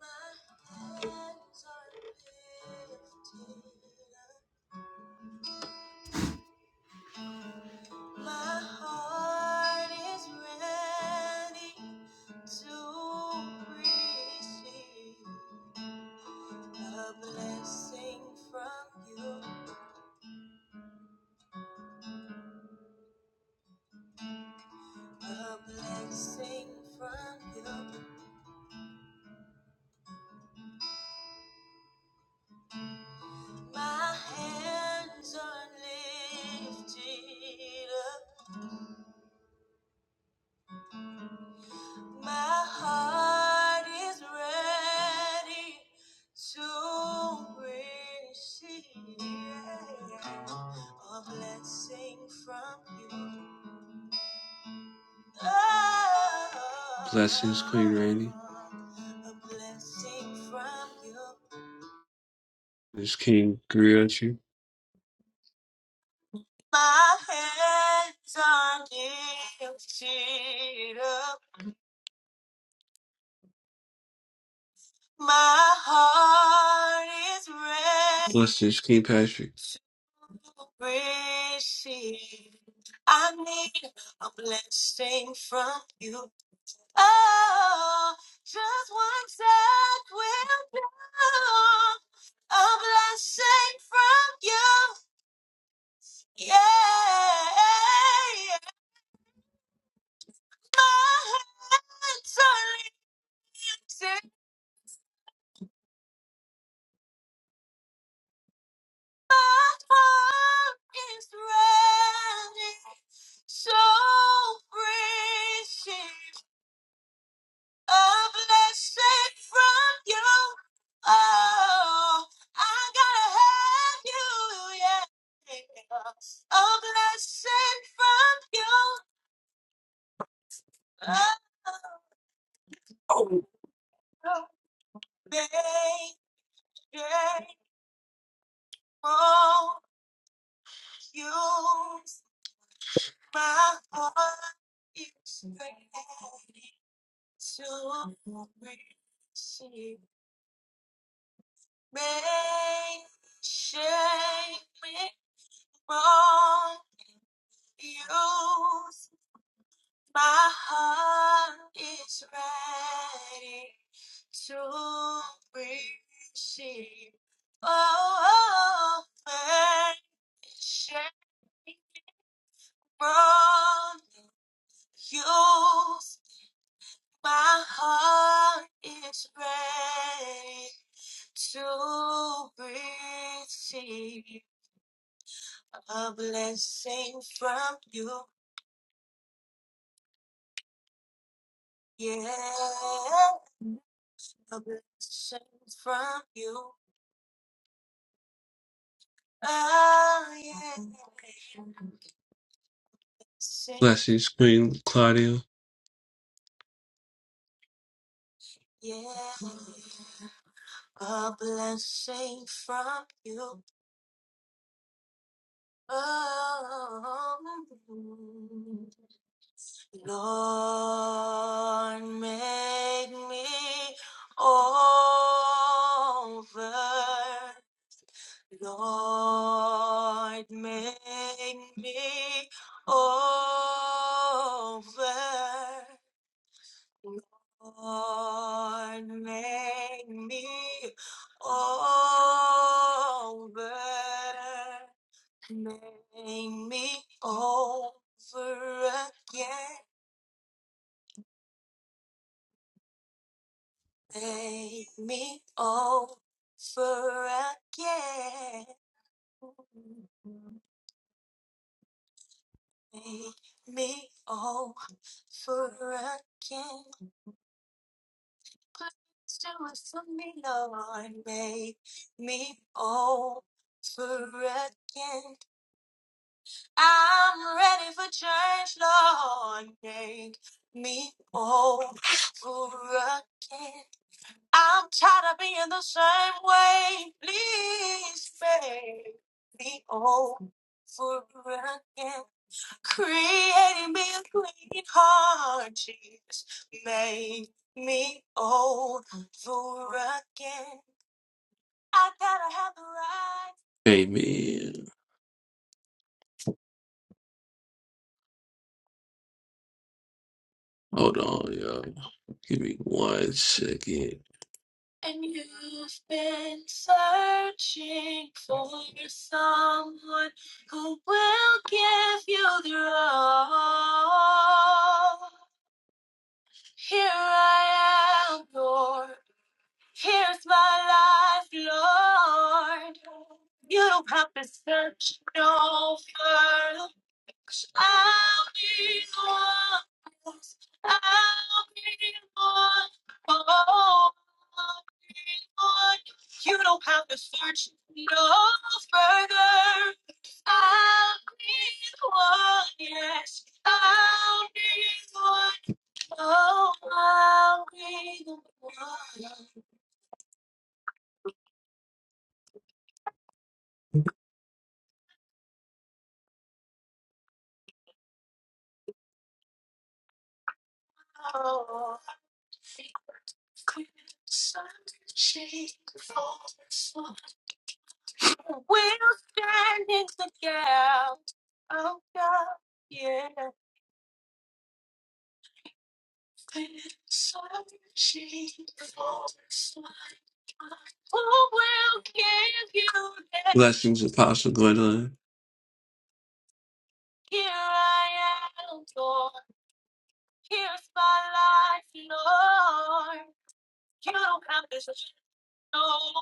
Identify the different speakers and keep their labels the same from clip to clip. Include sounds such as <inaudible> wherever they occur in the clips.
Speaker 1: My hands are lifted up. My heart is ready to receive a blessing from you. A blessing from you. My hands are lifted up. My heart is ready to receive a blessing from you. Oh, Blessings, Queen Rainey. a blessing from you. This King grew at you. My hands are lifted up. My heart is ready. Blessings, King Patrick. Gracie, I need a blessing from you. Oh, just one touch will do. A blessing from you. Yeah. My hands are lifted. My heart is running. So precious. a blessing from you. Oh, I gotta have you, yeah. A blessing from you. Oh, grateful you, my heart is ready to receive. May shake me from you My heart is ready to receive. Oh, oh, shame from you. My heart is ready to receive a blessing from you. Yeah, a blessing from you. Oh, yeah. Bless you, Queen Claudia. yeah. A blessing from you. Oh, Lord, make me over. Lord, make me over. Lord, make me over, make me over again, make me over again, make me over again. Please do it for me, Lord. Make me whole for again. I'm ready for change, Lord. Make me whole for again. I'm tired of being the same way. Please make me whole for again. Creating me a clean heart, Jesus. Make me over again. I gotta have the right. Amen. Hold on, y'all. Give me one second. And you've been searching for someone who will give you their all. Here I am, Lord. Here's my life, Lord. You don't have to search no further. 'Cause I'll be one. I'll be one. Oh, I'll be one. You don't have to search no further. I'll be one. Yes, I'll be one. Oh, I'll be the one. Oh, Queen Sun, she falls. We'll stand the gap. Oh God, yeah. Queen Sun, she Who will give you that? Blessings, Apostle Gwendolyn. Here I am, Lord. Here's my life, Lord. You don't have to know.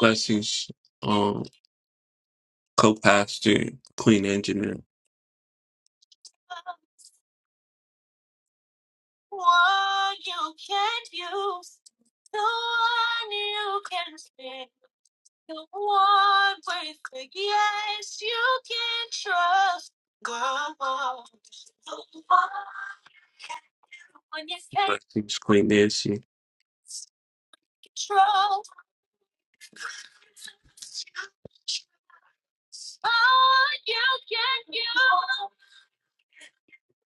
Speaker 1: Blessings, um, co-pastor, queen engineer. Blessings, queen Nancy. Oh, you can, you,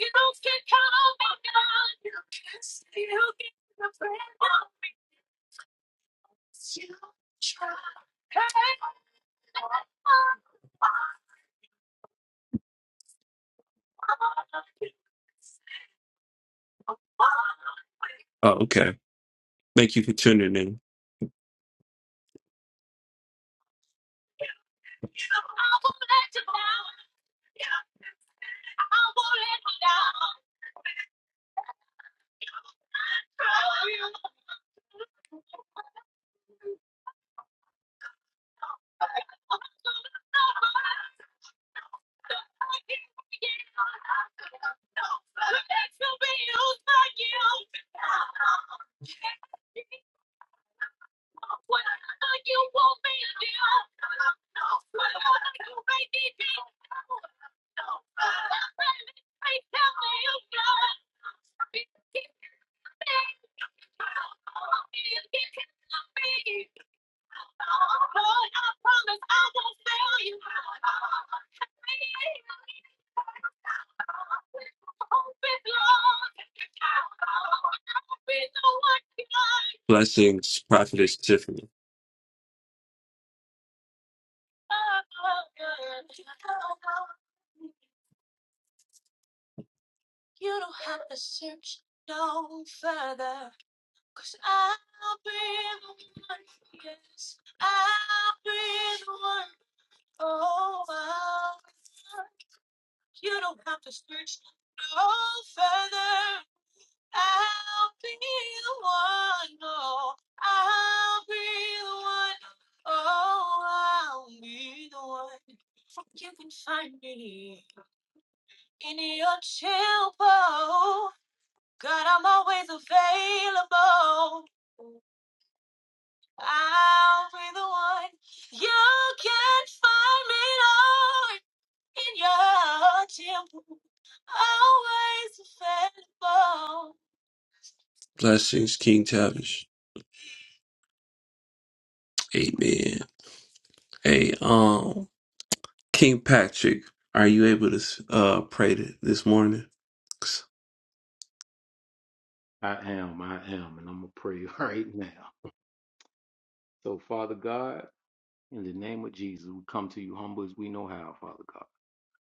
Speaker 1: you can call me God. You can still get the friend once you try. Oh, okay. Thank you for tuning in. Blessings, Prophetess Tiffany. You don't have to search no further. Cause I'll be the one, yes, I'll be the one. Oh, you don't have to search no further. I'll be the one, oh, I'll be the one, oh, I'll be the one. You can find me in your temple. God, I'm always available. I'll be the one. You can find me, Lord, in your temple. Always available. Blessings, King Tavish. Amen. Hey, um, King Patrick, are you able to uh pray th- this morning?
Speaker 2: I am, I am, and I'm gonna pray <laughs> right now. So, Father God, in the name of Jesus, we come to you humble as we know how, Father God.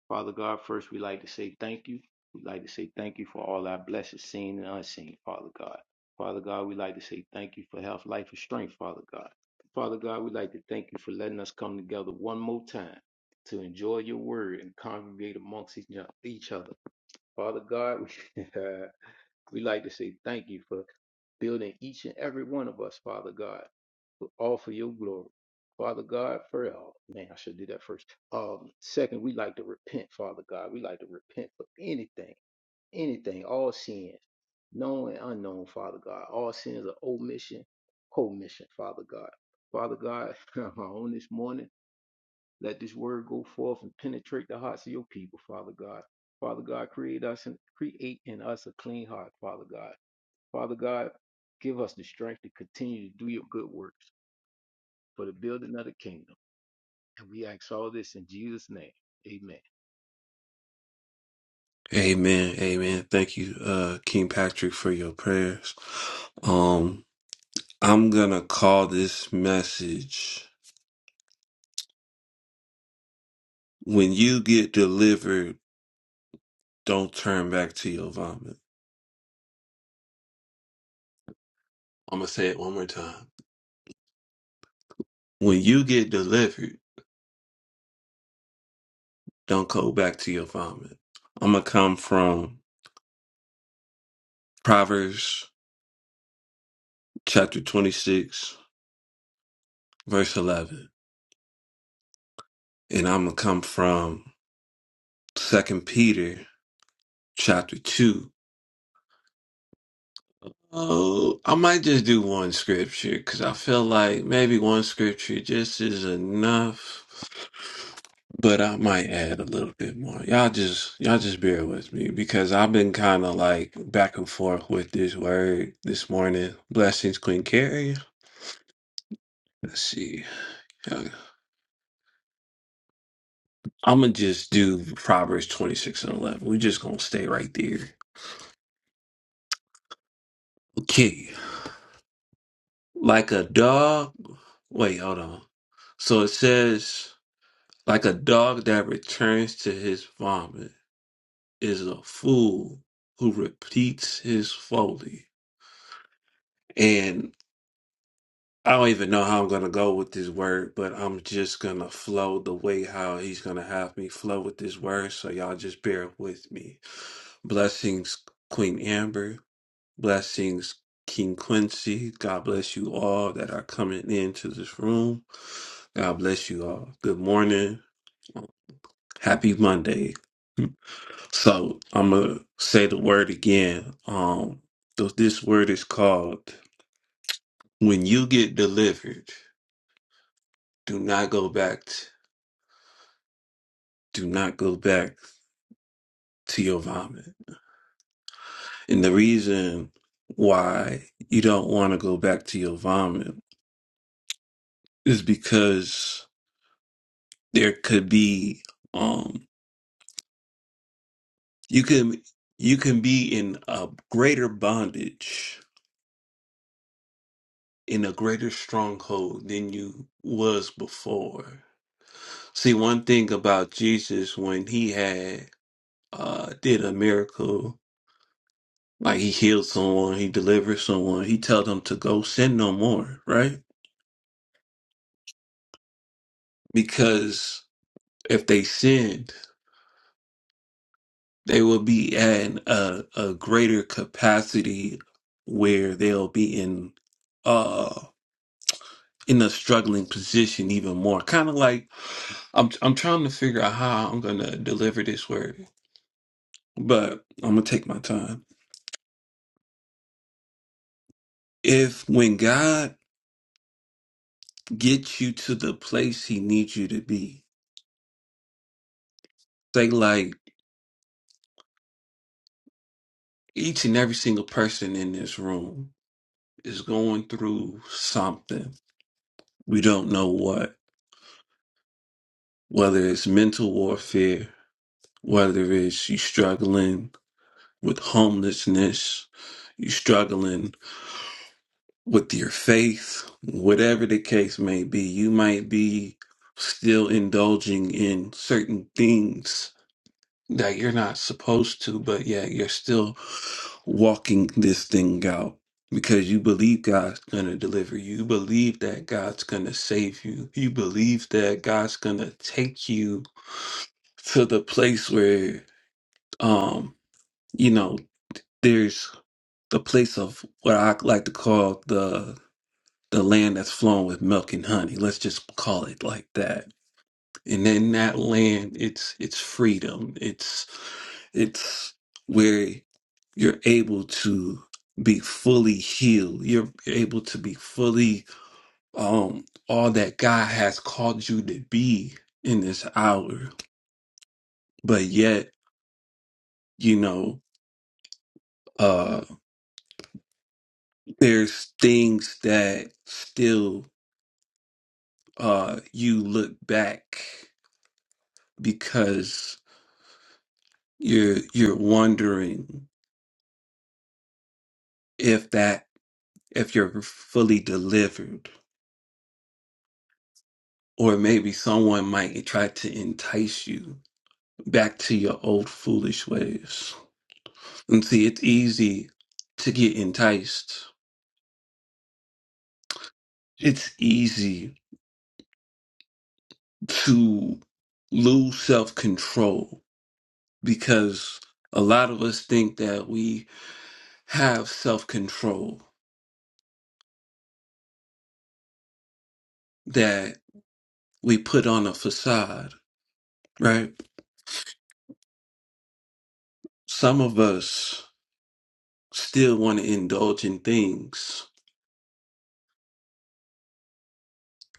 Speaker 2: Father God, first we like to say thank you. We like to say thank you for all our blessings, seen and unseen, Father God. Father God, we like to say thank you for health, life, and strength, Father God. Father God, we like to thank you for letting us come together one more time to enjoy your word and congregate amongst each each other. Father God, <laughs> we like to say thank you for building each and every one of us, Father God, for- all for your glory. Father God, for all. Man, I should do that first. Um, second, we like to repent, Father God. We like to repent for anything, anything, all sins, known and unknown, Father God. All sins of omission, commission, Father God. Father God, <laughs> on this morning, let this word go forth and penetrate the hearts of your people, Father God. Father God, create us and create in us a clean heart, Father God Father God, give us the strength to continue to do your good works for the building of the kingdom. And we ask all this in Jesus' name. Amen.
Speaker 1: Amen, amen. Thank you, uh, King Patrick, for your prayers. Um, I'm gonna call this message "When you get delivered, don't turn back to your vomit." I'm gonna say it one more time. When you get delivered, don't go back to your vomit. I'm gonna come from Proverbs chapter 26, verse 11. and I'm gonna come from Second Peter chapter two. Oh, I might just do one scripture because I feel like maybe one scripture just is enough. But I might add a little bit more. Y'all just y'all just bear with me because I've been kind of like back and forth with this word this morning. Blessings, Queen Carrie. Let's see. I'm gonna just do Proverbs 26 and 11. We're just gonna stay right there. Okay. like a dog. Wait, hold on. So it says, like a dog that returns to his vomit is a fool who repeats his folly. And I don't even know how I'm going to go with this word, but I'm just going to flow the way how he's going to have me flow with this word. So y'all just bear with me. Blessings, Queen Amber. Blessings, King Quincy. God bless you all that are coming into this room. God bless you all. Good morning. Happy Monday. So I'm gonna say the word again. Um, th- this word is called "When you get delivered, do not go back. t- do not go back to your vomit." And the reason why you don't want to go back to your vomit is because there could be um, You can you can be in a greater bondage, in a greater stronghold than you was before. See, one thing about Jesus when he had uh did a miracle, like he healed someone, he delivered someone, he told them to go sin no more, right? Because if they sinned, they will be at a, a greater capacity where they'll be in in a struggling position even more. Kind of like I'm I'm trying to figure out how I'm going to deliver this word, but I'm going to take my time. If when God gets you to the place he needs you to be, say like each and every single person in this room is going through something. We don't know what, whether it's mental warfare, whether it's you struggling with homelessness, you struggling with your faith, whatever the case may be, you might be still indulging in certain things that you're not supposed to, but yet you're still walking this thing out because you believe God's going to deliver you. You believe that God's going to save you. You believe that God's going to take you to the place where, um, you know, there's the place of what I like to call the the land that's flowing with milk and honey. Let's just call it like that. And then that land, it's it's freedom. It's it's where you're able to be fully healed. You're able to be fully um all that God has called you to be in this hour. But yet, you know, uh there's things that still uh you look back because You're you're wondering if that if you're fully delivered, or maybe someone might try to entice you back to your old foolish ways. And see, it's easy to get enticed. It's easy to lose self control because a lot of us think that we have self control, that we put on a facade, right? Some of us still want to indulge in things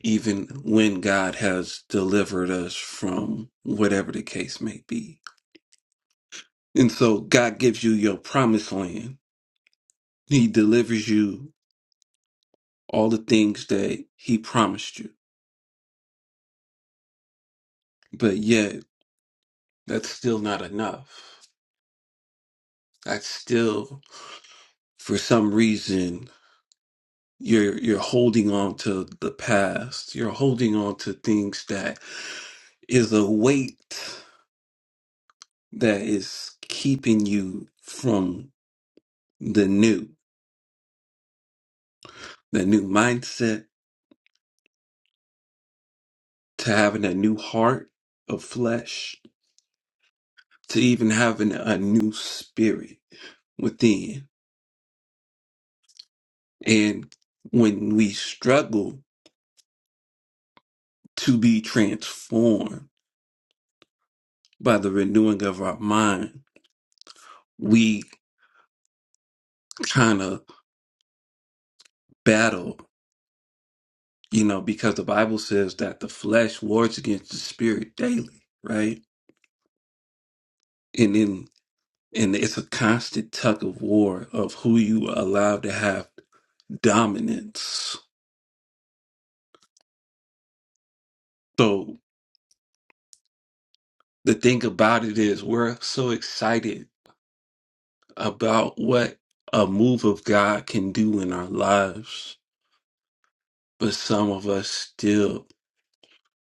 Speaker 1: even when God has delivered us from whatever the case may be. And so God gives you your promised land. He delivers you all the things that he promised you. But yet that's still not enough. That's still for some reason you're you're holding on to the past. You're holding on to things that is a weight that is keeping you from the new, the new mindset, to having a new heart of flesh, to even having a new spirit within. And when we struggle to be transformed by the renewing of our mind, we kind of battle, you know, because the Bible says that the flesh wars against the spirit daily, right? And then and it's a constant tug of war of who you allow to have dominance So the thing about it is, we're so excited about what a move of God can do in our lives, but some of us still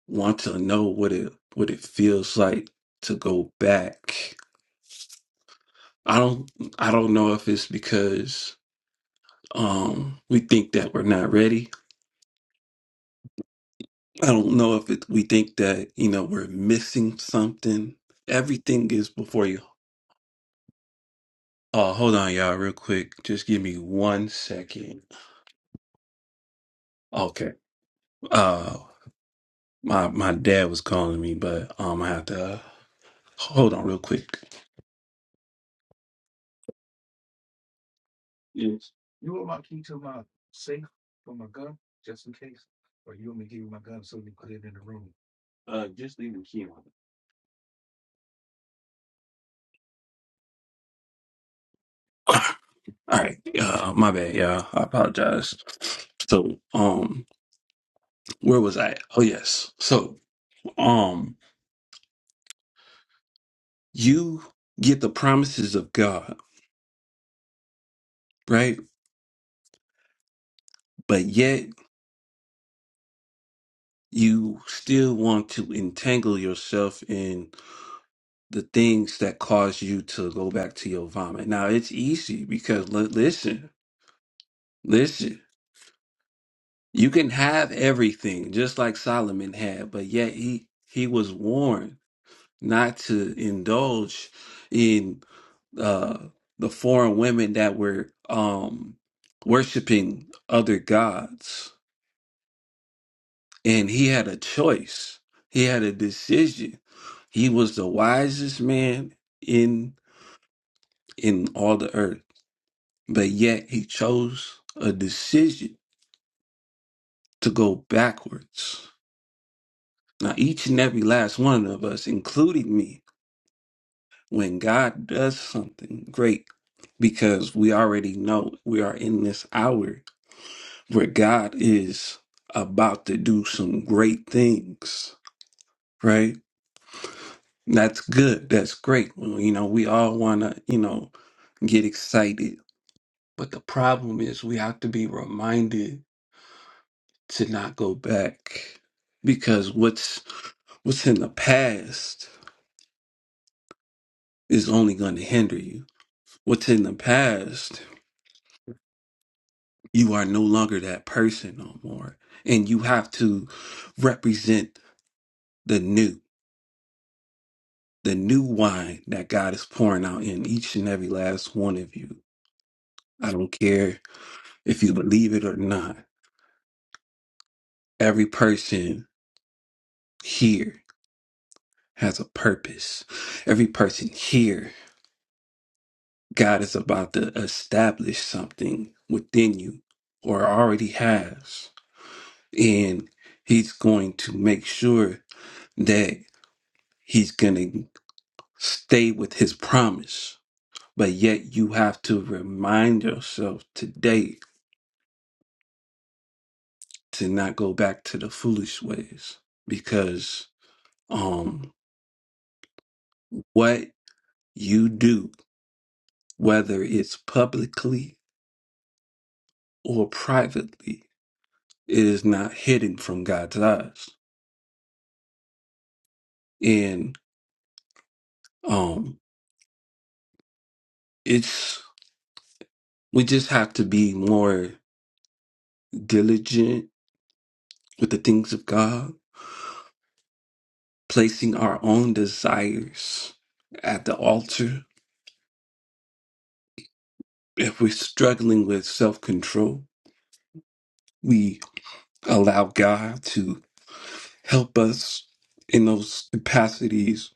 Speaker 1: want to know what it what it feels like to go back. I don't I don't know if it's because um we think that we're not ready. I don't know if it, we think that, you know, we're missing something. Everything is before you. Oh, hold on y'all real quick. Just give me one second. Okay. Uh, my my dad was calling me, but um, I have to uh, hold on real quick. Uh, just leave the key on. <laughs> <coughs> All right, uh, my bad, yeah, I apologize. So, um, where was I? Oh, yes. So, um, you get the promises of God, right? But yet you still want to entangle yourself in the things that cause you to go back to your vomit. Now, it's easy because li- listen, listen. You can have everything, just like Solomon had, but yet he he was warned not to indulge in uh, the foreign women that were um, worshiping other gods, and he had a choice. He had a decision. He was the wisest man in in all the earth, but yet he chose a decision to go backwards. Now, each and every last one of us, including me, when God does something great, because we already know we are in this hour where God is about to do some great things, right? That's good. That's great. Well, You know, we all want to, you know, get excited. But the problem is we have to be reminded to not go back because what's what's in the past is only going to hinder you. What's in the past you are no longer that person no more and you have to represent the new the new wine that god is pouring out in each and every last one of you i don't care if you believe it or not every person here has a purpose every person here god is about to establish something within you or already has and he's going to make sure that he's gonna Stay with his promise. But yet you have to remind yourself today to not go back to the foolish ways because um what you do, whether it's publicly or privately, it is not hidden from God's eyes. And um it's we just have to be more diligent with the things of God, placing our own desires at the altar if we're struggling with self control, we allow God to help us in those capacities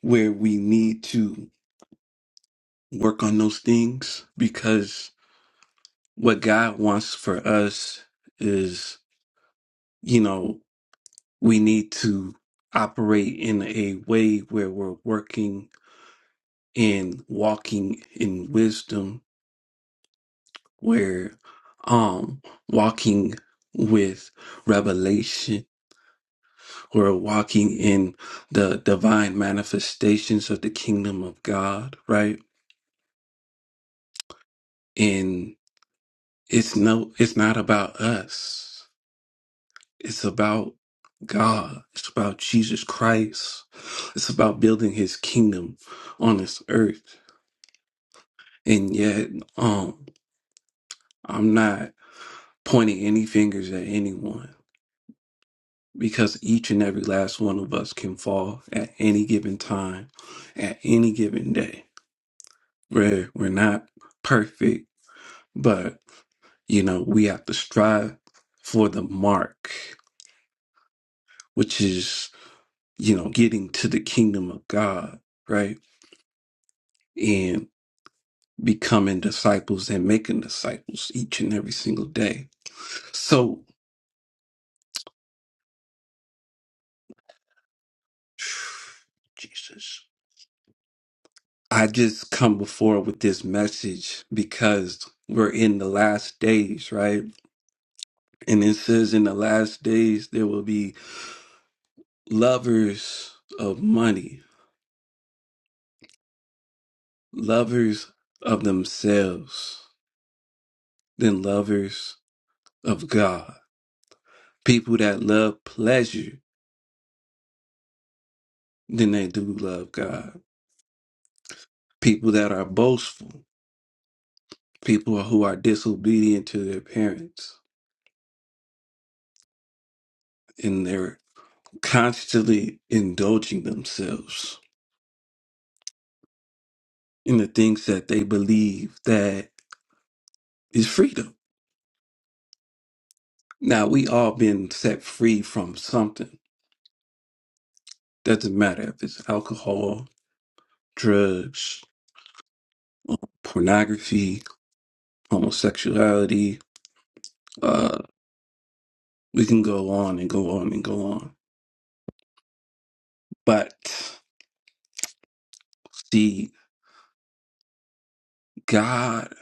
Speaker 1: where we need to work on those things because what God wants for us is, you know, we need to operate in a way where we're working and walking in wisdom, where um walking with revelation We're walking in the divine manifestations of the kingdom of God, right? And it's no, it's not about us. It's about God. It's about Jesus Christ. It's about building his kingdom on this earth. And yet, um, I'm not pointing any fingers at anyone because each and every last one of us can fall at any given time, at any given day. We're, we're not perfect But, you know, we have to strive for the mark, which is, you know, getting to the kingdom of God, right? And becoming disciples and making disciples each and every single day. So, <sighs> Jesus, I just come before with this message because we're in the last days, right? And it says in the last days there will be lovers of money lovers of themselves than lovers of God. People that love pleasure than they do love God. People that are boastful. People who are disobedient to their parents. And they're constantly indulging themselves in the things that they believe that is freedom. Now, we all been set free from something. Doesn't matter if it's alcohol, drugs, pornography, homosexuality, Uh, we can go on and go on and go on. But see, God,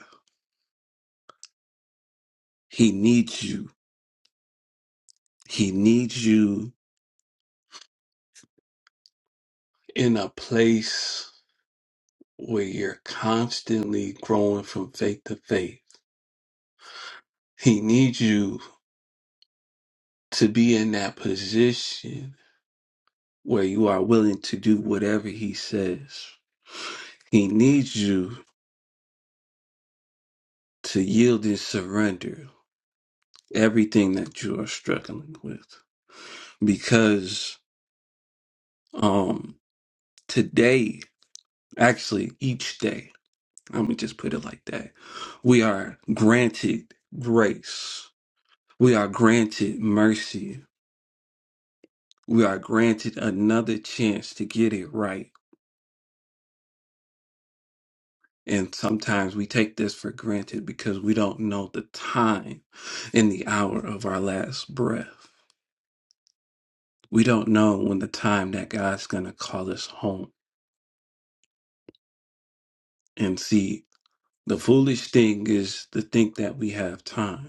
Speaker 1: He needs you. He needs you in a place where you're constantly growing from faith to faith. He needs you to be in that position where you are willing to do whatever He says. He needs you to yield and surrender everything that you are struggling with because. um, Today, actually, each day, let me just put it like that, we are granted grace. We are granted mercy. We are granted another chance to get it right. And sometimes we take this for granted because we don't know the time and the hour of our last breath. We don't know when the time that God's going to call us home. And see, the foolish thing is to think that we have time.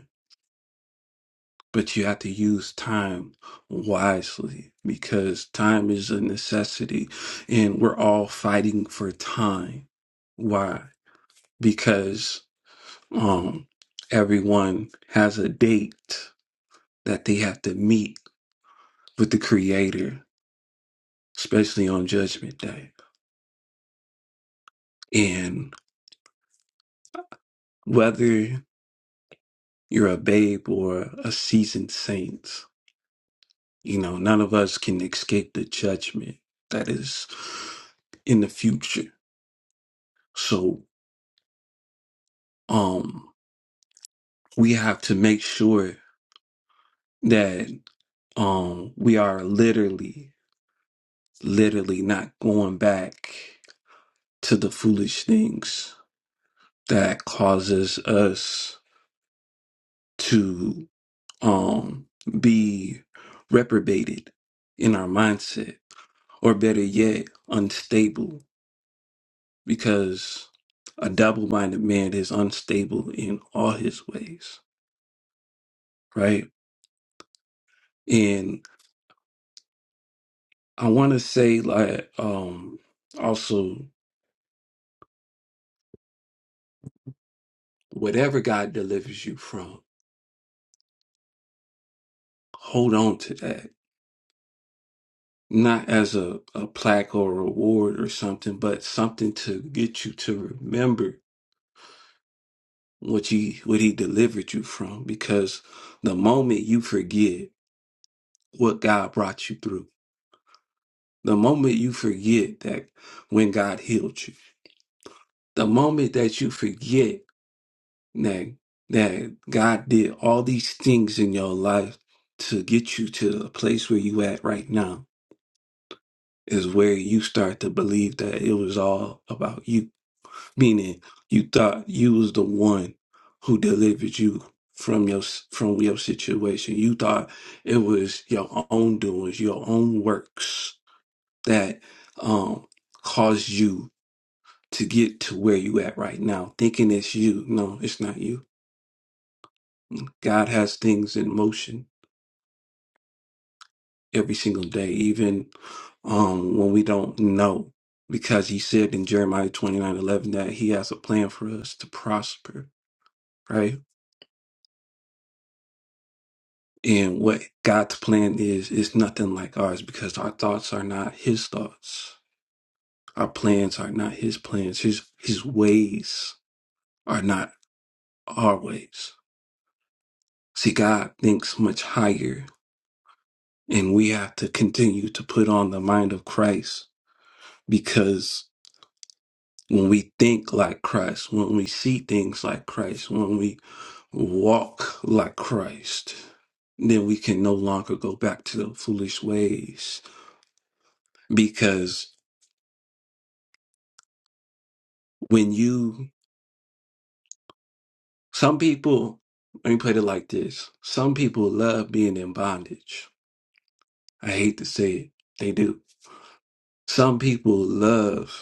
Speaker 1: but you have to use time wisely because time is a necessity and we're all fighting for time why because um everyone has a date that they have to meet with the creator especially on judgment day and whether you're a babe or a seasoned saint you know none of us can escape the judgment that is in the future. So um we have to make sure that um we are literally literally not going back to the foolish things that causes us to um be reprobated in our mindset or better yet unstable because a double-minded man is unstable in all his ways right I want to say like um also whatever God delivers you from, hold on to that. Not as a, a plaque or a reward or something, but something to get you to remember what he what he delivered you from. Because the moment you forget what God brought you through, the moment you forget that when God healed you, the moment that you forget that that God did all these things in your life to get you to the place where you at right now is where you start to believe that it was all about you. Meaning you thought you was the one who delivered you from your from your situation. You thought it was your own doings, your own works that um caused you to get to where you at right now, thinking it's you. No, it's not you. Mm, God has things in motion every single day, even um, when we don't know. Because he said in Jeremiah twenty nine eleven that he has a plan for us to prosper, right? And what God's plan is, is nothing like ours because our thoughts are not his thoughts. Our plans are not his plans. His, his ways are not our ways. See, God thinks much higher, and we have to continue to put on the mind of Christ because when we think like Christ, when we see things like Christ, when we walk like Christ, then we can no longer go back to the foolish ways. Because when you, some people, let me put it like this some people love being in bondage. I hate to say it, they do. Some people love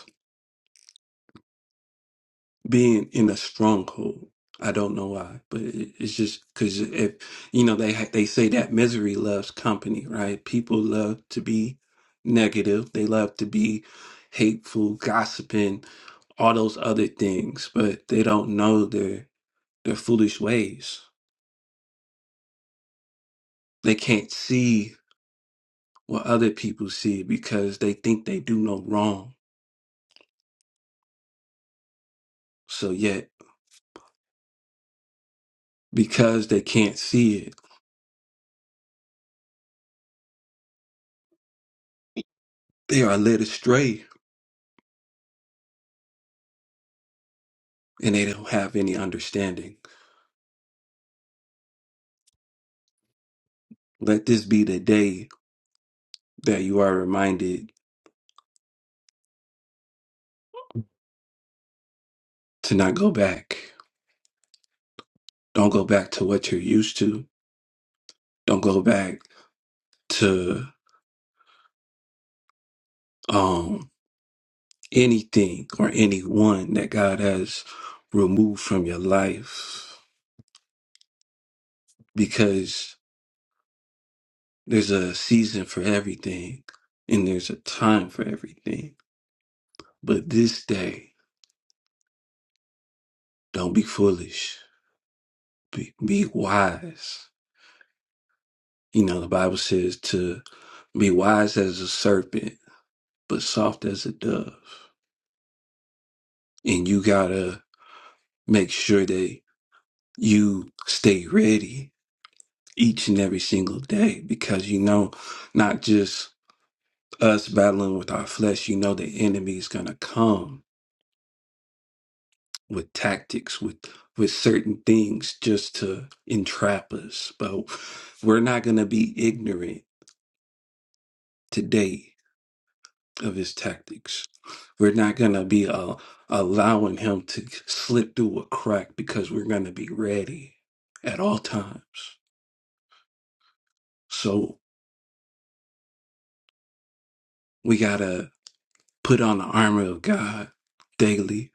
Speaker 1: being in a stronghold. I don't know why, but it- it's just because if you know they ha- they say that misery loves company, right? People love to be negative. They love to be hateful, gossiping, all those other things, but they don't know their their foolish ways. They can't see what other people see because they think they do no wrong. So yet, because they can't see it, they are led astray and they don't have any understanding. Let this be the day that you are reminded to not go back. Don't go back to what you're used to. Don't go back to um, anything or anyone that God has removed from your life because there's a season for everything and there's a time for everything. But this day, don't be foolish, be, be wise. You know, the Bible says to be wise as a serpent but soft as a dove. And you gotta make sure that you stay ready each and every single day because you know, not just us battling with our flesh, you know, the enemy is gonna come with tactics, with with certain things just to entrap us. But we're not gonna be ignorant today of his tactics. We're not going to be uh, allowing him to slip through a crack because we're going to be ready at all times. So we got to put on the armor of God daily.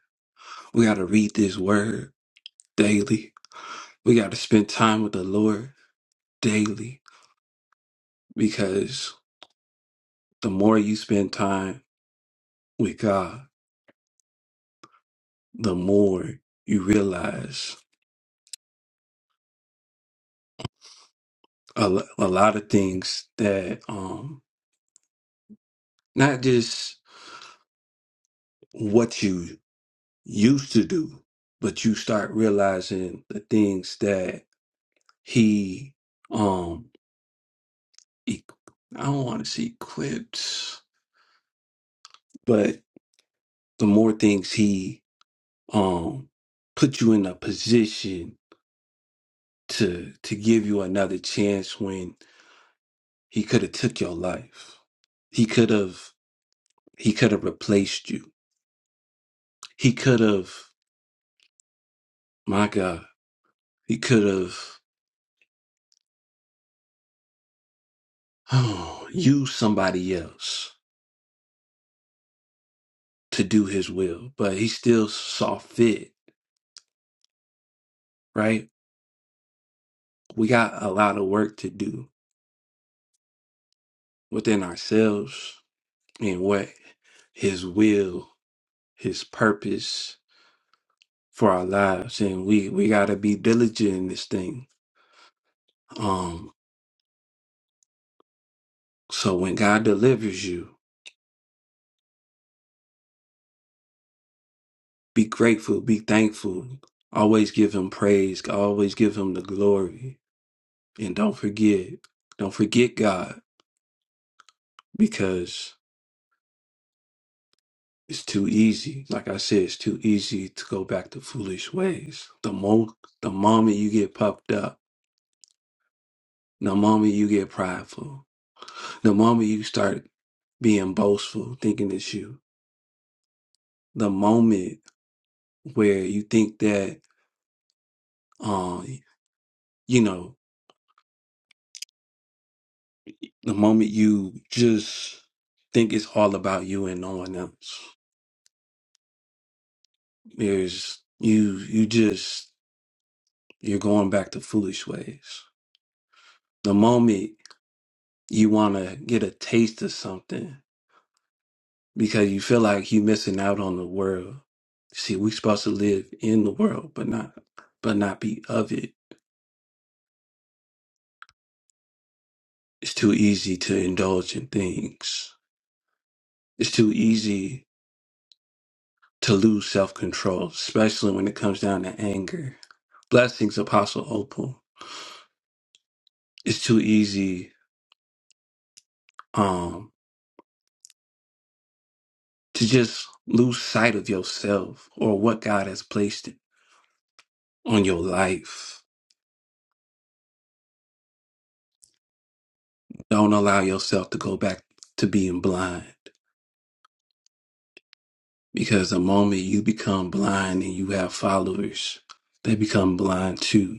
Speaker 1: We got to read this word daily. We got to spend time with the Lord daily because the more you spend time with God, the more you realize a, lo- a lot of things that um not just what you used to do, but you start realizing the things that he um e- I don't want to see clips, but the more things he um put you in a position to to give you another chance when he could have took your life. He could have he could have replaced you. He could have my God, he could have <sighs> used somebody else to do his will, but he still saw fit, right? We got a lot of work to do within ourselves and what his will, his purpose for our lives. And we, we gotta be diligent in this thing. Um, so when God delivers you, be grateful, be thankful, always give him praise, always give him the glory. And don't forget, don't forget God because It's too easy. Like I said, it's too easy to go back to foolish ways. The mo the moment you get puffed up, the moment you get prideful, the moment you start being boastful, thinking it's you, the moment where you think that um, you know, the moment you just think it's all about you and no one else. There's you you just you're going back to foolish ways. The moment you wanna get a taste of something because you feel like you're missing out on the world. See, we're supposed to live in the world, but not but not be of it. It's too easy to indulge in things. It's too easy to lose self control, especially when it comes down to anger. Blessings, Apostle Opal. It's too easy um to just lose sight of yourself or what God has placed on your life. Don't allow yourself to go back to being blind Because the moment you become blind and you have followers, they become blind too,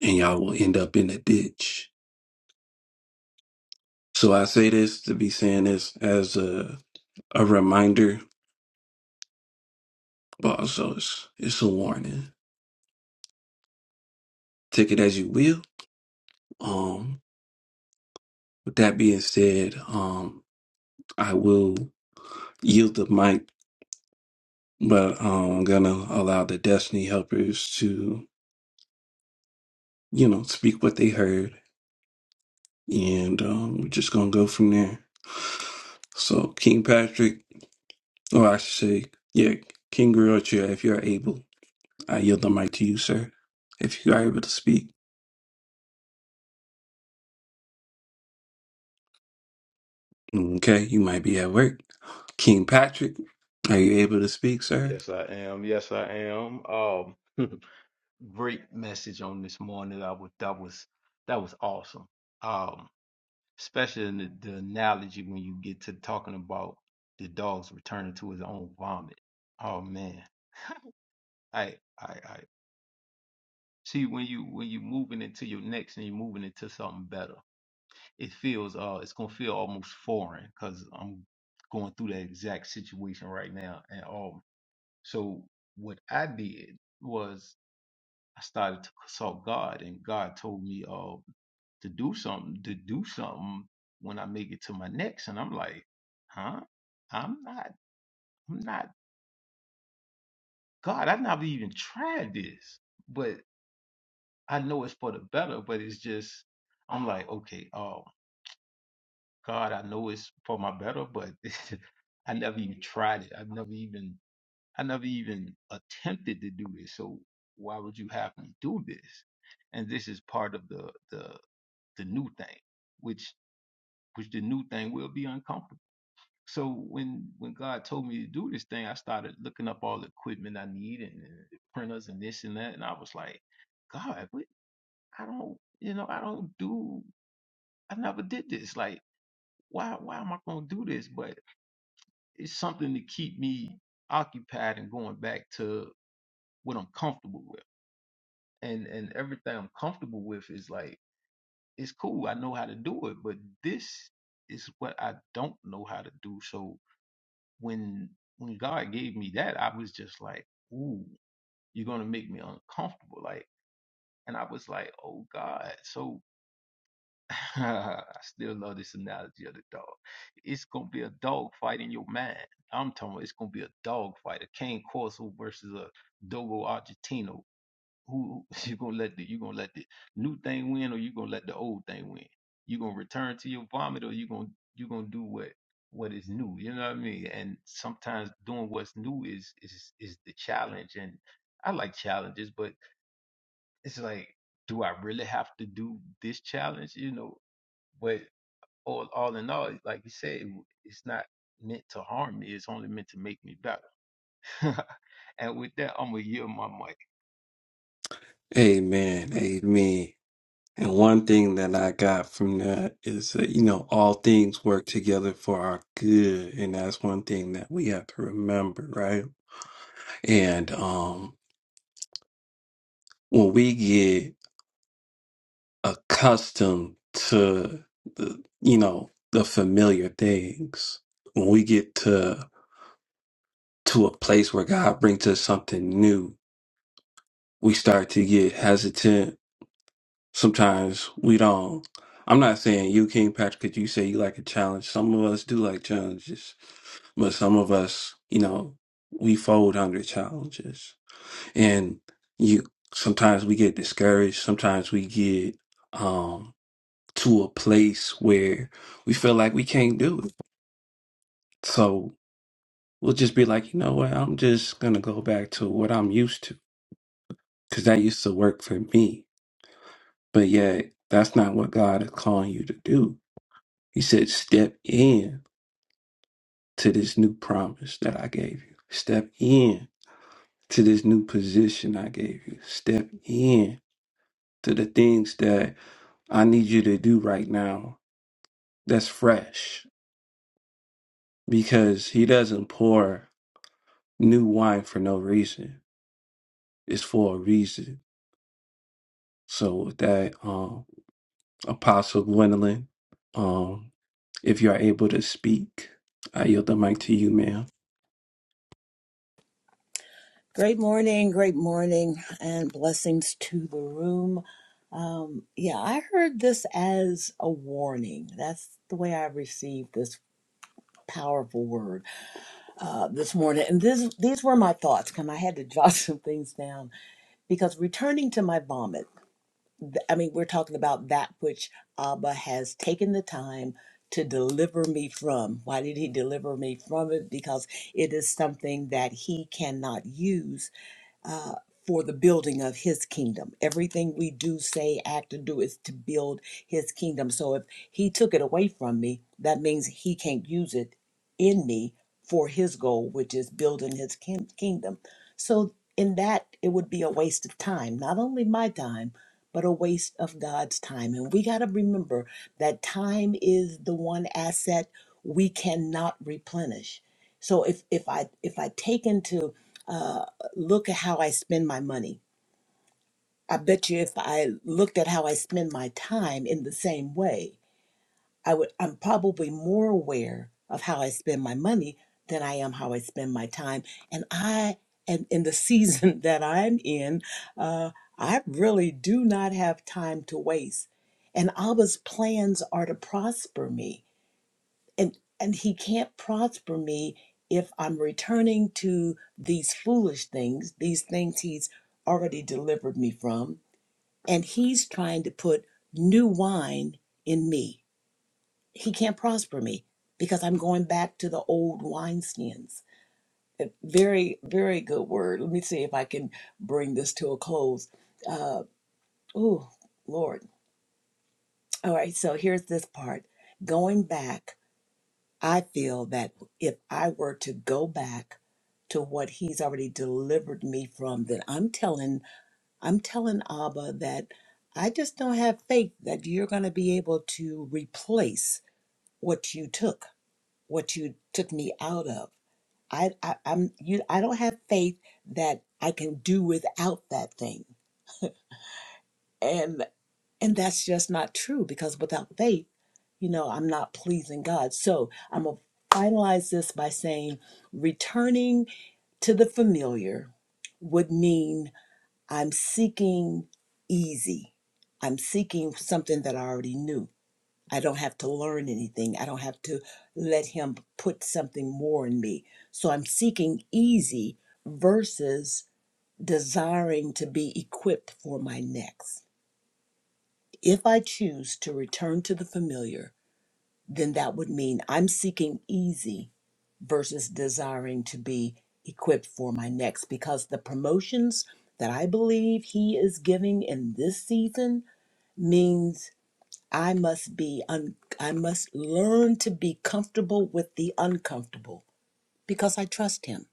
Speaker 1: and y'all will end up in a ditch. So I say this to be saying this as a a reminder, but also it's, it's a warning. Take it as you will. Um, with that being said, um, I will yield the mic, but um, I'm gonna allow the Destiny Helpers to, you know, speak what they heard and um, we're just gonna go from there. So, King Patrick, or I should say, yeah, King Griotia, if you are able, I yield the mic to you, sir. If you are able to speak. Okay, you might be at work. King Patrick, are you able to speak, sir?
Speaker 2: Yes, I am. Yes, I am. Um, <laughs> great message on this morning. I was that was that was awesome. Um, especially in the, the analogy when you get to talking about the dog's returning to his own vomit. Oh man, I I I see when you when you're moving into your next and you're moving into something better. it feels uh it's gonna feel almost foreign because I'm going through that exact situation right now. And um so what I did was I started to consult God and God told me uh to do something to do something when I make it to my next and I'm like, huh? I'm not I'm not God, I've never even tried this. But I know it's for the better, but it's just I'm like, okay, oh, God, I know it's for my better, but <laughs> I never even tried it. I've never even I never even attempted to do this. So why would you have me do this? And this is part of the the the new thing, which which the new thing will be uncomfortable. So when when God told me to do this thing, I started looking up all the equipment I need and, and the printers and this and that, and I was like, God, what? I don't, you know, I don't do, I never did this. Like, why why am I gonna do this? But it's something to keep me occupied and going back to what I'm comfortable with. And and everything I'm comfortable with is like it's cool. I know how to do it, but this is what I don't know how to do. So when when God gave me that, I was just like, "Ooh, you're gonna make me uncomfortable." Like, and I was like, "Oh God." So <laughs> I still love this analogy of the dog. It's gonna be a dog fight in your mind. I'm talking. About it's gonna be a dog fight. A Cane Corso versus a Dogo Argentino. Who <laughs> who- you gonna let the you gonna let the new thing win or you gonna let the old thing win? You gonna return to your vomit or you gonna you gonna do what what is new? You know what I mean? And sometimes doing what's new is is is the challenge. And I like challenges, but it's like, do I really have to do this challenge? You know, but all, all in all, like you said, it's not meant to harm me. It's only meant to make me better. <laughs> and with that, I'm going to yield my mic.
Speaker 1: Amen. Amen. And one thing that I got from that is that, you know, all things work together for our good. And that's one thing that we have to remember, right? And um, when we get accustomed to the, you know, the familiar things, when we get to to a place where God brings us something new, we start to get hesitant. Sometimes we don't. I'm not saying you, King Patrick, because you say you like a challenge. Some of us do like challenges, but some of us, you know, we fold under challenges. and you sometimes we get discouraged sometimes we get um to a place where we feel like we can't do it so we'll just be like you know what i'm just gonna go back to what i'm used to because that used to work for me but yet that's not what god is calling you to do he said step in to this new promise that i gave you step in to this new position i gave you step in to the things that i need you to do right now that's fresh because he doesn't pour new wine for no reason. It's for a reason. So with that, um, Apostle Gwendolyn, um, if you are able to speak, I yield the mic to you, ma'am.
Speaker 3: Great morning, great morning, and blessings to the room. Um, yeah, I heard this as a warning. That's the way I received this powerful word uh, this morning. And this, these were my thoughts, and I had to jot <laughs> some things down because returning to my vomit, I mean, we're talking about that which Abba has taken the time to deliver me from. Why did he deliver me from it? Because it is something that he cannot use uh, for the building of his kingdom. Everything we do, say, act, and do is to build his kingdom. So if he took it away from me, that means he can't use it in me for his goal, which is building his kin- kingdom. So in that, it would be a waste of time, not only my time, but a waste of God's time. And we got to remember that time is the one asset we cannot replenish. So if if I if I take into uh, look at how I spend my money. I bet you if I looked at how I spend my time in the same way, I would I'm probably more aware of how I spend my money than I am how I spend my time. And I and in the season <laughs> that I'm in, uh, I really do not have time to waste. And Abba's plans are to prosper me and and he can't prosper me if i'm returning to these foolish things these things he's already delivered me from and he's trying to put new wine in me he can't prosper me because i'm going back to the old wineskins A very very good word let me see if i can bring this to a close uh oh lord all right so here's this part going back I feel that if I were to go back to what he's already delivered me from, that I'm telling I'm telling Abba that I just don't have faith that you're going to be able to replace what you took, what you took me out of. I, I I'm you I don't have faith that I can do without that thing. And that's just not true because without faith, you know, I'm not pleasing God. So I'm going to finalize this by saying returning to the familiar would mean I'm seeking easy. I'm seeking something that I already knew. I don't have to learn anything. I don't have to let Him put something more in me. So I'm seeking easy versus desiring to be equipped for my next. If I choose to return to the familiar, then that would mean I'm seeking easy versus desiring to be equipped for my next because the promotions that I believe he is giving in this season means I must be un- I must learn to be comfortable with the uncomfortable because I trust him.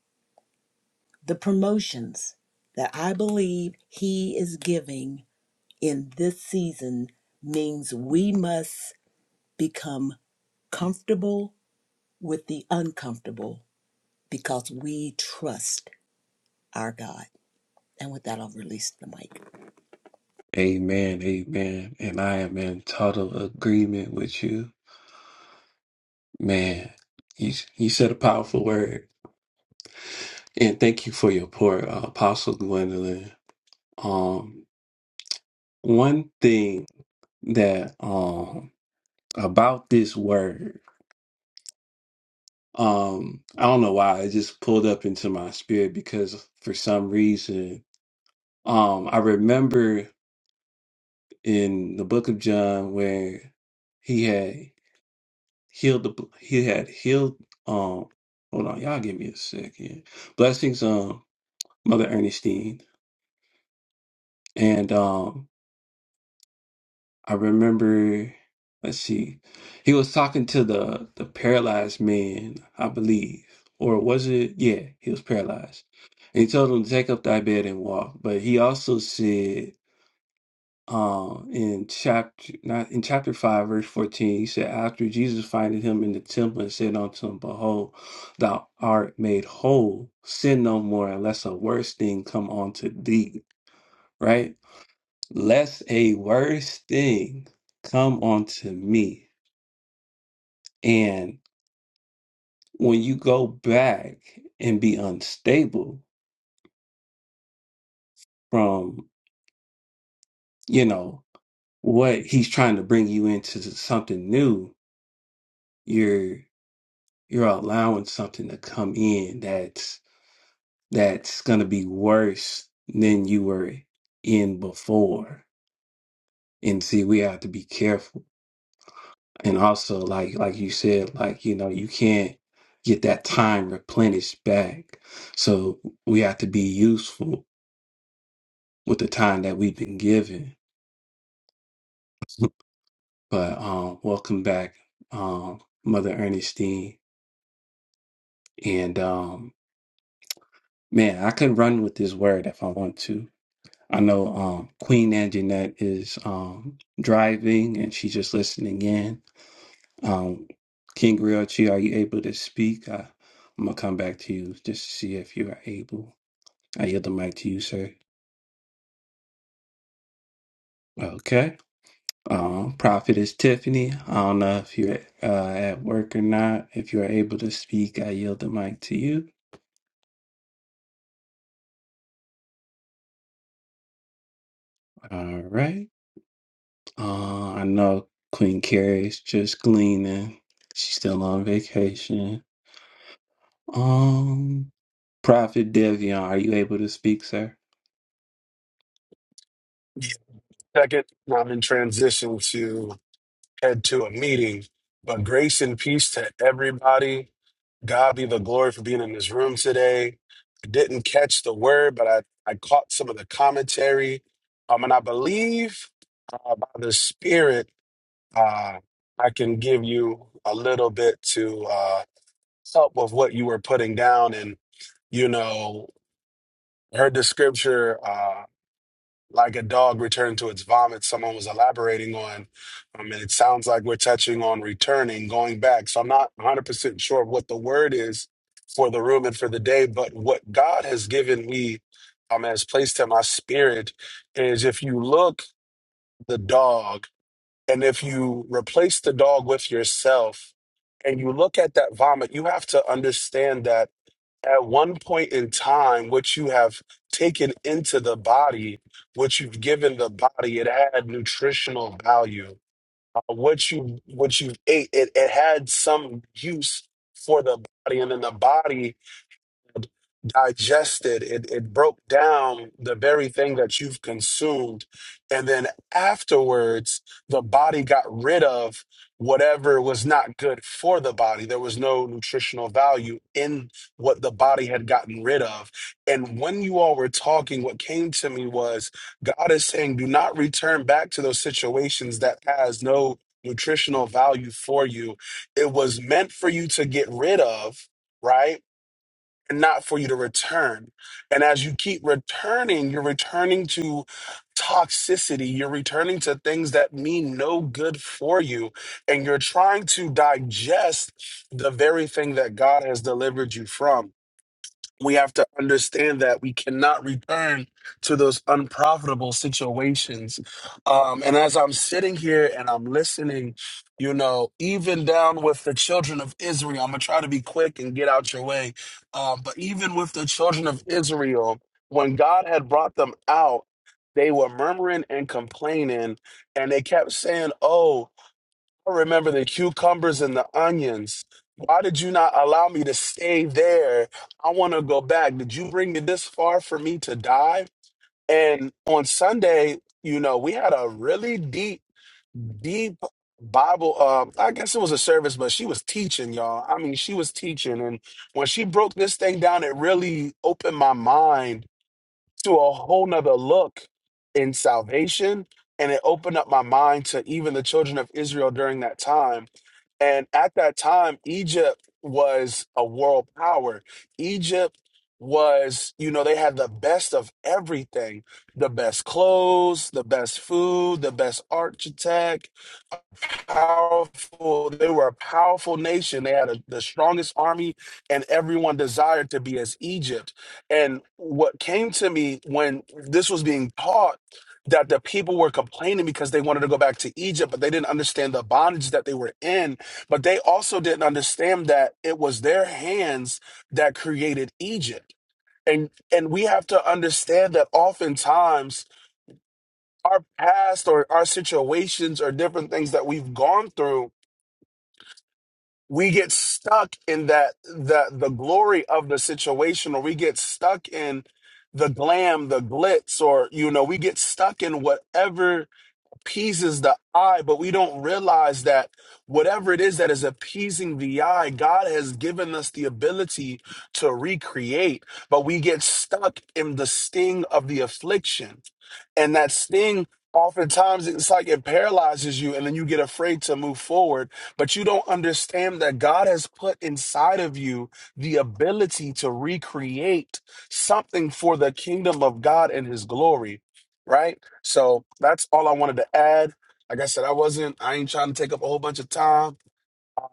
Speaker 3: The promotions that I believe he is giving in this season means we must become comfortable with the uncomfortable because we trust our God. And with that, I'll release the mic.
Speaker 1: Amen, amen. And I am in total agreement with you. Man, you, you said a powerful word. And thank you for your pour, uh, Apostle Gwendolyn. Um, one thing that about this word. Um, I don't know why it just pulled up into my spirit because for some reason, um, I remember in the book of John where he had healed the he had healed um hold on, y'all give me a second. Blessings um Mother Ernestine and um I remember, let's see, he was talking to the the paralyzed man, I believe, or was it? Yeah, he was paralyzed, and he told him, "Take up thy bed and walk." But he also said, um, in chapter not in chapter five, verse fourteen, he said, "After Jesus finding him in the temple and said unto him, Behold, thou art made whole. Sin no more, unless a worse thing come unto thee." Right lest a worse thing come onto me. And when you go back and be unstable from, you know, what he's trying to bring you into something new, you're you're allowing something to come in that's that's gonna be worse than you were in before. And see, we have to be careful and also like like you said like you know you can't get that time replenished back so we have to be useful with the time that we've been given <laughs> but um welcome back um mother ernestine and um man i could run with this word if i want to i know um queen anjanette is um driving and she's just listening in Um, King Realty, are you able to speak? I, I'm gonna come back to you just to see if you are able. I yield the mic to you, sir. Okay. Um, Prophet is Tiffany, I don't know if you're uh, at work or not. If you are able to speak, I yield the mic to you. All right. Uh, I know Queen Carrie's just gleaning. She's still on vacation. Um. Prophet Devion, are you able to speak, sir?
Speaker 4: Second, I'm in transition to head to a meeting, but grace and peace to everybody. God be the glory for being in this room today. I didn't catch the word, but I, I caught some of the commentary. Um, and I believe uh, by the Spirit, uh, I can give you a little bit to uh, help with what you were putting down. And, you know, I heard the scripture. uh, like a dog returned to its vomit, someone was elaborating on. Um, and it sounds like we're touching on returning, going back. So I'm not 100% sure what the word is for the room and for the day, but what God has given me um, has placed in my spirit is if you look the dog and if you replace the dog with yourself and you look at that vomit, you have to understand that at one point in time, what you have taken into the body, what you've given the body, it had nutritional value. Uh, what you what you ate, it, it had some use for the body, and then the body digested it it broke down the very thing that you've consumed and then afterwards the body got rid of whatever was not good for the body there was no nutritional value in what the body had gotten rid of and when you all were talking what came to me was god is saying do not return back to those situations that has no nutritional value for you it was meant for you to get rid of right and not for you to return. And as you keep returning, you're returning to toxicity. You're returning to things that mean no good for you. And you're trying to digest the very thing that God has delivered you from we have to understand that we cannot return to those unprofitable situations. Um, and as I'm sitting here and I'm listening, you know, even down with the children of Israel, I'm going to try to be quick and get out your way. Um, but even with the children of Israel, when God had brought them out, they were murmuring and complaining, and they kept saying, Oh, I remember the cucumbers and the onions. Why did you not allow me to stay there? I want to go back. Did you bring me this far for me to die? And on Sunday, you know, we had a really deep, deep Bible. Uh, I guess it was a service, but she was teaching, y'all. I mean, she was teaching. And when she broke this thing down, it really opened my mind to a whole nother look in salvation. And it opened up my mind to even the children of Israel during that time and at that time, Egypt was a world power. Egypt was, you know, they had the best of everything the best clothes, the best food, the best architect powerful. They were a powerful nation. They had a, the strongest army, and everyone desired to be as Egypt. And what came to me when this was being taught that the people were complaining because they wanted to go back to Egypt, but they didn't understand the bondage that they were in. But they also didn't understand that it was their hands that created Egypt. And and we have to understand that oftentimes our past or our situations or different things that we've gone through we get stuck in that the the glory of the situation or we get stuck in the glam the glitz or you know we get stuck in whatever appeases the eye, but we don't realize that whatever it is that is appeasing the eye, God has given us the ability to recreate, but we get stuck in the sting of the affliction. And that sting, oftentimes, it's like it paralyzes you, and then you get afraid to move forward. But you don't understand that God has put inside of you the ability to recreate something for the kingdom of God and his glory, right? So that's all I wanted to add. Like I said, I wasn't, I ain't trying to take up a whole bunch of time.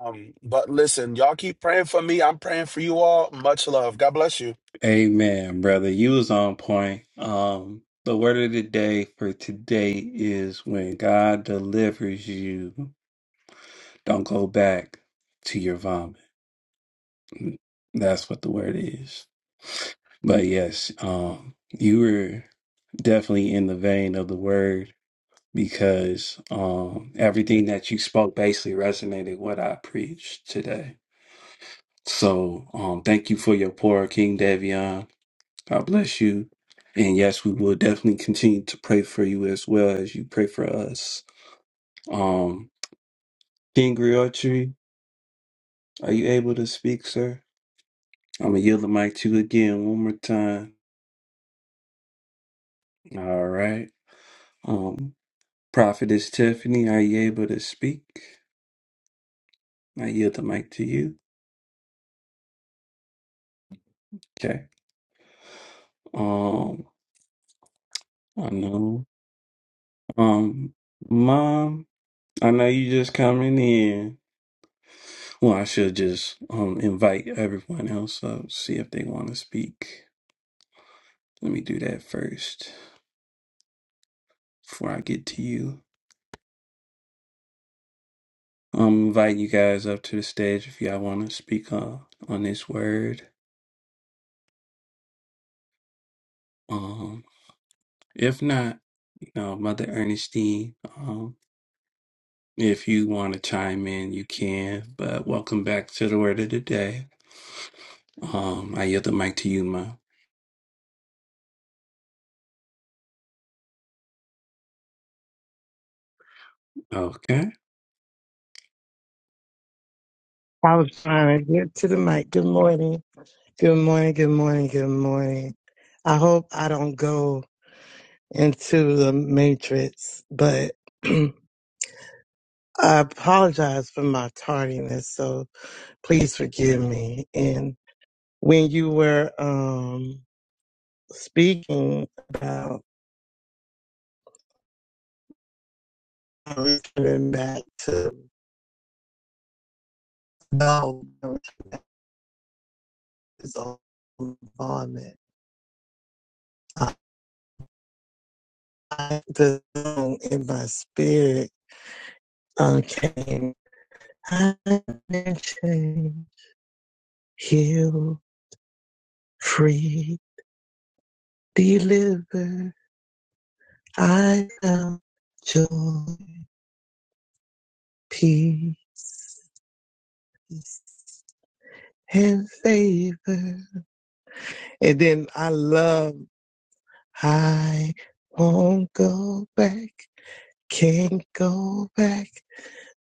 Speaker 4: Um, but listen, y'all keep praying for me. I'm praying for you all. Much love. God bless you.
Speaker 1: Amen, brother. You was on point. Um, the word of the day for today is when God delivers you. Don't go back to your vomit. That's what the word is. But yes, um, you were definitely in the vein of the word because um, everything that you spoke basically resonated what I preached today. So um, thank you for your poor King Davion. God bless you. And yes, we will definitely continue to pray for you as well as you pray for us. Um, King Griotri, are you able to speak, sir? I'm gonna yield the mic to you again one more time. All right. Um, Prophetess Tiffany, are you able to speak? I yield the mic to you. Okay. Um, I know. Um, Mom, I know you just coming in. Well, I should just um invite everyone else up, see if they want to speak. Let me do that first before I get to you. Um, invite you guys up to the stage if y'all want to speak on on this word. Um, If not, you know, Mother Ernestine, um, if you want to chime in, you can. But welcome back to the word of the day. Um, I yield the mic to you, Ma. Okay.
Speaker 5: I was trying to get to the mic. Good morning. Good morning. Good morning. Good morning. I hope I don't go into the matrix, but <clears throat> I apologize for my tardiness. So please forgive me. And when you were um, speaking about returning back to no involvement, I, the song in my spirit um, came I am changed, healed, free, delivered. I found joy, peace, and favor. And then I love, I won't go back, can't go back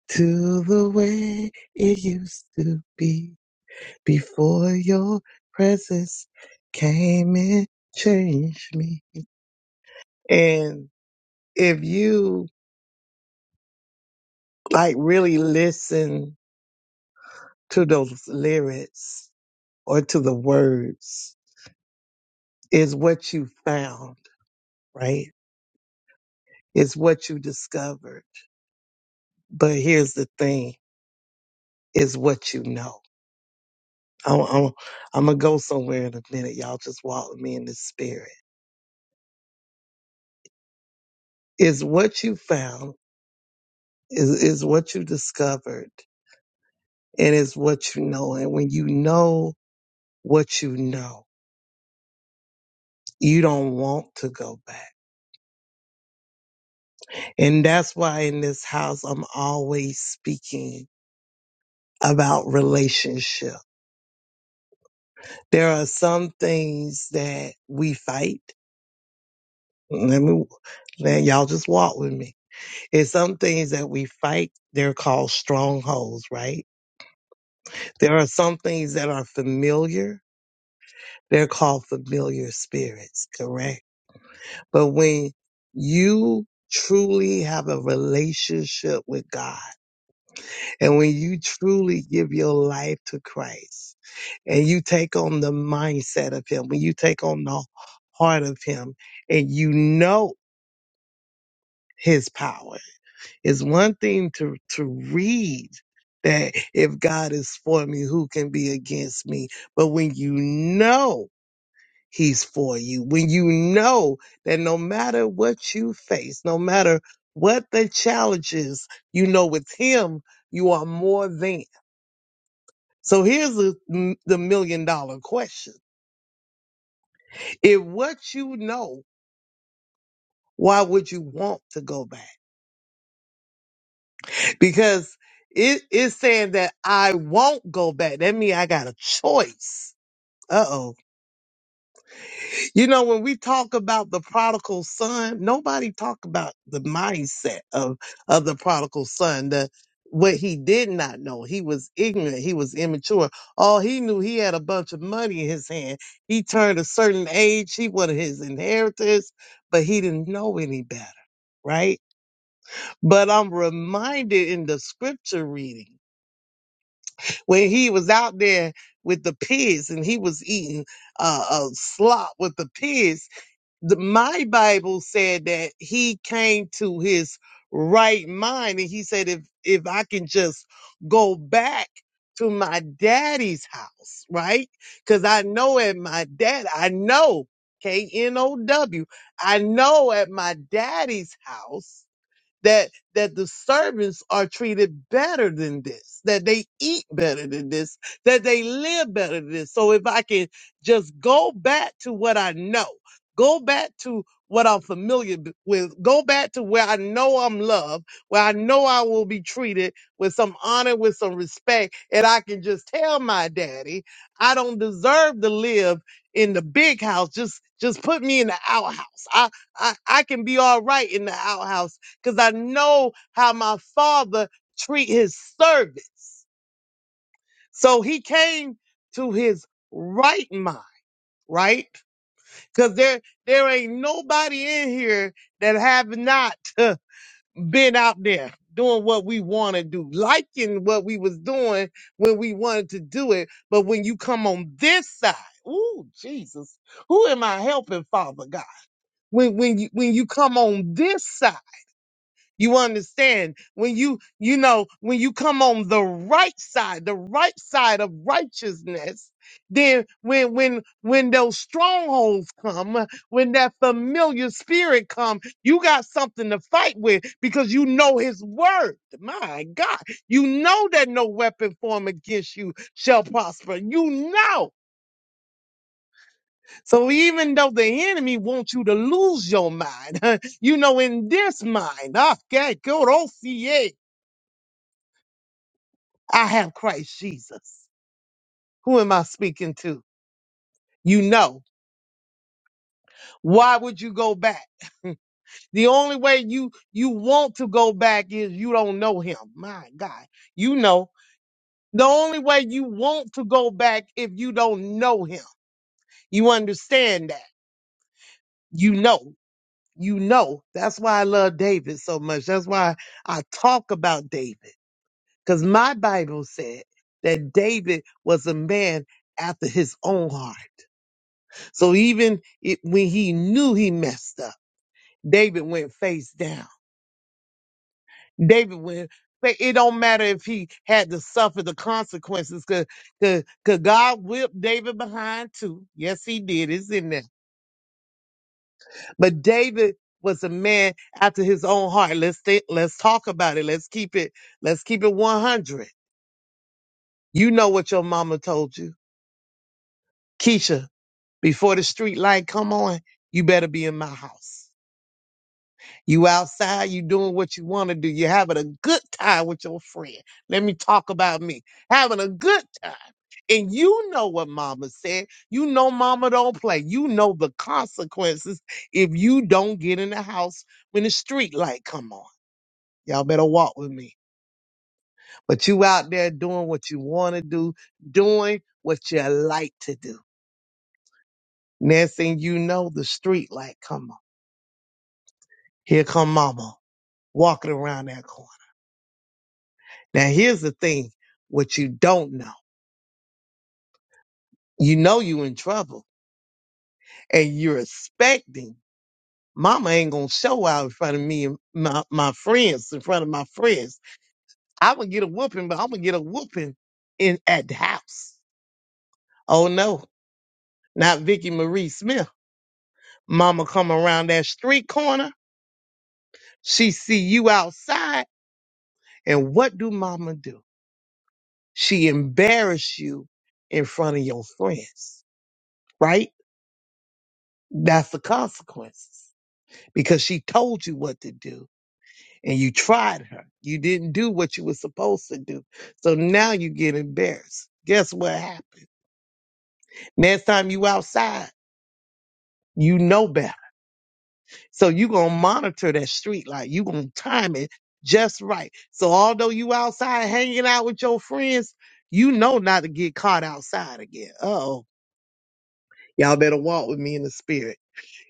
Speaker 5: to the way it used to be before your presence came and changed me. And if you like really listen to those lyrics or to the words, is what you found, right? Is what you discovered. But here's the thing, is what you know. I'm, I'm, I'm gonna go somewhere in a minute. Y'all just walk with me in the spirit. Is what you found, is, is what you discovered, and is what you know. And when you know what you know, you don't want to go back And that's why in this house, I'm always speaking about relationship. There are some things that we fight. Let me, man, y'all just walk with me. It's some things that we fight. They're called strongholds, right? There are some things that are familiar. They're called familiar spirits, correct? But when you truly have a relationship with God and when you truly give your life to Christ, and you take on the mindset of him, when you take on the heart of him, and you know his power, it's one thing to to read that if God is for me, who can be against me? But when you know he's for you, when you know that no matter what you face, no matter what the challenges, you know with him, you are more than. So here's the, the million dollar question. If what you know Why would you want to go back? Because it is saying that I won't go back. That means I got a choice. Uh oh. You know, when we talk about the prodigal son, nobody talk about the mindset of, of the prodigal son, the, what he did not know. He was ignorant. He was immature. All he knew, he had a bunch of money in his hand. He turned a certain age. He wanted his inheritance, but he didn't know any better, right? But I'm reminded in the scripture reading when he was out there with the pigs and he was eating uh, a slop with the pigs. The, my Bible said that he came to his right mind and he said, if, if I can just go back to my daddy's house, right? Cause I know at my dad, I know K N O W, I know at my daddy's house that that the servants are treated better than this, that they eat better than this, that they live better than this. So if I can just go back to what I know, go back to what I'm familiar b- with, go back to where I know I'm loved, where I know I will be treated with some honor, with some respect, and I can just tell my daddy, I don't deserve to live in the big house. Just just put me in the outhouse. I I, I can be all right in the outhouse because I know how my father treat his servants. So he came to his right mind, right? Because there there ain't nobody in here that have not <laughs> uh, been out there doing what we want to do, liking what we was doing when we wanted to do it. But when you come on this side, ooh, Jesus, who am I helping, Father God? When when you when you come on this side. You understand when you, you know, when you come on the right side, the right side of righteousness, then when, when, when those strongholds come, when that familiar spirit come, you got something to fight with because you know his word. My God, you know that no weapon formed against you shall prosper. You know. So even though the enemy wants you to lose your mind, <laughs> you know, in this mind, okay, I have Christ Jesus. Who am I speaking to? You know. Why would you go back? <laughs> the only way you you want to go back is you don't know him. My God. You know. The only way you want to go back if you don't know him. You understand that. You know. You know. That's why I love David so much. That's why I talk about David. Because my Bible said that David was a man after his own heart. So even it, when he knew he messed up, David went face down. David went. fa- It don't matter if he had to suffer the consequences, cause, cause 'cause God whipped David behind too. Yes, he did. It's in there. But David was a man after his own heart. Let's think, let's talk about it. Let's keep it. Let's keep it one hundred. You know what your mama told you, Keisha. Before the street light come on, you better be in my house. You outside, you doing what you want to do. You're having a good time with your friend. Let me talk about me. Having a good time. And you know what mama said. You know mama don't play. You know the consequences if you don't get in the house when the street light come on. Y'all better walk with me. But you out there doing what you want to do, doing what you like to do. Next thing you know, the street light come on. Here come mama walking around that corner. Now here's the thing, what you don't know. You know you in trouble and you're expecting mama ain't gonna show out in front of me and my, my friends, in front of my friends. I'm gonna get a whooping, but I'm gonna get a whooping in at the house. Oh no, not Vicky Marie Smith. Mama come around that street corner, she see you outside, and what do mama do? She embarrass you in front of your friends, right? That's the consequences. because she told you what to do and you tried her. You didn't do what you were supposed to do. So now you get embarrassed. Guess what happened? Next time you outside, you know better. So you gonna monitor that street light. You gonna time it just right. So although you outside hanging out with your friends, you know not to get caught outside again. Oh, y'all better walk with me in the spirit.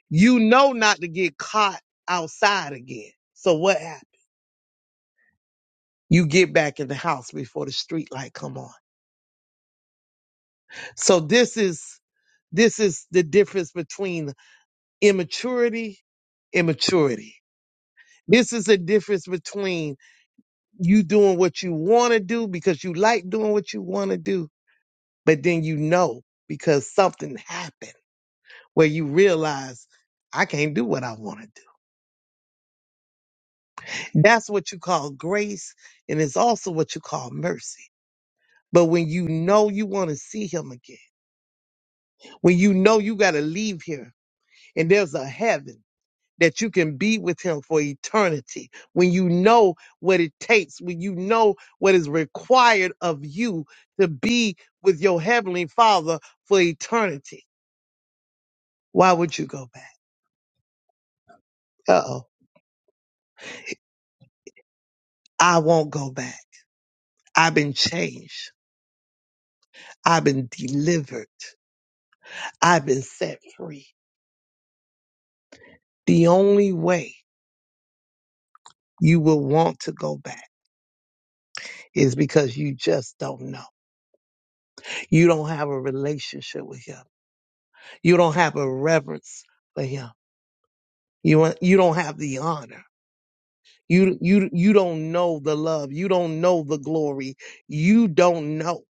Speaker 5: You know not to get caught outside again. So what happened? you get back in the house before the street light come on. So this is this is the difference between immaturity and maturity. This is the difference between you doing what you want to do because you like doing what you want to do, but then you know because something happened where you realize I can't do what I want to do. That's what you call grace, and it's also what you call mercy. But when you know you want to see him again, when you know you got to leave here and there's a heaven that you can be with him for eternity when you know what it takes when you know what is required of you to be with your heavenly father for eternity why would you go back uh-oh i won't go back i've been changed i've been delivered i've been set free the only way you will want to go back is because you just don't know you don't have a relationship with him you don't have a reverence for him You you don't have the honor. You you you don't know the love. You don't know the glory. You don't know,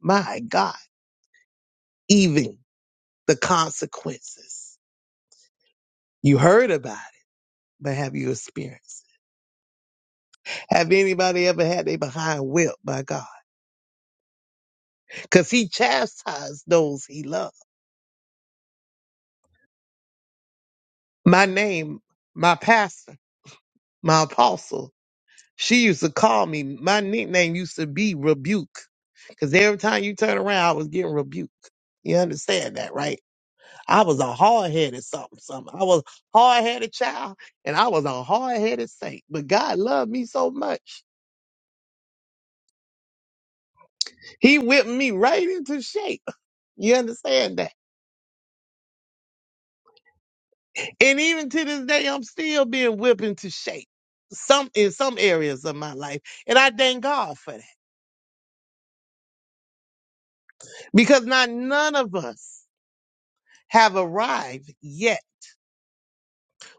Speaker 5: my God, even the consequences. You heard about it, but have you experienced? it? Have anybody ever had their behind whipped by God? Because He chastised those He loved. My name, my pastor, my apostle. She used to call me. My nickname used to be Rebuke, because every time you turn around, I was getting rebuked. You understand that, right? I was a hard headed something, something. I was hard headed child and I was a hard headed saint. But God loved me so much. He whipped me right into shape. You understand that? And even to this day, I'm still being whipped into shape. Some in some areas of my life. And I thank God for that. Because not none of us have arrived yet.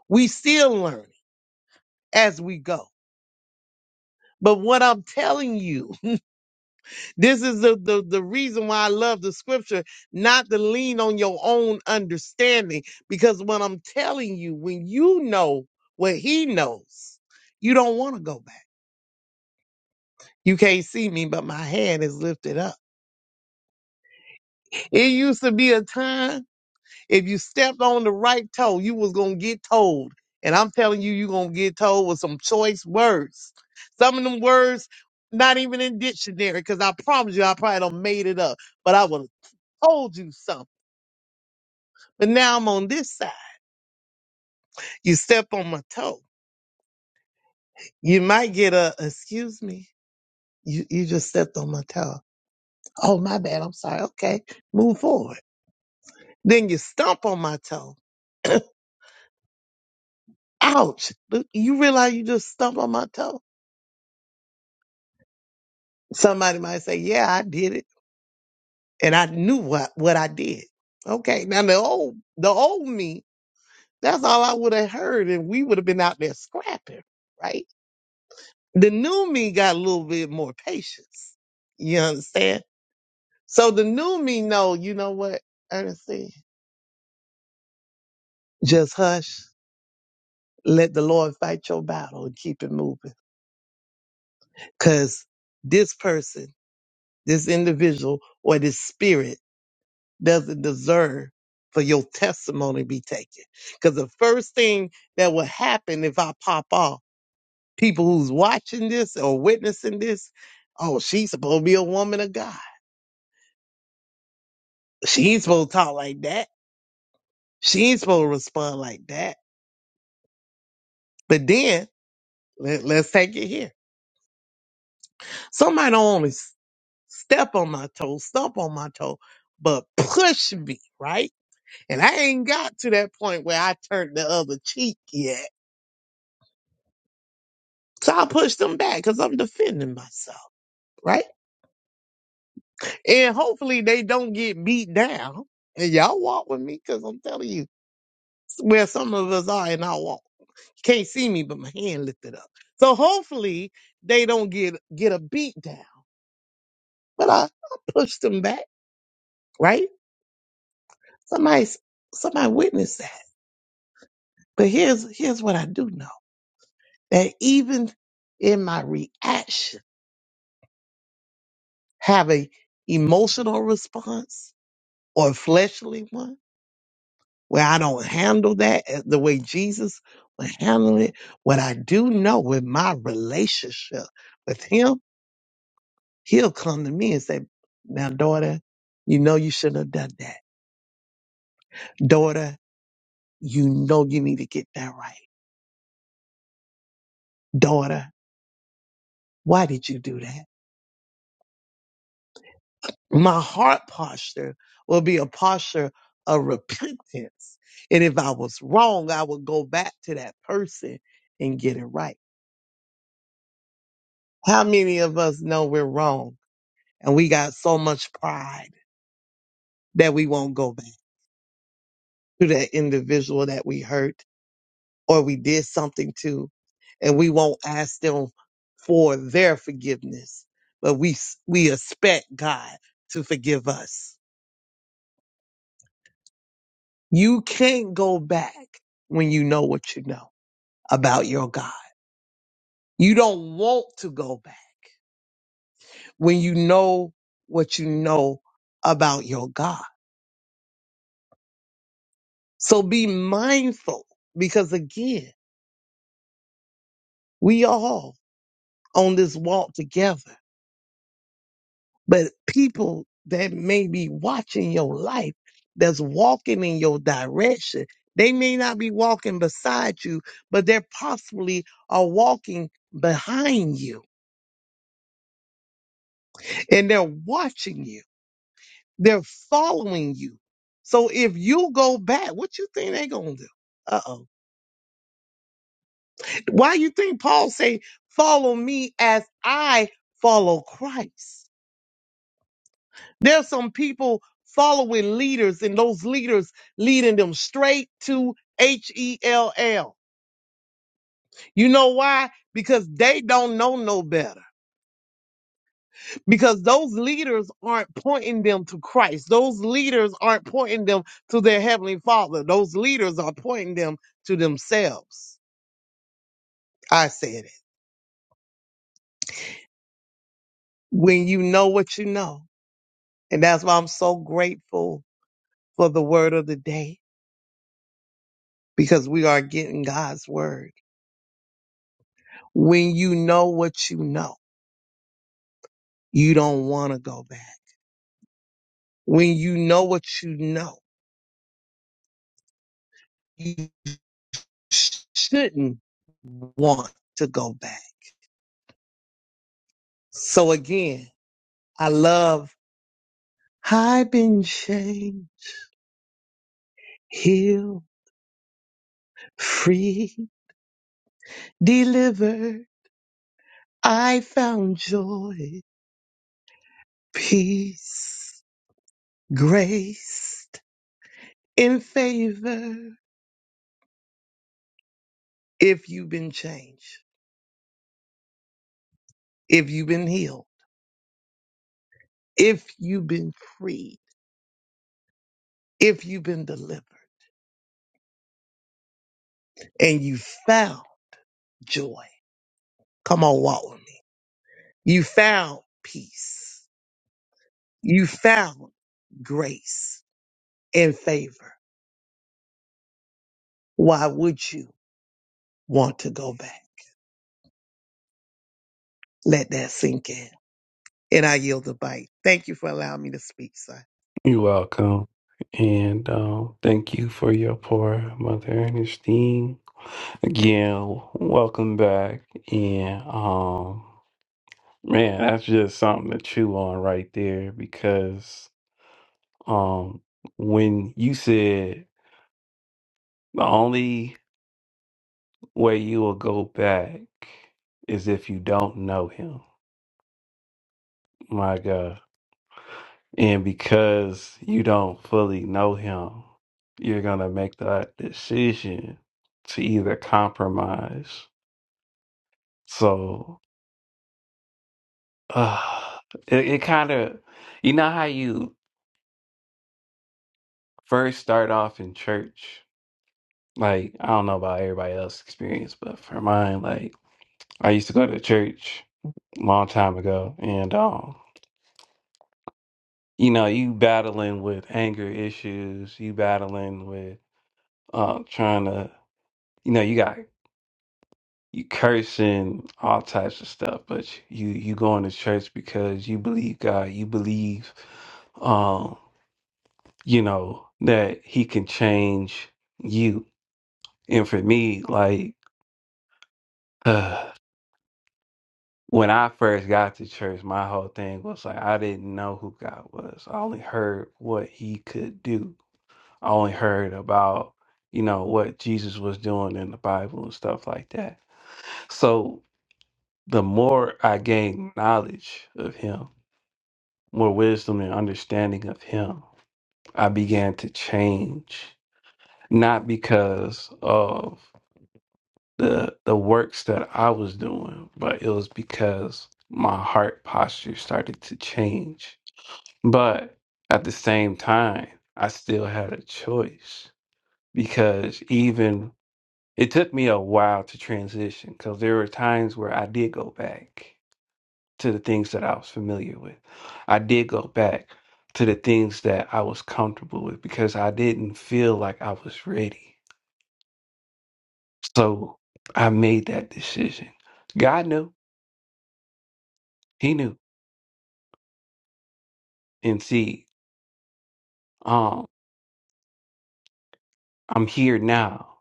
Speaker 5: We still learn as we go. But what I'm telling you This is the, the, the reason why I love the scripture, not to lean on your own understanding. Because what I'm telling you, when you know what he knows, you don't want to go back. You can't see me, but my hand is lifted up. It used to be a time if you stepped on the right toe, you was gonna get told. And I'm telling you, you're gonna get told with some choice words. Some of them words not even in dictionary, because I promise you I probably done made it up, but I would have told you something But now I'm on this side. You step on my toe. You might get a excuse me. You you just stepped on my toe. Oh my bad. I'm sorry. Okay. Move forward. Then you stomp on my toe. Ouch. But you realize you just stomp on my toe. Somebody might say, Yeah, I did it. And I knew what, what I did. Okay. Now the old the old me, that's all I would have heard, and we would have been out there scrapping, right? The new me got a little bit more patience. You understand? So the new me know, you know what, Ernestine? Just hush. Let the Lord fight your battle and keep it moving. Cause this person, this individual, or this spirit doesn't deserve for your testimony to be taken. Cause the first thing that will happen if I pop off, people who's watching this or witnessing this, oh, she's supposed to be a woman of God. She ain't supposed to talk like that. She ain't supposed to respond like that. But then let, let's take it here Somebody don't only s- step on my toe, stomp on my toe, but push me, right? And I ain't got to that point where I turned the other cheek yet. So I push them back because I'm defending myself, right? And hopefully they don't get beat down. And y'all walk with me because I'm telling you where some of us are in our walk. Can't see me, but my hand lifted up. So hopefully they don't get get a beat down. But I, I pushed them back, right? Somebody somebody witnessed. that. But here's here's what I do know that even in my reaction, have a emotional response or a fleshly one where I don't handle that as- the way Jesus would handle it. What I do know with my relationship with Him, He'll come to me and say, "Now, daughter, you know you shouldn't have done that. Daughter, you know you need to get that right. Daughter, why did you do that?" my heart posture will be a posture of repentance. And if I was wrong, I would go back to that person and get it right. How many of us know we're wrong and we got so much pride that we won't go back to that individual that we hurt or we did something to and we won't ask them for their forgiveness, but we, we expect God to forgive us. You can't go back when you know what you know. about your God. You don't want to go back when you know what you know about your God. So be mindful because again, we all on this walk together, but people that may be watching your life that's walking in your direction, they may not be walking beside you, but they're possibly are walking behind you and they're watching you They're following you. So if you go back, what you think they gonna do? Uh oh. Why you think Paul say, follow me as I follow Christ? There's some people following leaders and those leaders leading them straight to H-E-L-L. You know why? Because they don't know no better. because those leaders aren't pointing them to Christ. Those leaders aren't pointing them to their heavenly Father. Those leaders are pointing them to themselves. I said it. When you know what you know. And that's why I'm so grateful for the word of the day because we are getting God's word. When you know what you know, you don't want to go back. When you know what you know, you sh- shouldn't want to go back. So again, I love I've been changed, healed, free, delivered. I found joy, peace, grace, in favor. If you've been changed, if you've been healed, if you've been freed, if you've been delivered, and you found joy, come on, walk with me. You found peace. You found grace and favor. Why would you? want to go back. Let that sink in. And I yield the bite. Thank you for allowing me to speak, sir.
Speaker 1: You're welcome. And um, thank you for your poor Mother Ernestine. Again, welcome back. And um, man, that's just something to chew on right there because um, when you said the only where you will go back is if you don't know him. My God. And because you don't fully know him, you're going to make that decision to either compromise. So uh, it, it kind of, you know, how you first start off in church? Like, I don't know about everybody else's experience, but for mine, like, I used to go to church a long time ago. And, um. you know, you battling with anger issues, you battling with uh, trying to, you know, you got you cursing all types of stuff, but you you going to church because you believe God, you believe, um, you know, that He can change you. And for me, like <sighs> when I first got to church, my whole thing was like I didn't know who God was. I only heard what He could do I only heard about, you know, what Jesus was doing in the Bible and stuff like that. So the more I gained knowledge of him, more wisdom and understanding of him, I began to change, not because of the the works that I was doing, but it was because my heart posture started to change. But at the same time, I still had a choice because even It took me a while to transition because there were times where I did go back to the things that I was familiar with. I did go back to the things that I was comfortable with because I didn't feel like I was ready. So I made that decision. God knew, He knew. And see, um, I'm here now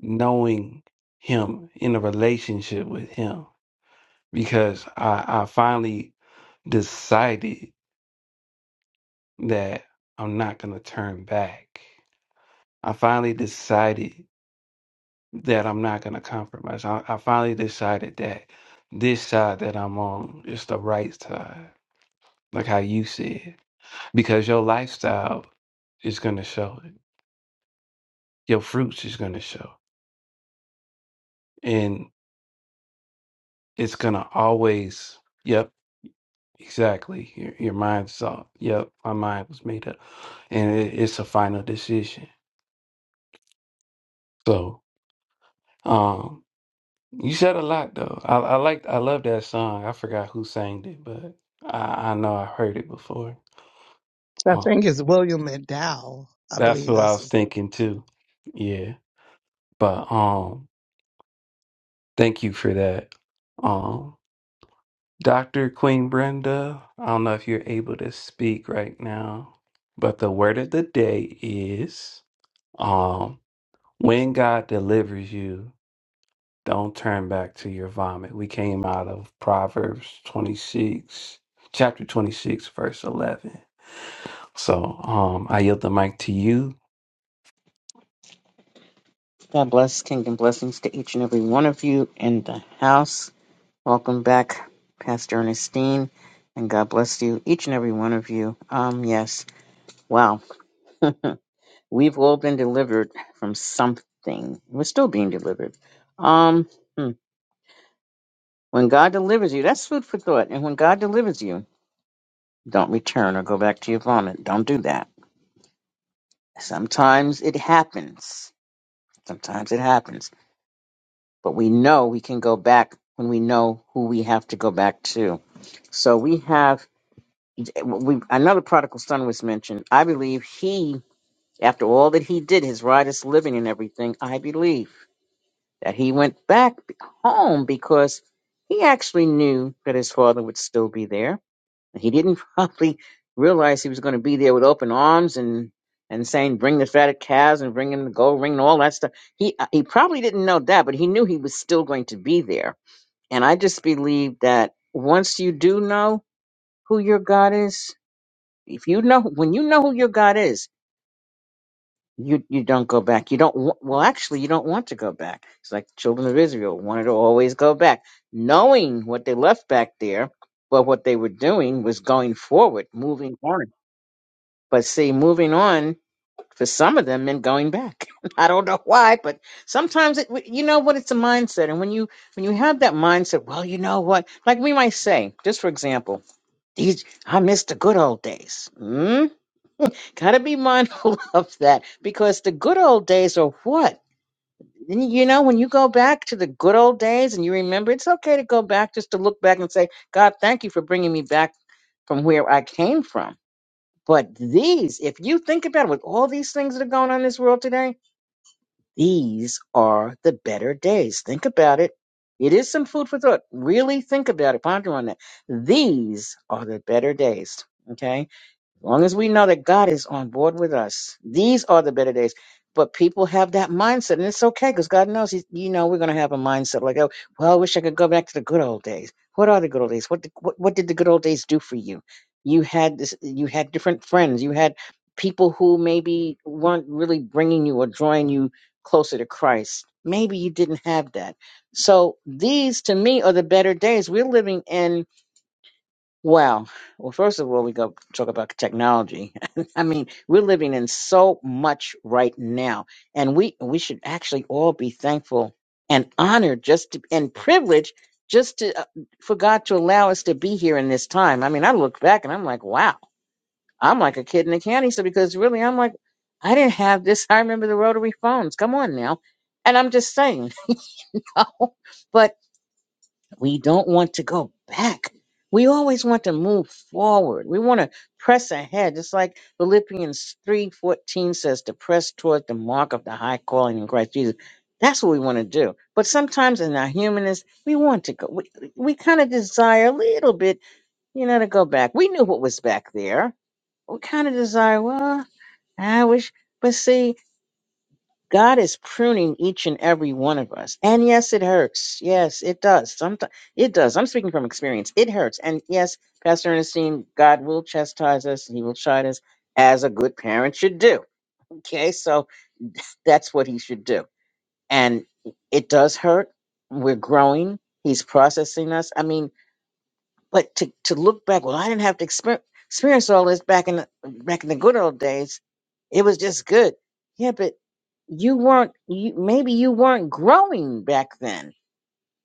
Speaker 1: knowing Him in a relationship with Him because I, I finally decided that I'm not going to turn back. I finally decided that I'm not going to compromise. I, I finally decided that this side that I'm on is the right side, like how you said, because your lifestyle is going to show it. Your fruits is going to show. And it's going to always, yep, exactly. Your, your mind saw, yep, my mind was made up. And it, it's a final decision. So, um. You said a lot though. I I liked I love that song. I forgot who sang it, but I I know I heard it before.
Speaker 5: I
Speaker 1: Oh,
Speaker 5: think it's William McDowell. I
Speaker 1: that's
Speaker 5: believe
Speaker 1: who I
Speaker 5: that's
Speaker 1: was
Speaker 5: his
Speaker 1: thinking too. Yeah. But um thank you for that. Um Dr. Queen Brenda, I don't know if you're able to speak right now, but the word of the day is um when God delivers you. Don't turn back to your vomit. We came out of Proverbs 26, chapter 26, verse 11. So um, I yield the mic to you.
Speaker 6: God bless, kingdom blessings to each and every one of you in the house. Welcome back, Pastor Ernestine, and God bless you, each and every one of you. Um, yes, wow, <laughs> we've all been delivered from something. We're still being delivered. Um, hmm. when God delivers you, that's food for thought. And when God delivers you, don't return or go back to your vomit. Don't do that. Sometimes it happens. Sometimes it happens, but we know we can go back when we know who we have to go back to So we have we another prodigal son was mentioned. I believe he, after all that he did, his riotous living and everything, I believe that he went back home because he actually knew that his father would still be there. He didn't <laughs> probably realize he was going to be there with open arms and and saying, "Bring the fatted calves and bring in the gold ring and all that stuff." He uh, he probably didn't know that, but he knew he was still going to be there. And I just believe that once you do know who your God is, if you know when you know who your God is, you you don't go back. You don't wa- well actually you don't want to go back. It's like the children of Israel wanted to always go back, knowing what they left back there, but what they were doing was going forward, moving on. But see, moving on for some of them meant going back. <laughs> I don't know why, but sometimes it you know what it's a mindset, and when you when you have that mindset, well, you know what? Like we might say, just for example, these I miss the good old days. Hmm? Gotta be mindful <laughs> of that because the good old days are what? N- You know, when you go back to the good old days and you remember, it's okay to go back just to look back and say, God, thank you for bringing me back from where I came from. But these, if you think about it, with all these things that are going on in this world today, these are the better days. Think about it. It is some food for thought. Really think about it. Ponder on that. These are the better days. Okay as long as we know that God is on board with us, these are the better days. But people have that mindset, and it's okay because God knows, he's, you know, we're going to have a mindset like, oh, well, I wish I could go back to the good old days. What are the good old days? What, did, what what did the good old days do for you? You had this, you had different friends, you had people who maybe weren't really bringing you or drawing you closer to Christ. Maybe you didn't have that. So these, to me, are the better days. We're living in well, well, first of all, we go talk about technology. <laughs> I mean, we're living in so much right now, and we we should actually all be thankful and honored, just to, and privileged, just to uh, for God to allow us to be here in this time. I mean, I look back and I'm like, wow, I'm like a kid in a candy store because really, I'm like, I didn't have this. <laughs> I remember the rotary phones. Come on now, and I'm just saying, <laughs> but we don't want to go back. We always want to move forward. We want to press ahead. It's like Philippians 3:14 says to press toward the mark of the high calling in Christ Jesus. That's what we want to do. But sometimes in our humanness, we want to go we, we kind of desire a little bit, you know, to go back. We knew what was back there. We kind of desire, well, I wish but see God is pruning each and every one of us. And yes, it hurts. Yes, it does. Sometimes it does. I'm speaking from experience. It hurts. And yes, Pastor Ernestine, God will chastise us. He will chide us as a good parent should do. Okay, so that's what he should do. And it does hurt. We're growing. He's processing us. I mean, but to, to look back, well, I didn't have to exper- experience all this back in the, back in the good old days. It was just good. Yeah, but you weren't. You, maybe you weren't growing back then.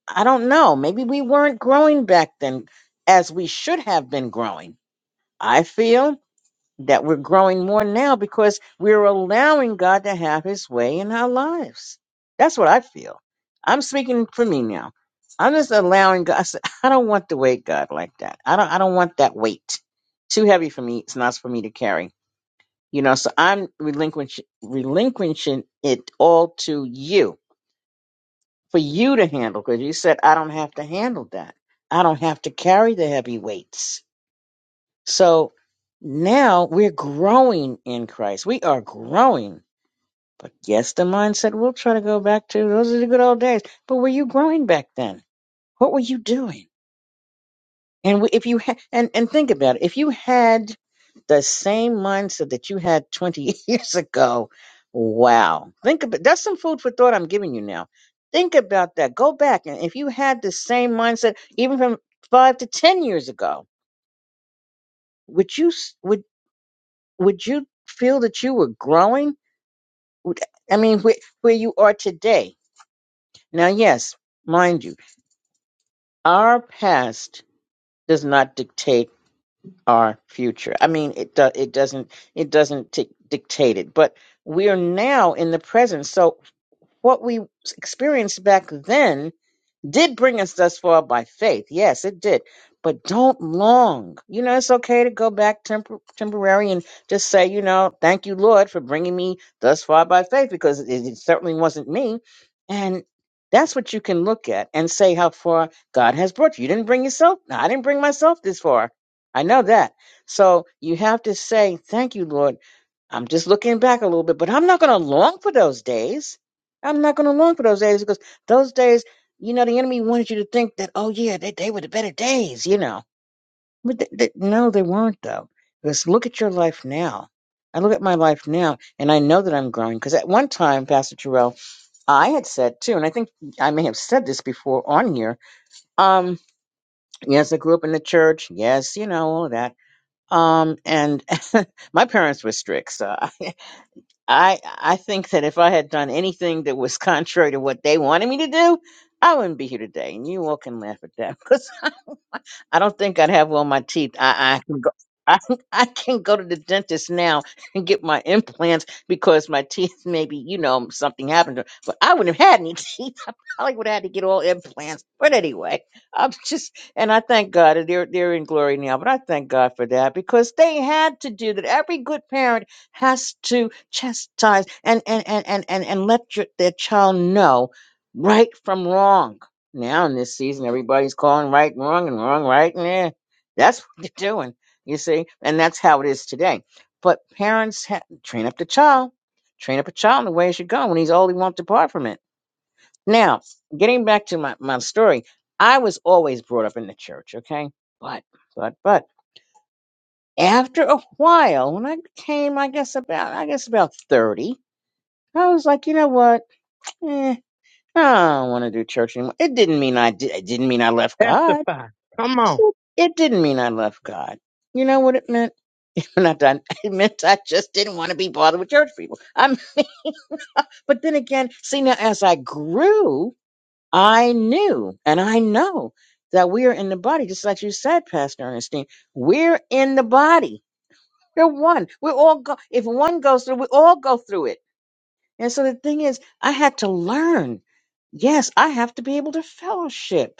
Speaker 6: I don't know. Maybe we weren't growing back then as we should have been growing. I feel that we're growing more now because we're allowing God to have his way in our lives. That's what I feel. I'm speaking for me now. I'm just allowing God. I said, <laughs> I don't want to weight God like that. I don't I don't want that weight. Too heavy for me. It's not for me to carry. You know, so I'm relinquishing relinquishing it all to you for you to handle because you said I don't have to handle that. I don't have to carry the heavy weights. So now we're growing in Christ. We are growing. But yes, the mindset will try to go back to those are the good old days. But were you growing back then? What were you doing? And if you ha- and and think about it, if you had the same mindset that you had 20 <laughs> years ago, wow. Think about that's some food for thought I'm giving you now. Think about that. Go back and if you had the same mindset even from 5 to 10 years ago, would you s- would? would you feel that you were growing? Would- I mean, where, where you are today. Now, yes, mind you, our past does not dictate our future. I mean, it do, it doesn't it doesn't t- dictate it, but we are now in the present. So what we experienced back then Did bring us thus far by faith. Yes, it did. But don't long. You know, it's okay to go back tempor- temporary and just say, you know, thank you, Lord, for bringing me thus far by faith, because it, it certainly wasn't me. And that's what you can look at and say how far God has brought you. You didn't bring yourself. No, I didn't bring myself this far. I know that. So you have to say, thank you, Lord, I'm just looking back a little bit, but I'm not going to long for those days. I'm not going to long for those days because those days you know, the enemy wanted you to think that, oh, yeah, they, they were the better days, you know. But th- th- no, they weren't, though. Because look at your life now. I look at my life now, and I know that I'm growing. Because at one time, Pastor Terrell, I had said too, and I think I may have said this before on here. Um, yes, I grew up in the church. Yes, you know all that. Um, and <laughs> my parents were strict, so I, I I think that if I had done anything that was <laughs> contrary to what they wanted me to do, I wouldn't be here today. And you all can laugh at that <laughs> I don't think I'd have on my teeth. I, I can go. <laughs> I, I can go to the dentist now and get my implants because my teeth maybe you know something happened to. But I wouldn't have had any <laughs> teeth. I probably would have had to get all implants. But anyway, I'm just and I thank God that they're they're in glory now. But I thank God for that because they had to do that. Every good parent has to chastise and and and and and, and let your, their child know right from wrong now in this season, everybody's calling right and wrong and wrong right and eh. That's what they're doing, you see, and that's how it is today. But parents ha- train up the child, train up a child in the way he should go. When he's old, he won't depart from it. Now, getting back to my, my story, I was always brought up in the church, okay? But, but, but after a while, when I became, I guess about, I guess about thirty, I was like, you know what? Eh, I don't want to do church anymore. It didn't mean I did. It didn't mean I left God
Speaker 5: testify. Come on.
Speaker 6: It didn't mean I left God. You know what it meant? <laughs> Not done. It meant I just didn't want to be bothered with church people. I'm, but then again, see now as I grew, I knew and I know that we are in the body, just like you said, Pastor Ernestine. We're in the body. We're one. We're all go. If one goes through, we all go through it. And so the thing is, I had to learn. Yes, I have to be able to fellowship.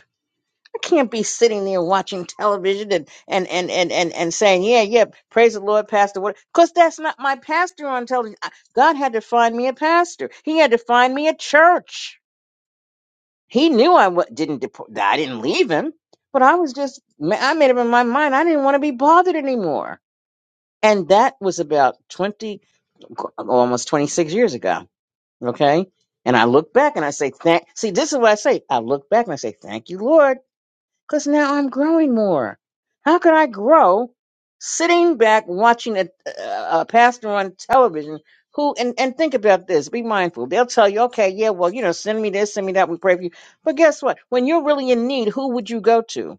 Speaker 6: I can't be sitting there watching television and and and and and, and saying, "Yeah, yeah, praise the Lord, pastor." What? Because that's not my pastor on television. I- God had to find me a pastor. He had to find me a church. He knew I w- didn't deport. I didn't leave him, but I was just. ma- I made up in my mind I didn't want to be bothered anymore, and that was about twenty, almost twenty six years ago. Okay, and I look back and I say, "Thank." See, this is what I say. I look back and I say, "Thank you, Lord." because now I'm growing more. How could I grow sitting back watching a, a pastor on television who, and, and think about this, be mindful. They'll tell you, okay, yeah, well, you know, send me this, send me that, we pray for you. But guess what? When you're really in need, who would you go to?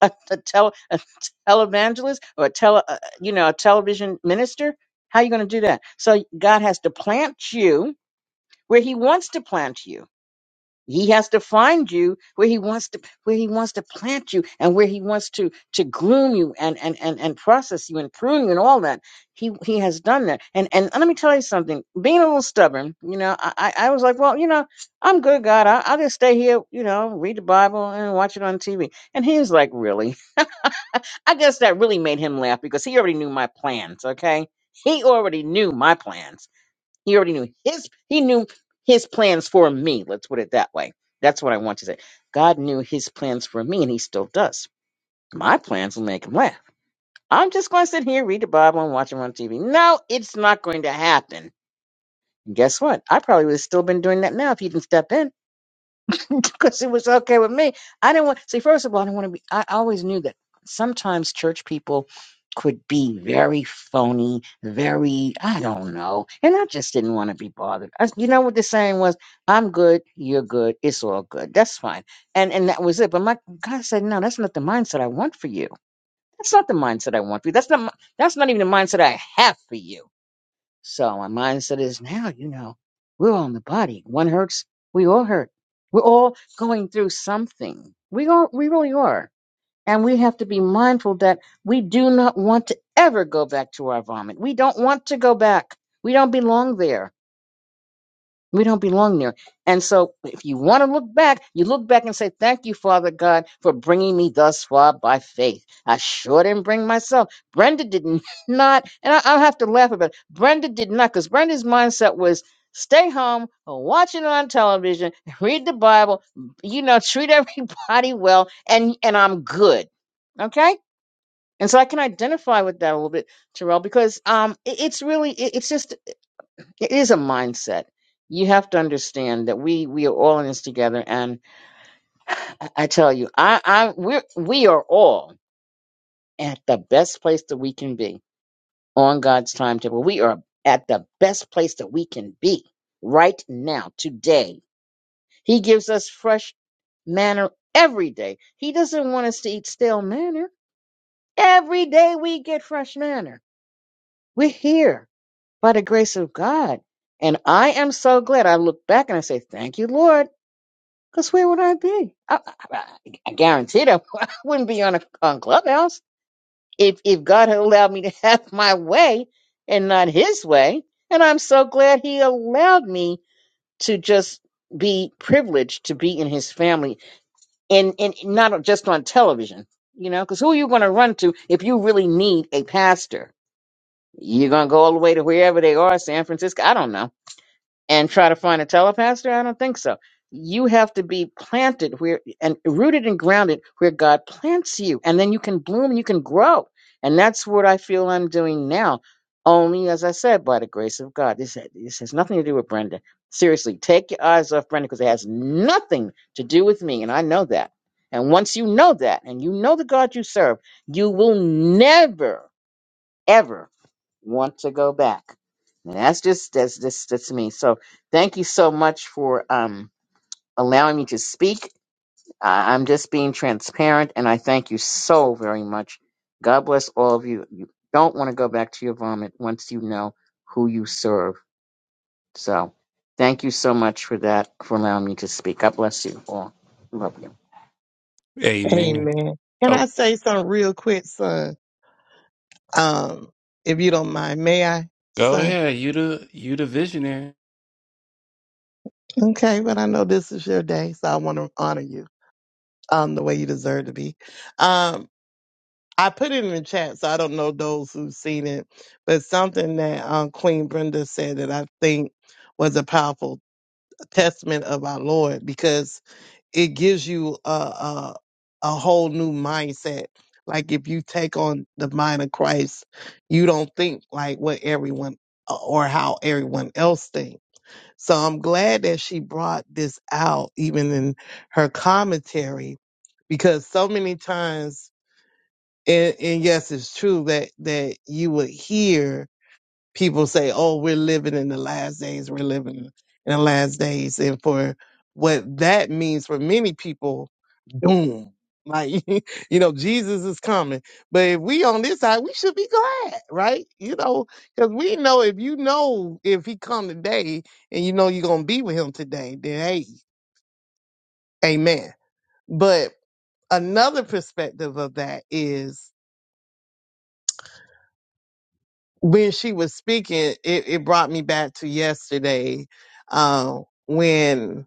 Speaker 6: A, a, tele, a televangelist or a tele, uh, you know, a television minister? How are you going to do that? So God has to plant you where he wants to plant you he has to find you where he wants to where he wants to plant you and where he wants to to groom you and and and, and process you and prune you and all that he he has done that and and let me tell you something being a little stubborn you know i i I was like well you know i'm good god I, i'll just stay here you know read the bible and watch it on tv and he was like really i guess that really made him laugh because he already knew my plans okay he already knew my plans he already knew his he knew his plans for me. Let's put it that way. That's what I want to say. God knew his plans for me and he still does. My plans will make him laugh. I'm just gonna sit here, read the Bible, and watch him on TV. No, it's not going to happen. And guess what? I probably would have still been doing that now if he didn't step in <laughs> because it was okay with me. I didn't want see. First of all, I didn't want to be. I always knew that sometimes church people could be very phony, very I don't know, and I just didn't want to be bothered. I, you know what the saying was? I'm good, you're good, it's all good. That's fine, and and that was it. But my God said, no, that's not the mindset I want for you. That's not the mindset I want for you. That's not my, that's not even the mindset I have for you so my mindset is now, you know, we're all in the body. One hurts, we all hurt. We're all going through something. We are, we really are. And we have to be mindful that we do not want to ever go back to our vomit. We don't want to go back. We don't belong there we don't belong there. And so, if you want to look back, you look back and say, Thank you, Father God, for bringing me thus far by faith. I sure didn't bring myself. Brenda did <laughs> not, and I, I'll have to laugh about it. Brenda did not, because Brenda's mindset was stay home, watch it on television, <laughs> read the Bible, you know, treat <laughs> everybody well, and, and I'm good. Okay? And so I can identify with that a little bit, Terrell, because um, it, it's really, it, it's just it is a mindset. You have to understand that we we are all in this together. And I I tell you, I I we're we are all at the best place that we can be on God's timetable. We are at the best place that we can be right now, today. He gives us fresh manner every day. He doesn't want us to eat stale manner. Every day we get fresh manner. We're here by the grace of God. And I am so glad. I look back and I say, Thank you, Lord. Because where would I be? I, I, I guarantee that <laughs> I wouldn't be on a on clubhouse if if God had allowed me to <laughs> have my way and not His way. And I'm so glad He allowed me to just be privileged to be in His family and and not just on television. You know, because who are you going to run to if you really need a pastor? You're going to go all the way to wherever they are, San Francisco. I don't know and try to find a telepastor? I don't think so. You have to be planted where and rooted and grounded where God plants you, and then you can bloom and you can grow. And that's what I feel I'm doing now. Only, as I said, by the grace of God. This, this has nothing to do with Brenda. Seriously, take your eyes off Brenda because it has nothing to do with me, and I know that. And once you know that, and you know the God you serve, you will never, ever want to go back. And that's just that's just that's me. So thank you so much for um allowing me to speak. I, I'm just being transparent, and I thank you so very much. God bless all of you. You don't want to go back to your vomit once you know who you serve. So thank you so much for that for allowing me to speak. God bless you all. Love you.
Speaker 1: Amen.
Speaker 5: Amen. Can I
Speaker 1: Oh,
Speaker 5: say something real quick, son? Um, if you don't mind, may I,
Speaker 1: go
Speaker 5: son?
Speaker 1: ahead. You the, you the visionary.
Speaker 5: Okay, but I know this is your day, so I want to honor you um the way you deserve to be. Um, I put it in the chat, so I don't know those who've seen it, but something that um Queen Brenda said that I think was a powerful testament of our Lord because it gives you a, a a whole new mindset. Like if you take on the mind of Christ, you don't think like what everyone or how everyone else think. So I'm glad that she brought this out even in her commentary because so many times and, and yes, it's true that that you would hear people say, "Oh, we're living in the last days. We're living in the last days," and for what that means for many people, doom. Like <laughs> you know, Jesus is coming. But if we on this side, we should be glad, right? You know, because we know if you know if he come today, and you know you're gonna be with him today, then hey, amen. But another perspective of that is when she was speaking, it, it brought me back to yesterday uh, when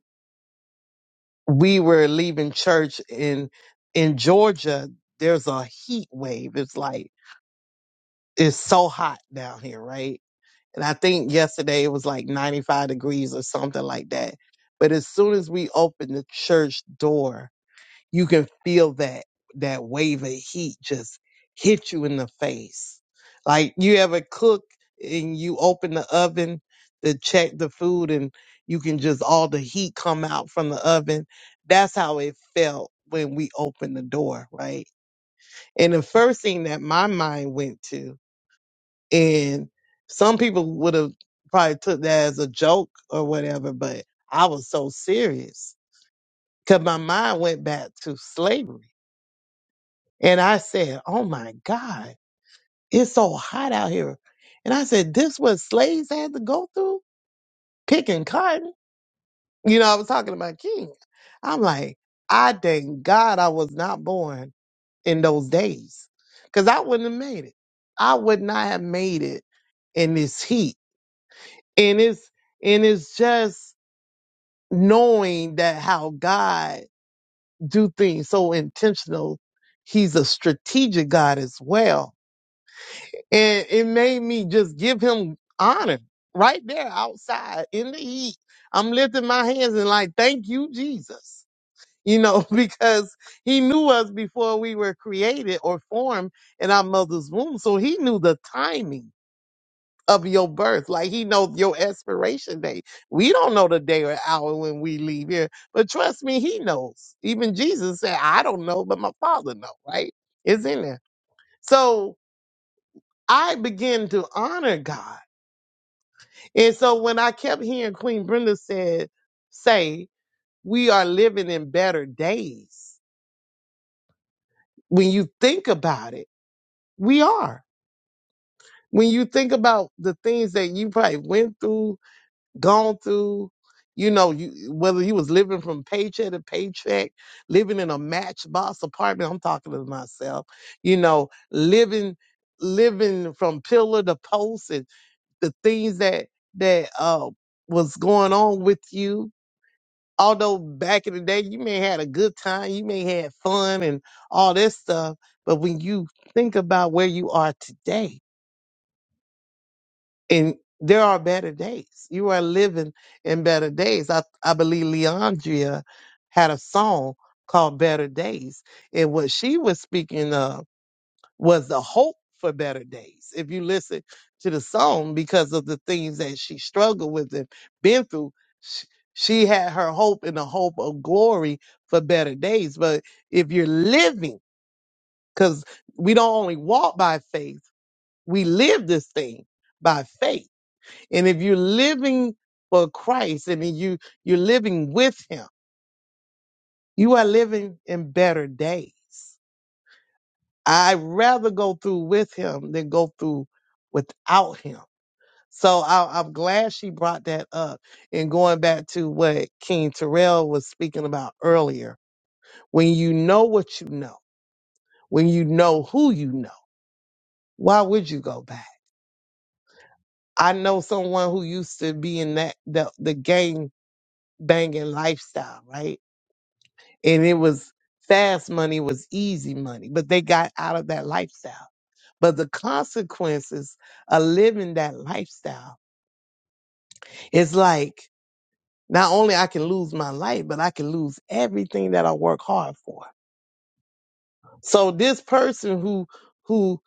Speaker 5: we were leaving church in in Georgia. There's a heat wave. It's like it's so hot down here, right? And I think yesterday it was like 95 degrees or something like that. But as soon as we opened the church door, you can feel that that wave of heat just hit you in the face. Like you ever cook and you open the oven to check the food and you can just all the heat come out from the oven. That's how it felt when we opened the door, right? And the first thing that my mind went to, and some people would have probably took that as a joke or whatever, but I was so serious because my mind went back to slavery And I said, Oh my God, it's so hot out here. And I said, This what slaves had to go through picking cotton. You know, I was talking to my King. I'm like, I thank God I was not born in those days because I wouldn't have made it. I would not have made it in this heat. And it's, and it's just knowing that how God do things so intentional. He's a strategic God as well And it made me just give him honor right there outside in the heat. I'm lifting my hands and like, thank you, Jesus. You know, <laughs> because he knew us before we were created or formed in our mother's womb. So he knew the timing of your birth. Like he knows your expiration date. We don't know the day or hour when we leave here, but trust me, he knows. Even Jesus said, I don't know, but my father know, right? It's in there. So I begin to honor God And so when I kept hearing Queen Brenda said, say, we are living in better days. When you think about it, we are. When you think about the things that you probably went through, gone through, you know, you, whether you was living from paycheck to paycheck, living in a matchbox apartment, I'm talking to myself, you know, living, living from pillar to post and the things that, that, uh, was going on with you although back in the day you may had a good time, you may had fun and all this stuff, but when you think about where you are today, and there are better days. You are living in better days. I I believe Leandria had a song called Better Days. And what she was speaking of was the hope for better days. If you listen to the song, because of the things that she struggled with and been through, sh- she had her hope in the hope of glory for better days. But if you're living, because we don't only walk by faith, we live this thing by faith. And if you're living for Christ and you you're living with Him, you are living in better days. I'd rather go through with Him than go through without Him So I, I'm glad she brought that up. And going back to what King Terrell was speaking about earlier, when you know what you know, when you know who you know, why would you go back? I know someone who used to be in that the, the gang banging lifestyle, right? And it was fast money was easy money, but they got out of that lifestyle. But the consequences of living that lifestyle is like Not only I can lose my life, but I can lose everything that I work hard for. So this person who who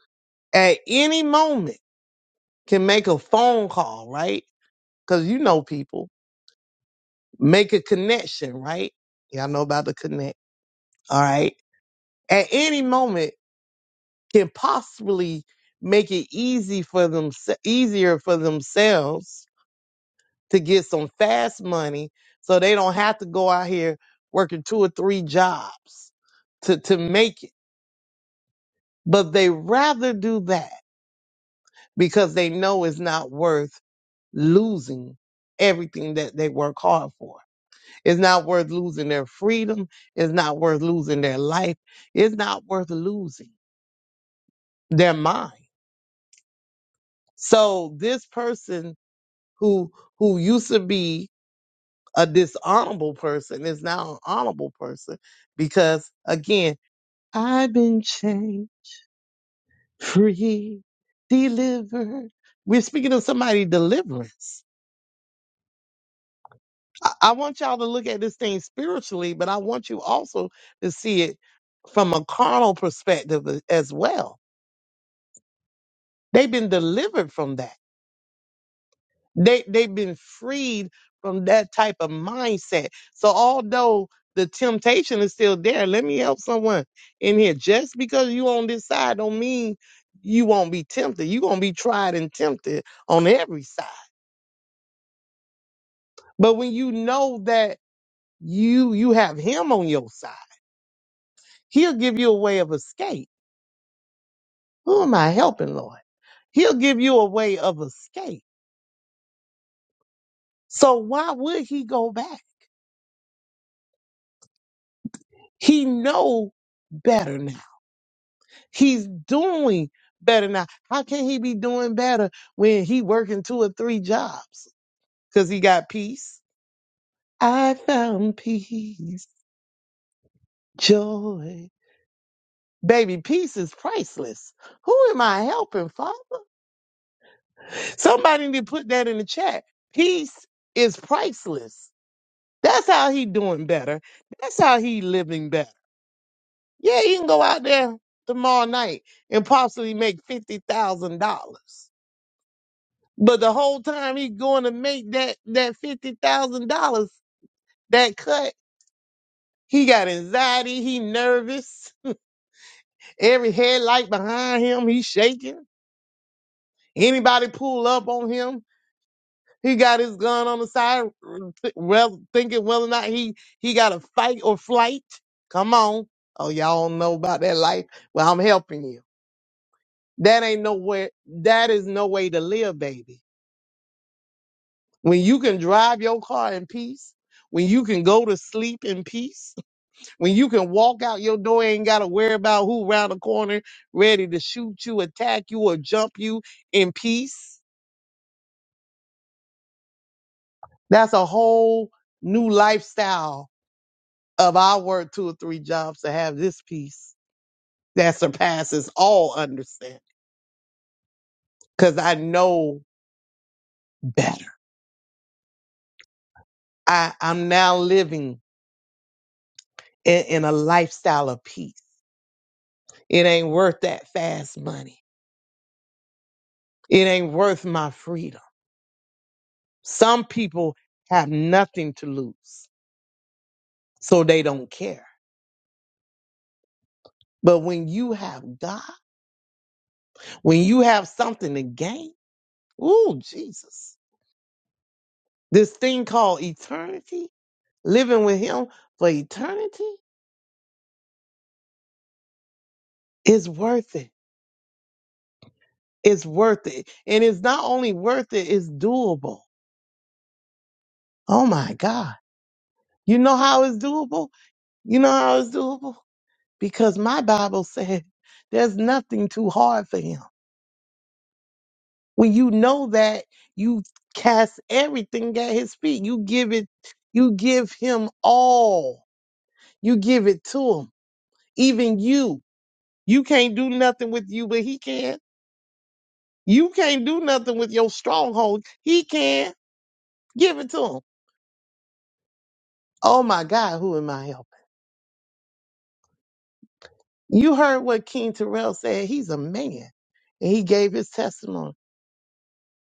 Speaker 5: at any moment can make a phone call, right? Cuz you know people make a connection, right? Y'all know about the connect. All right. At any moment can possibly make it easy for them easier for themselves to get some fast money so they don't have to go out here working two or three jobs to to make it. but they rather do that because they know it's not worth losing everything that they work hard for. It's not worth losing their freedom. It's not worth losing their life. It's not worth losing their mind. So this person who who used to be a dishonorable person is now an honorable person because again, I've been chained, free, delivered. We're speaking of somebody deliverance I, I want y'all to look at this thing spiritually, but I want you also to see it from a carnal perspective a- as well. They've been delivered from that. They they've been freed from that type of mindset. So although the temptation is still there, let me help someone in here. Just because you on this side don't mean you won't be tempted. You're gonna be tried and tempted on every side. But when you know that you you have him on your side, he'll give you a way of escape Who am I helping, Lord? He'll give you a way of escape. So why would he go back? He know better now. He's doing better now. How can he be doing better when he working two or three jobs? Cause he got peace. I found peace, joy. Baby, peace is priceless. Who am I helping, Father? Somebody need to put that in the chat. Peace is priceless. That's how he doing better. That's how he living better. Yeah, you can go out there tomorrow night and possibly make fifty thousand dollars. But the whole time he's going to make that that fifty thousand dollars, that cut, he got anxiety, he nervous, <laughs> every headlight behind him, he's shaking. Anybody pull up on him, he got his gun on the side, th- well thinking whether or not he he got a fight or flight. Come on. Oh, y'all don't know about that life. Well, I'm helping you. That ain't nowhere. That is no way to live, baby. When you can drive your car in peace, when you can go to sleep in peace, <laughs> when you can walk out your door, and ain't gotta worry about who round the corner ready to shoot you, attack you, or jump you in peace. That's a whole new lifestyle of I work two or three jobs to have this peace that surpasses all understanding. Cause I know better. I, I'm now living in, in a lifestyle of peace. It ain't worth that fast money. It ain't worth my freedom. Some people have nothing to lose, so they don't care. But when you have God, when you have something to gain, ooh, Jesus, this thing called eternity, living with Him for eternity, is worth it. It's worth it. And it's not only worth it, it's doable. Oh my God. You know how it's doable? You know how it's doable? because my Bible <laughs> said there's nothing too hard for him. When you know that, you cast everything at his feet. You give it, you give him all. You give it to him. Even you. You can't do nothing with you, but he can. You can't do nothing with your stronghold. He can. Give it to him. Oh my God, who am I helping? You heard what King Terrell said. He's a man. And he gave his testimony.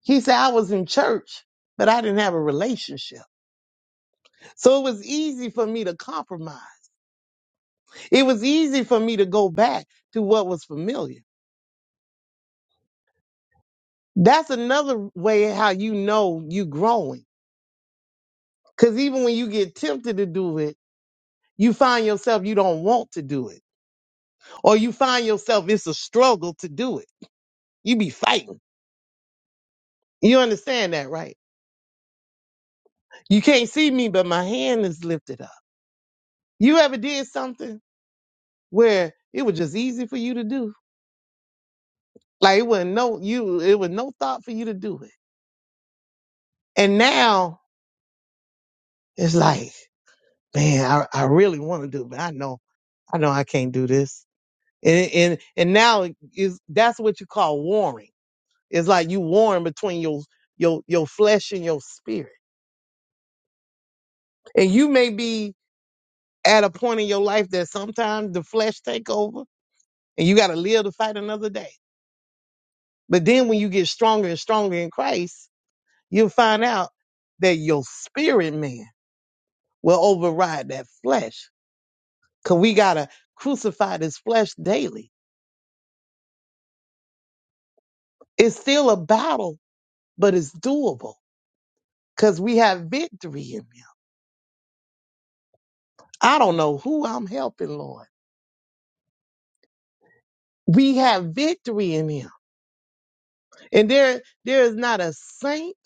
Speaker 5: He said, I was in church, but I didn't have a relationship. So it was easy for me to compromise. It was easy for me to go back to what was familiar. That's another way how you know you growing. Cause even when you get tempted to do it, you find yourself you don't want to do it. Or you find yourself it's a struggle to do it. You be fighting. You understand that, right? You can't see me, but my hand is lifted up. You ever did something where it was just easy for you to do? Like it wasn't no you it was no thought for you to do it. And now It's like, man, I, I really want to do, but I know, I know I can't do this. And, and, and now is, that's what you call warring. It's like you warring between your, your, your flesh and your spirit. And you may be at a point in your life that sometimes the flesh take over and you got to live to fight another day. But then when you get stronger and stronger in Christ, you'll find out that your spirit man will override that flesh. Cause we got to crucify this flesh daily It's still a battle, but it's doable because we have victory in Him. I don't know who I'm helping, Lord. We have victory in Him, and there there is not a saint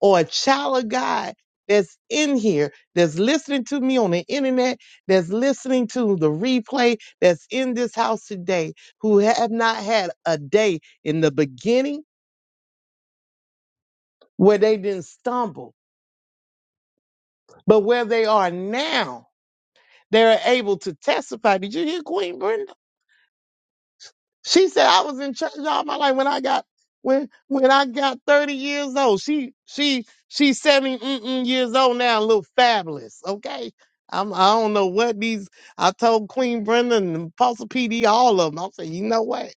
Speaker 5: or a child of God that's in here that's listening to me on the internet, that's listening to the replay, that's in this house today, who have not had a day in the beginning where they didn't stumble, but where they are now, they're able to testify. Did you hear Queen Brenda? She said I was in church all my life when I got when when I got 30 years old. She she she's 70 mm-mm years old now, and look fabulous. Okay. I'm I don't know what these I told Queen Brenda and Apostle PD all of them. I'm saying, you know what?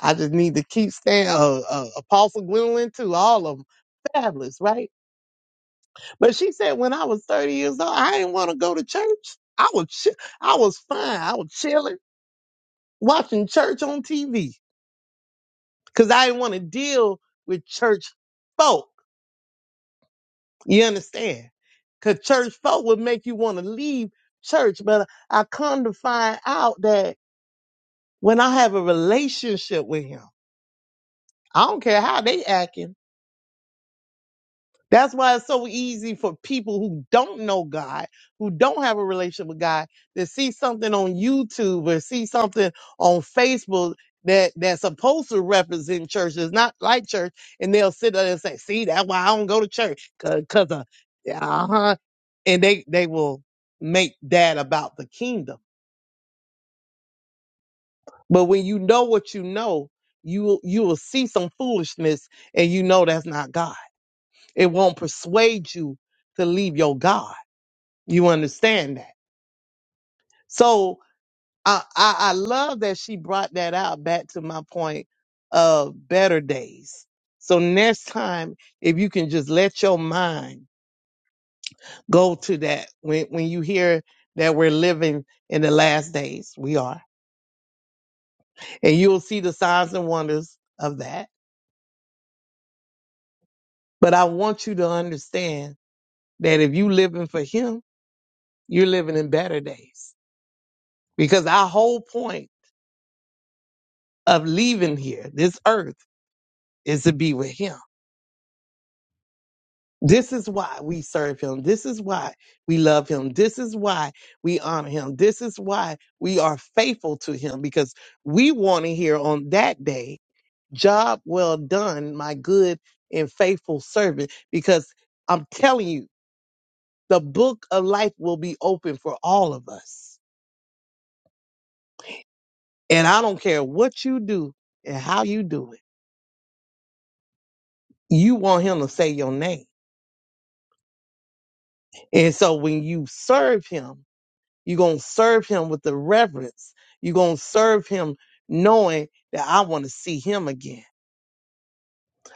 Speaker 5: I just need to keep staying uh, uh, Apostle Gwendolyn too, all of them. Fabulous, right? But she said when I was 30 years old, I didn't want to go to church. I was chi- I was fine. I was chilling, watching church on TV. Cause I didn't want to deal with church folk. You understand? Cause church folk would make you want to leave church. But I come to find out that when I have a relationship with him, I don't care how they acting. That's why it's so easy for people who don't know God, who don't have a relationship with God, to see something on YouTube or see something on Facebook that that's supposed to represent church, that's not like church, and they'll sit there and say, "See, that's why I don't go to church, Cause, cause of uh huh," and they they will make that about the kingdom. But when you know what you know, you will you will see some foolishness, and you know that's not God. It won't persuade you to leave your God You understand that? So I, I, I love that she brought that out back to my point of better days. So next time, if you can just let your mind go to that when, when you hear that we're living in the last days, we are, and you'll see the signs and wonders of that. But I want you to understand that if you living for him, you're living in better days because our whole point of leaving here, this earth, is to be with him. This is why we serve him. This is why we love him. This is why we honor him. This is why we are faithful to him because we want to hear on that day, job well done, my good and faithful servant. Because I'm telling you, the book of life will be open for all of us. And I don't care what you do and how you do it. You want him to say your name. And so when you serve him, You're going to serve him with the reverence. You're going to serve him knowing that I want to see him again.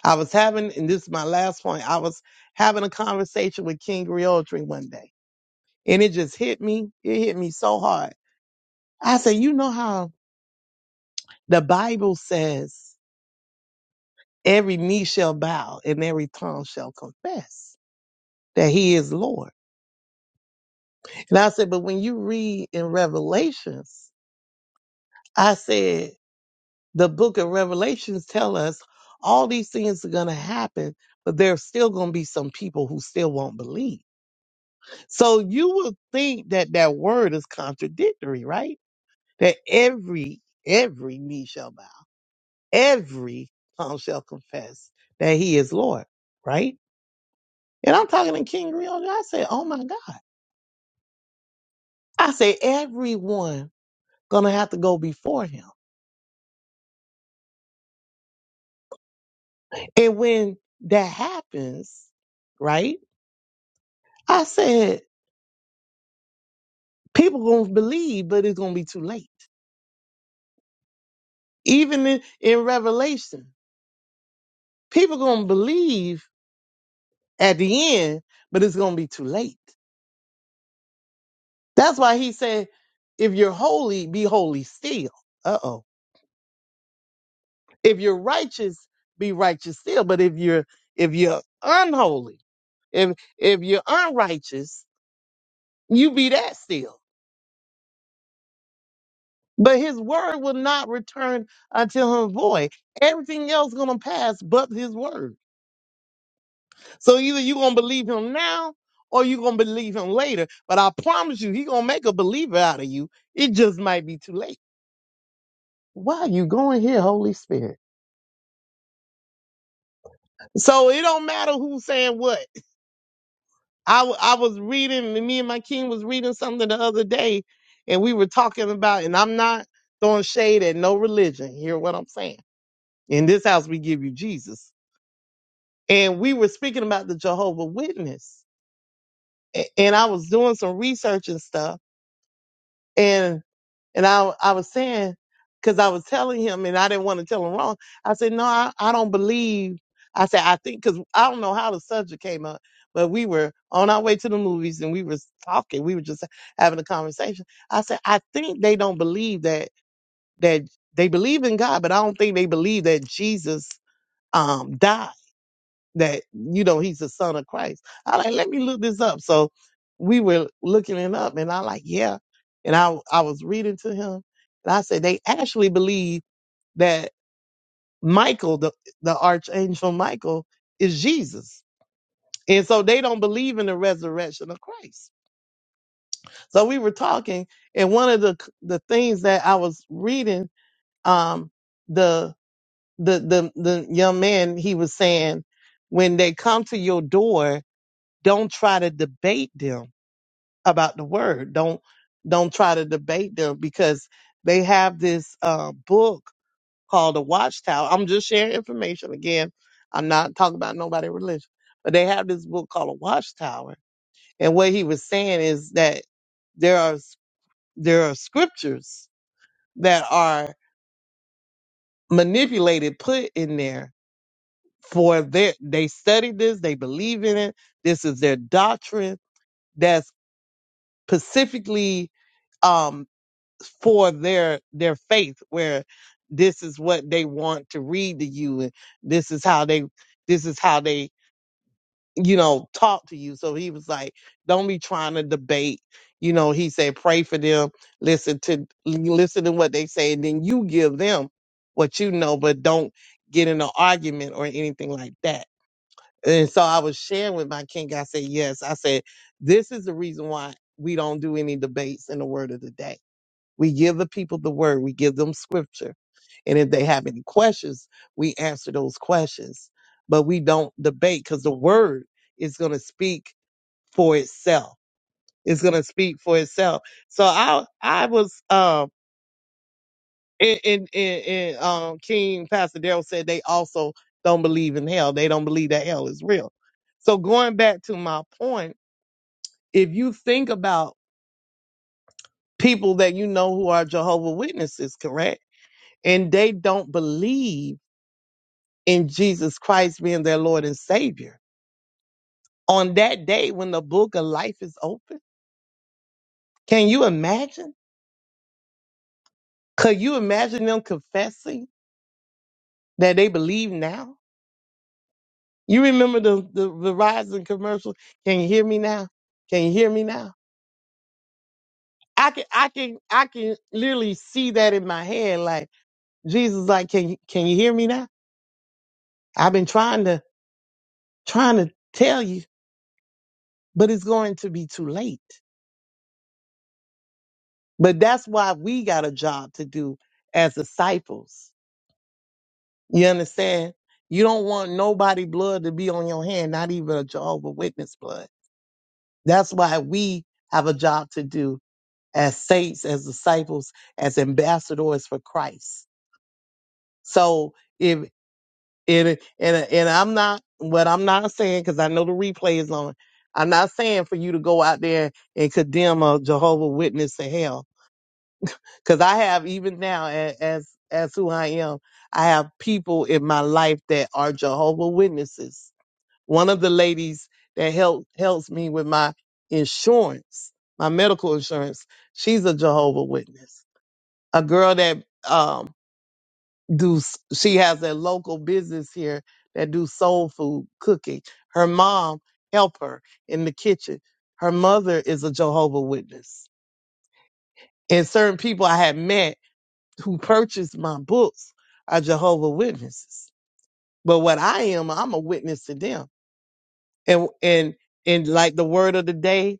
Speaker 5: I was having, and this is my last point, I was having a conversation with King Realtree one day, and it just hit me. It hit me so hard. I said, You know how the Bible says every knee shall bow and every tongue shall confess that he is Lord. And I said, But when you read in Revelations, I said, the book of revelations tell us all these things are going to happen but there's still going to be some people who still won't believe so you would think that that word is contradictory right that every every knee shall bow every tongue shall confess that he is lord right and i'm talking to king Griotri. i said oh my god i say everyone gonna have to go before him and when that happens right i said People gonna believe, but it's gonna be too late. Even in, in Revelation, people gonna believe at the end, but it's gonna be too late. That's why he said, if you're holy, be holy still. Uh oh. If you're righteous, be righteous still. But if you're if you're unholy, if if you're unrighteous, you be that still. But his word will not return until him void. Everything else gonna pass but his word. So either you're gonna believe him now or you're gonna believe him later. But I promise you, he gonna make a believer out of you. It just might be too late. Why are you going here, Holy Spirit? So it don't matter who's saying what. I, w- I was reading, me and my king was reading something the other day, and we were talking about, and I'm not throwing shade at no religion. Hear what I'm saying? In this house, we give you Jesus. And we were speaking about the Jehovah Witness. A- And I was doing some research and stuff. And I, I was saying, because I was telling him and I didn't want to tell him wrong. I said, no, I, I don't believe. I said, I think, because I don't know how the subject came up, but we were on our way to the movies and we were talking. We were just having a conversation. I said, I think they don't believe that, that they believe in God, but I don't think they believe that Jesus um, died that you know he's the son of Christ. I like let me look this up. So we were looking it up, and I like yeah, and I I was reading to him, and I said they actually believe that Michael, the the archangel Michael, is Jesus, and so they don't believe in the resurrection of Christ. So we were talking, and one of the the things that I was reading, um, the the the the young man he was saying, when they come to your door Don't try to debate them about the word. Don't don't try to debate them because they have this uh, book called The Watchtower. I'm just sharing information again. I'm not talking about nobody religion, but they have this book called a Watchtower. And what he was saying is that there are there are scriptures that are manipulated, put in there for their they studied this, they believe in it. This is their doctrine That's specifically um, for their their faith, where this is what they want to read to you, and this is how they this is how they you know talk to you. So he was like, don't be trying to debate. You know, he said, pray for them, listen to listen to what they say, and then you give them what you know, but don't get in an argument or anything like that. And so I was sharing with my king. I said, yes. I said, this is the reason why we don't do any debates in the word of the day. We give the people the word. We give them scripture. And if they have any questions, we answer those questions. But we don't debate because the word is going to speak for itself. It's going to speak for itself. So I, I was, um and, and, and, and um, King Pastor Daryl said they also don't believe in hell. They don't believe that hell is real. So going back to my point, if you think about people that you know who are Jehovah Witnesses, correct, and they don't believe in Jesus Christ being their Lord and Savior on that day when the book of life is open, can you imagine? Could you imagine them confessing that they believe now? You remember the, the Verizon commercial? Can you hear me now? Can you hear me now? I can I can I can literally see that in my head. Like Jesus, like, can you can you hear me now? I've been trying to trying to tell you, but it's going to be too late. But that's why we got a job to do as disciples. You understand? You don't want nobody blood to be on your hand, not even a Jehovah Witness blood. That's why we have a job to do as saints, as disciples, as ambassadors for Christ. So if and and and I'm not what I'm not saying because I know the replay is on. I'm not saying for you to go out there and condemn a Jehovah Witness to hell because I have even now a- as as who I am, I have people in my life that are Jehovah Witnesses. One of the ladies that help helps me with my insurance, my medical insurance, she's a Jehovah Witness. a girl that um do she has a local business here that do soul food cooking. Her mom help her in the kitchen. Her mother is a Jehovah Witness, and certain people I had met who purchased my books are Jehovah Witnesses. But what I am, I'm a witness to them, and and and like the word of the day,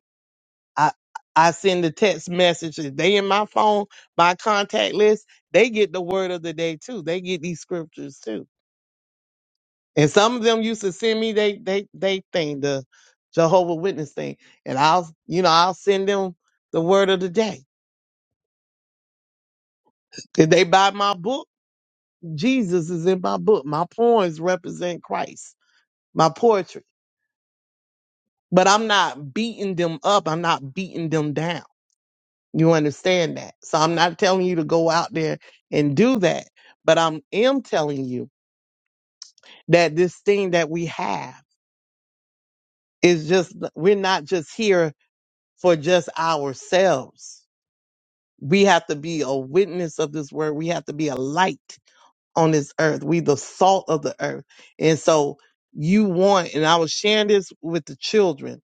Speaker 5: I I send the text messages. They in my phone, my contact list. They get the word of the day too. They get these scriptures too And some of them used to send me they they they thing, the Jehovah Witness thing. And I'll you know, I'll send them the word of the day. Did they buy my book? Jesus is in my book. My poems represent Christ, my poetry. But I'm not beating them up. I'm not beating them down. You understand that? So I'm not telling you to go out there and do that. But I'm am telling you that this thing that we have is just we're not just here for just ourselves We have to be a witness of this word. We have to be a light on this earth. We the salt of the earth. And so you want, and I was sharing this with the children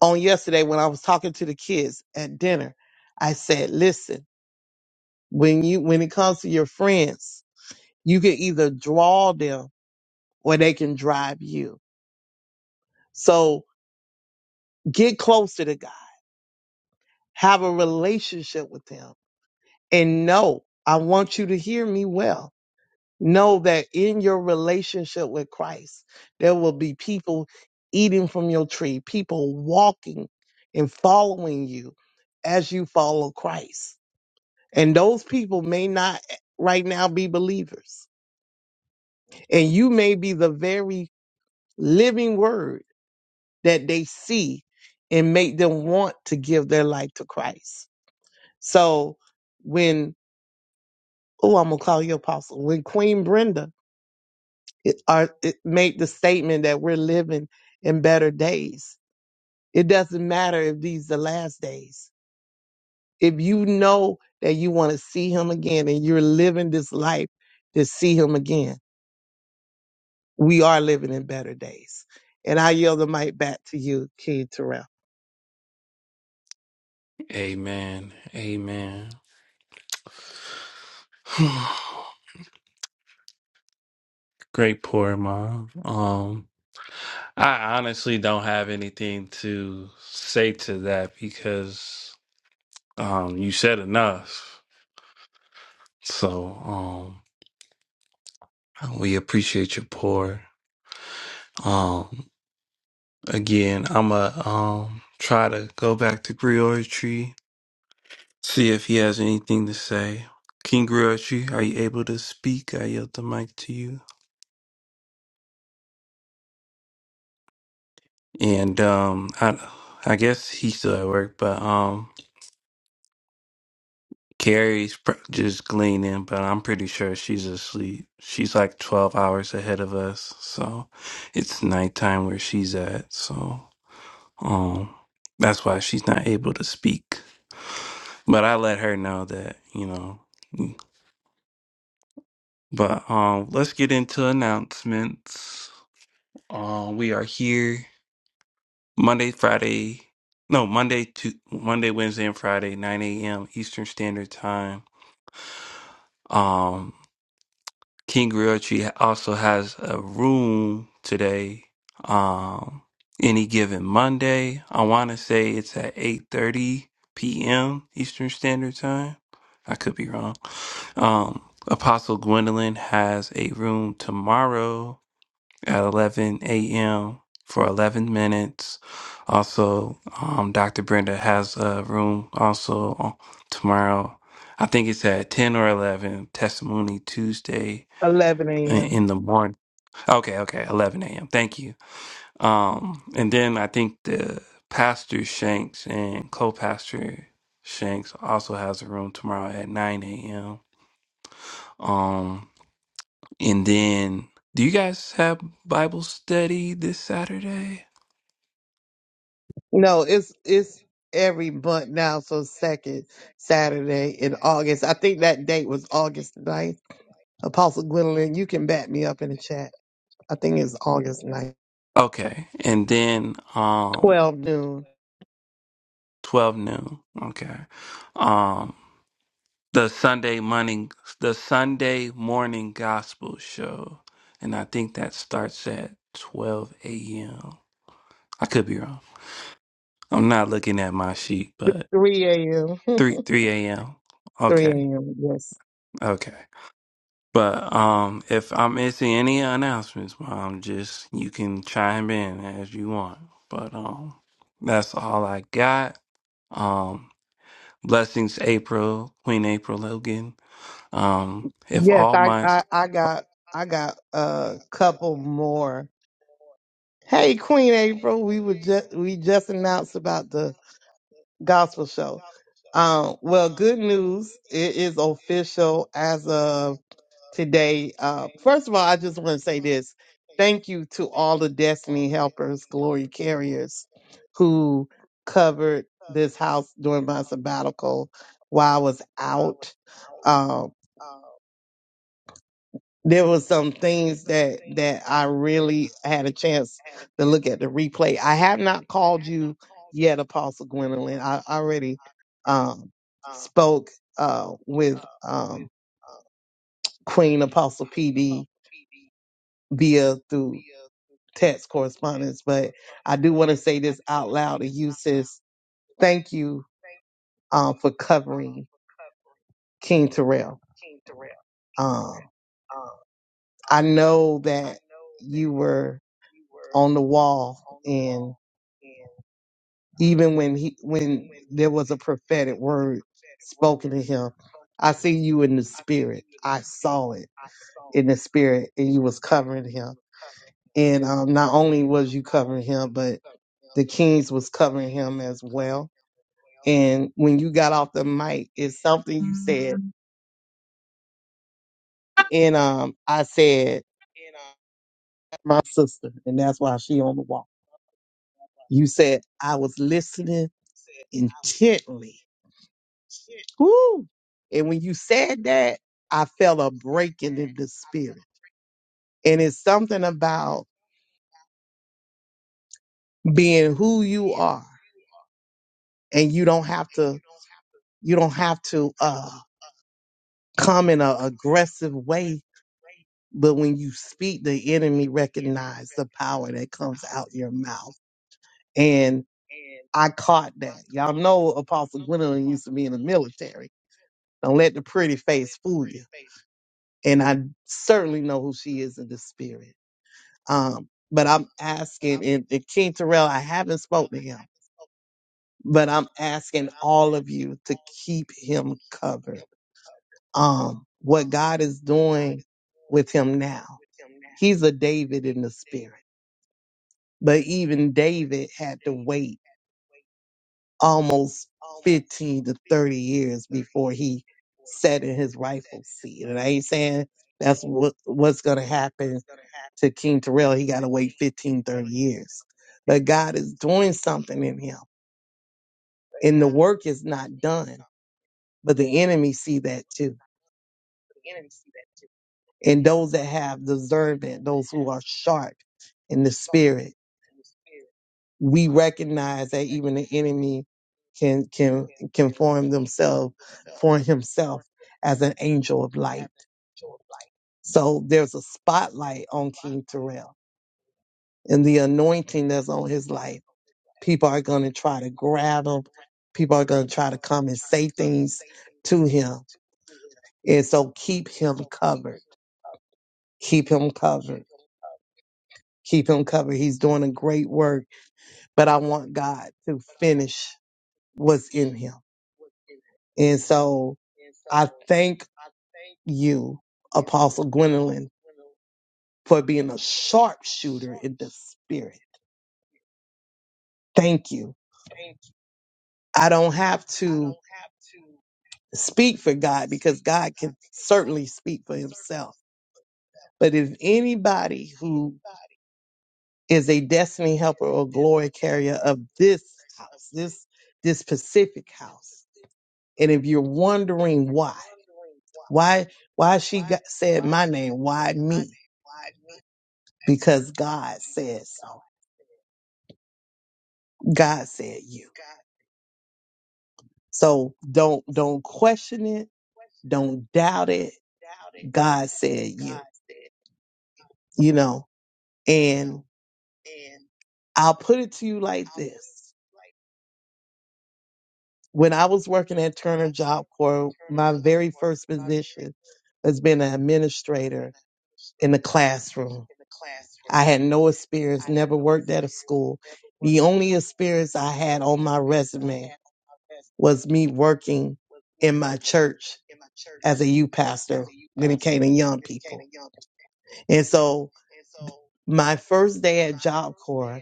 Speaker 5: on yesterday when I was talking to the kids at dinner. I said, listen, when you when it comes to your friends, you can either draw them or they can drive you. So get closer to God. Have a relationship with him. And know, I want you to hear me well Know that in your relationship with Christ, there will be people eating from your tree, people walking and following you as you follow Christ. And those people may not right now be believers. And you may be the very living word that they see and make them want to give their life to Christ. So when, oh, I'm going to call you apostle, when Queen Brenda it, are, it make the statement that we're living in better days. It doesn't matter if these the last days. If you know that you want to see him again and you're living this life to see him again, we are living in better days. And I yield the mic back to you, Key Terrell.
Speaker 1: Amen. Amen. <sighs> Great poor mom. Um, I honestly don't have anything to say to that because um, you said enough. So, um, We appreciate your pour. Um, again, I'm a um try to go back to Griotry, see if he has anything to say. King Griotry, are you able to speak? I yield the mic to you. And um, I I guess he's still at work, but um, Carrie's pr- just gleaning, but I'm pretty sure she's asleep. She's like 12 hours ahead of us, so it's nighttime where she's at. So. Um, that's why she's not able to speak. But I let her know that, you know. mm. But um, let's get into announcements. Um, we are here Monday, Friday, no Monday to Monday, Wednesday, and Friday, nine a.m. Eastern Standard Time. Um, King Realtree also has a room today. Um, any given Monday, I want to say it's at eight thirty p.m. Eastern Standard Time. I could be wrong. Um, Apostle Gwendolyn has a room tomorrow at eleven a.m. for eleven minutes. Also, um, Dr. Brenda has a room also tomorrow. I think it's at ten or eleven. Testimony Tuesday
Speaker 5: 11 a.m.
Speaker 1: in the morning. Okay, okay, 11 a.m. Thank you. Um, and then I think the pastor Shanks and co-pastor Shanks also has a room tomorrow at 9 a.m. Um, and then do you guys have Bible study this Saturday?
Speaker 5: No, it's it's every month now, so second Saturday in August. I think that date was August 9th. Apostle Gwendolyn, you can back me up in the chat. I think it's August ninth.
Speaker 1: Okay, and then um,
Speaker 5: 12 noon,
Speaker 1: 12 noon. Okay, um, the Sunday morning the Sunday morning gospel show, and I think that starts at twelve a.m. I could be wrong. I'm not looking at my sheet, but
Speaker 5: 3 a.m. <laughs>
Speaker 1: three three a.m.
Speaker 5: 3
Speaker 1: Okay,
Speaker 5: a.m. Yes.
Speaker 1: okay. But um, if I'm missing any announcements, mom, just you can chime in as you want. But um, that's all I got. Um, blessings, April, Queen April Logan. Um, if
Speaker 5: Yes,
Speaker 1: all
Speaker 5: I,
Speaker 1: my
Speaker 5: I, I got I got a couple more. Hey, Queen April, we were just we just announced about the gospel show. Um, well, good news. It is official as of today. Uh, first of all, I just want to say this. Thank you to all the Destiny Helpers, Glory Carriers, who covered this house during my sabbatical while I was out. Um, there was some things that that I really had a chance to look at the replay. I have not called you yet, Apostle Gwendolyn. I already um, spoke uh, with um, Queen Apostle PD via through. text correspondence, but I do want to say this out loud to you, sis. Thank you um, for covering King Terrell. Um, I know that you were on the wall, and even when he when there was a prophetic word spoken to him, I see you in the spirit. I saw it in the spirit, and you was covering him. And um, not only was you covering him, but the kings was covering him as well And when you got off the mic, it's something you said. And um, I said, my sister, and that's why she on the wall. You said, I was listening intently. Woo! And when you said that, I felt a breaking in the spirit. And it's something about being who you are and you don't have to you don't have to uh come in an aggressive way but when you speak the enemy recognize the power that comes out your mouth And I caught that. Y'all know Apostle Gwendolyn used to be in the military. Don't let the pretty face fool you. And I certainly know who she is in the spirit. Um, but I'm asking, and, and King Terrell, I haven't spoken to him, but I'm asking all of you to keep him covered. Um, what God is doing with him now, he's a David in the spirit. But even David had to wait almost 15 to 30 years before he sat in his rightful seat. And I ain't saying that's what what's going to happen to King Terrell. He got to wait 15 30 years. But God is doing something in him. And the work is not done. But the enemy see that too. And those that have discernment, those who are sharp in the spirit, we recognize that even the enemy can can can form themselves form himself as an angel of light. So there's a spotlight on King Terrell and the anointing that's on his life. People are gonna try to grab him. People are gonna try to come and say things to him. And so keep him covered. Keep him covered. Keep him covered. He's doing a great work, but I want God to finish what's in him. And so I thank you, Apostle Gwendolyn, for being a sharpshooter in the spirit. Thank you. I don't have to speak for God because God can certainly speak for himself. But if anybody who is a destiny helper or glory carrier of this house, this this Pacific house, and if you're wondering why, why why she got, said my name, why me? because God said so. God said you. So don't don't question it. Don't doubt it. God said you. You know, and I'll put it to you like this. When I was working at Turner Job Corps, my very first position has been an administrator in the classroom. I had no experience, never worked at a school. The only experience I had on my resume was me working in my church as a youth pastor when it came to young people. And so my first day at Job Corps,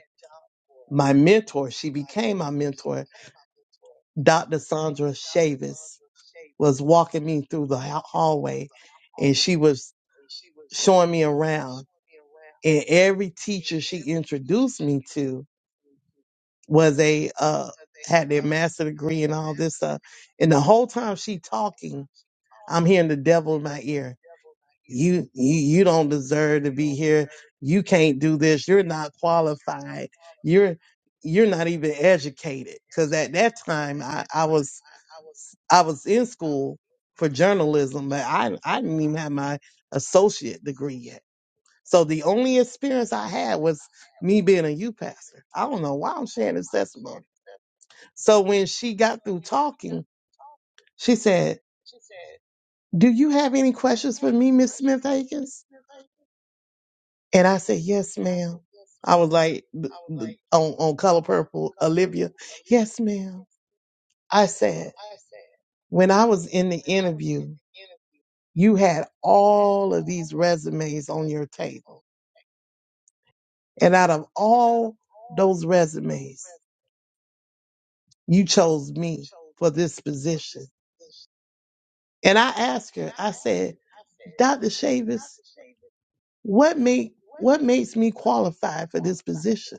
Speaker 5: my mentor, she became my mentor, Dr. Sandra Chavis, was walking me through the ha- hallway and she was showing me around. And every teacher she introduced me to, was a uh had their master degree and all this stuff. And the whole time she talking, I'm hearing the devil in my ear. You you you don't deserve to be here. You can't do this. You're not qualified. You're you're not even educated. Cause at that time I, I was I was in school for journalism, but I I didn't even have my associate degree yet. So the only experience I had was me being a youth pastor. I don't know why I'm sharing this testimony so when she got through talking, she said, Do you have any questions for me, Miss Smith Akins? And I said, Yes, ma'am. I was like th- th- on, on color purple, Olivia, yes, ma'am. I said, when I was in the interview, you had all of these resumes on your table. And out of all those resumes, you chose me for this position. And I asked her, I said, Dr. Shavis. what make what makes me qualified for this position?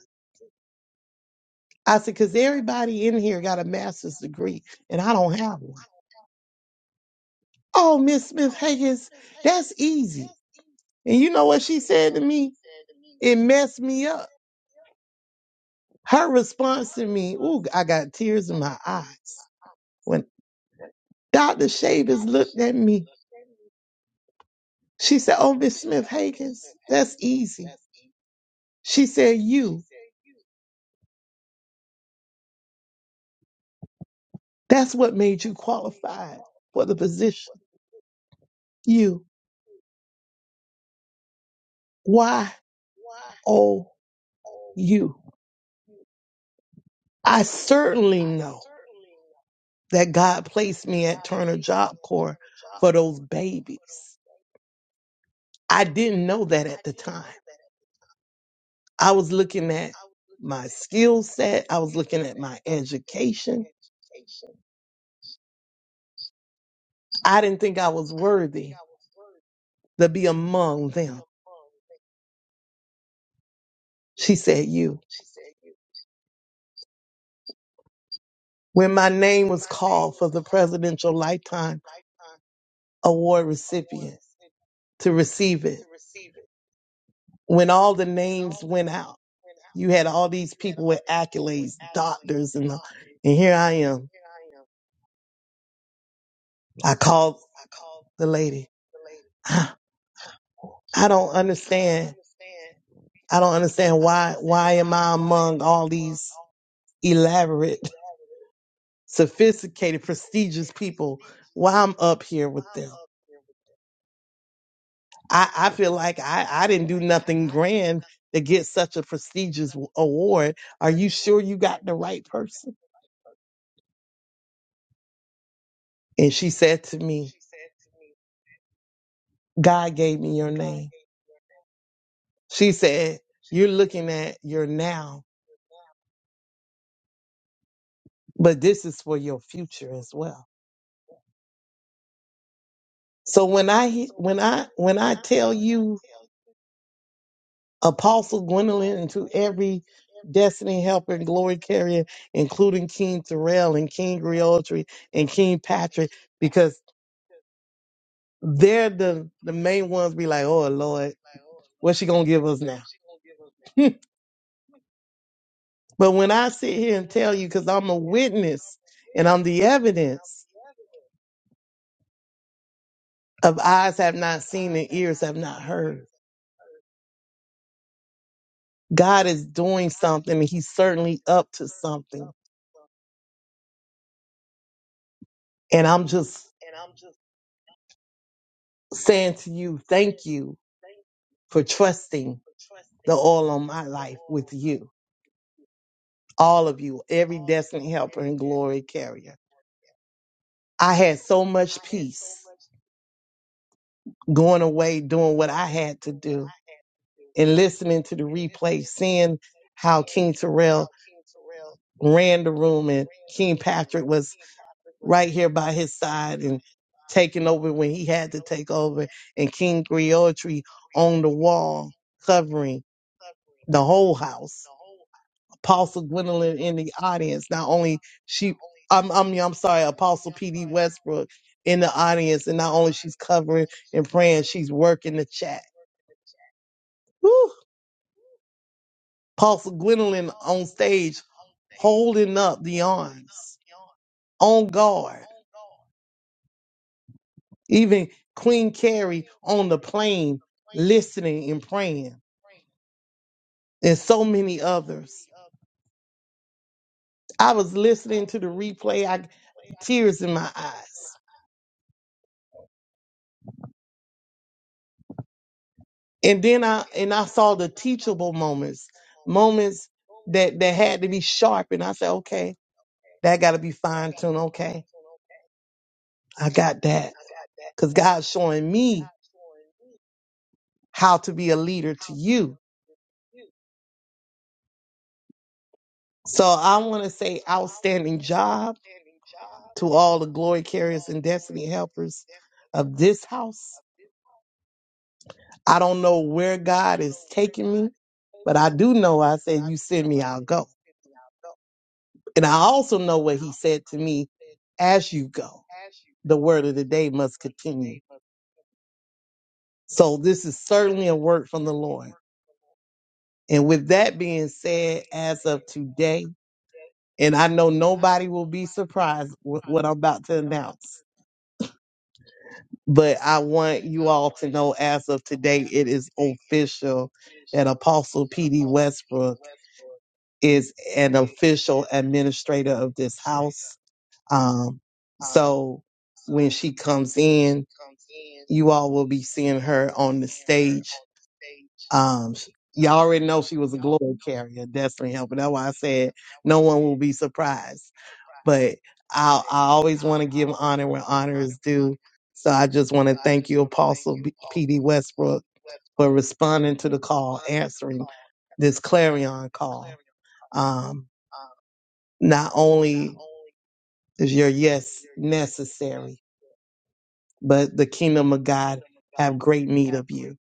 Speaker 5: I said, because everybody in here got a master's degree and I don't have one. Oh, Miss Smith Higgins, that's easy. And you know what she said to me? It messed me up. Her response to me, ooh, I got tears in my eyes. When Dr. Shavers looked at me, she said, Oh, Miss Smith Higgins, that's easy. She said, You, that's what made you qualified for the position. U Y O U. I certainly know that God placed me at Turner Job Corps for those babies. I didn't know that at the time. I was looking at my skill set, I was looking at my education. I didn't think I was worthy to be among them. She said, You. When my name was called for the Presidential Lifetime Award recipient to receive it, when all the names went out. You had all these people with accolades, doctors, and all. and here I am. I called the lady. "Ah, I don't understand. I don't understand why. Why am I among all these elaborate, sophisticated, prestigious people? Why I'm up here with them? I, I feel like I, I didn't do nothing grand to get such a prestigious award. Are you sure you got the right person? And she said to me, God gave me your name. She said, You're looking at your now, but this is for your future as well. So when I when I when I tell you Apostle Gwendolyn and to every destiny helper and glory carrier, including King Terrell and King Griotry and King Patrick, because they're the, the main ones be like, Oh Lord, what's she gonna give us now? But when I sit here and tell you, because I'm a witness and I'm the evidence of eyes have not seen and ears have not heard, God is doing something and He's certainly up to something. And I'm just saying to you, thank you for trusting the all on my life with you, all of you, every destiny helper and glory carrier. I had so much peace. going away, doing what I had to do, and listening to the replay, seeing how King Terrell ran the room and King Patrick was right here by his side and taking over when he had to take over, and King Griotri on the wall covering the whole house. Apostle Gwendolyn in the audience. Not only she, I'm, I'm, yeah, I'm sorry, Apostle PD Westbrook in the audience, and not only she's covering and praying, she's working the chat. Woo! Apostle Gwendolyn on stage, holding up the arms, on guard. Even Queen Carrie on the plane, listening and praying, and so many others. I was listening to the replay, I tears in my eyes and then I and I saw the teachable moments, moments that that had to be sharp, and I said, okay, that got to be fine tuned. Okay, I got that because God's showing me how to be a leader to you. So I want to say, outstanding job to all the glory carriers and destiny helpers of this house. I don't know where God is taking me, but I do know I said, you send me, I'll go. And I also know what he said to me as you go. The word of the day must continue. So this is certainly a word from the Lord. And with that being said, as of today, and I know nobody will be surprised with what I'm about to announce, but I want you all to know as of today, it is official that Apostle P.D. Westbrook is an official administrator of this house. Um, so when she comes in, you all will be seeing her on the stage. Um, sh- y'all already know she was a glory carrier, destiny helper. That's why I said no one will be surprised. But I, I always want to give honor where honor is due. So I just want to thank you, Apostle B- P.D. Westbrook, for responding to the call, answering this clarion call. Um, not only is your yes necessary? But the kingdom of God have great need of you.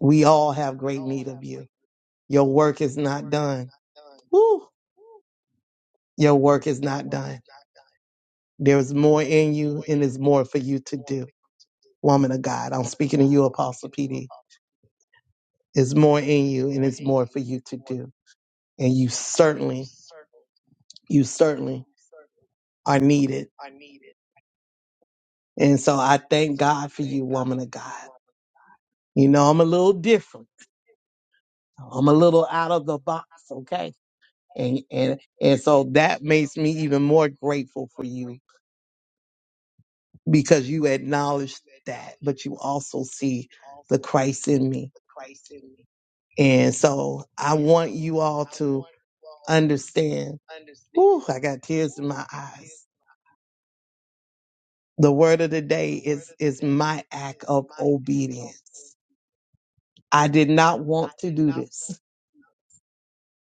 Speaker 5: We all have great need of you. Your work is not done. Woo! Your work is not done. There's more in you and there's more for you to do. Woman of God, I'm speaking to you, Apostle PD. There's more in you and it's more for you to do. And you certainly, you certainly are needed. And so I thank God for you, woman of God. You know, I'm a little different. I'm a little out of the box, okay? And and and so that makes me even more grateful for you because you acknowledge that, but you also see the Christ in me. And so I want you all to understand. Whew, I got tears in my eyes. The word of the day is is my act of obedience. I did not want to do this.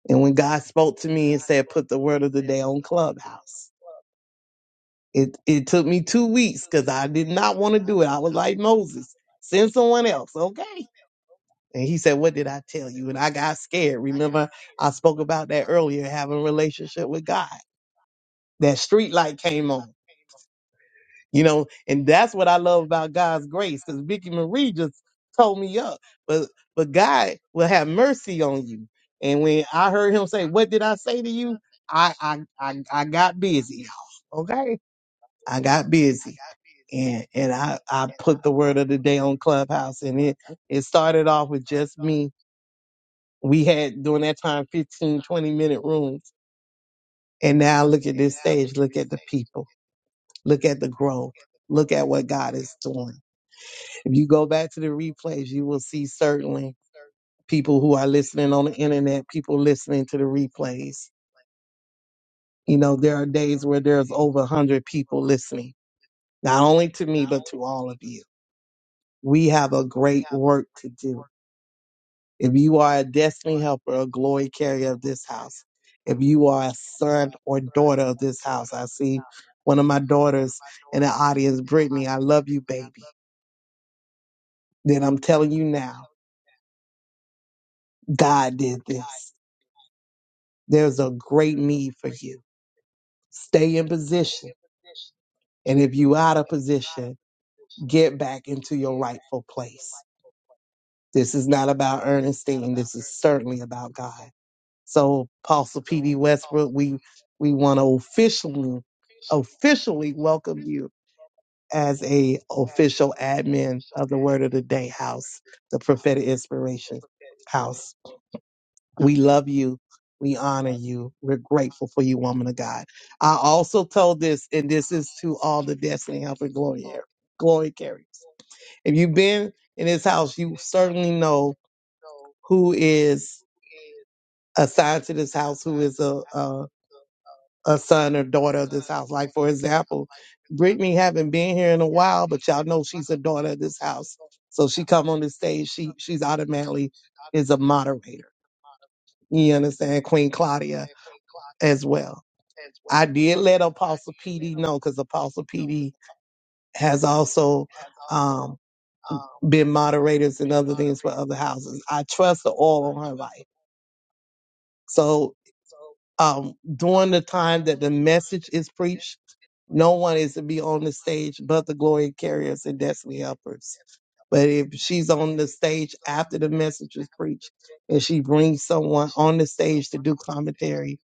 Speaker 5: And when God spoke to me and said, put the word of the day on Clubhouse. It it took me two weeks because I did not want to do it. I was like Moses, send someone else, okay? And he said, "What did I tell you?" And I got scared. Remember, I spoke about that earlier, having a relationship with God. That street light came on, you know, and that's what I love about God's grace. Because Vicky Marie just told me up, but but God will have mercy on you. And when I heard him say, "What did I say to you?" I I I, I got busy, y'all. Okay, I got busy. and and I I put the word of the day on Clubhouse, and it it started off with just me. We had during that time 15, 20 minute rooms, and now look at this stage. Look at the people. Look at the growth. Look at what God is doing. If you go back to the replays, you will see certainly people who are listening on the internet, people listening to the replays. You know, there are days where there's over 100 people listening, not only to me, but to all of you. We have a great work to do If you are a destiny helper or glory carrier of this house, if you are a son or daughter of this house, I see one of my daughters in the audience, Brittany, I love you, baby. Then I'm telling you now, God did this. There's a great need for you. Stay in position. And if you out of position, get back into your rightful place. This is not about Ernestine. This is certainly about God. So, Apostle P.D. Westbrook, we we want to officially officially welcome you as a official admin of the Word of the Day House, the Prophetic Inspiration House. We love you. We honor you. We're grateful for you, woman of God. I also told this, and this is to all the Destiny Helper Glory Glory Carriers. If you've been in this house, you certainly know who is assigned to this house, who is a, a son or daughter of this house. Like for example, Brittany haven't been here in a while, but y'all know she's a daughter of this house. So she come on the stage, she she's automatically is a moderator. You understand? Queen Claudia as well. I did let Apostle PD know because Apostle PD has also um, been moderators and other things for other houses. I trust the oil on her life. So um, during the time that the message is preached, No one is to be on the stage but the glory carriers and destiny helpers. But if she's on the stage after the message is preached and she brings someone on the stage to do commentary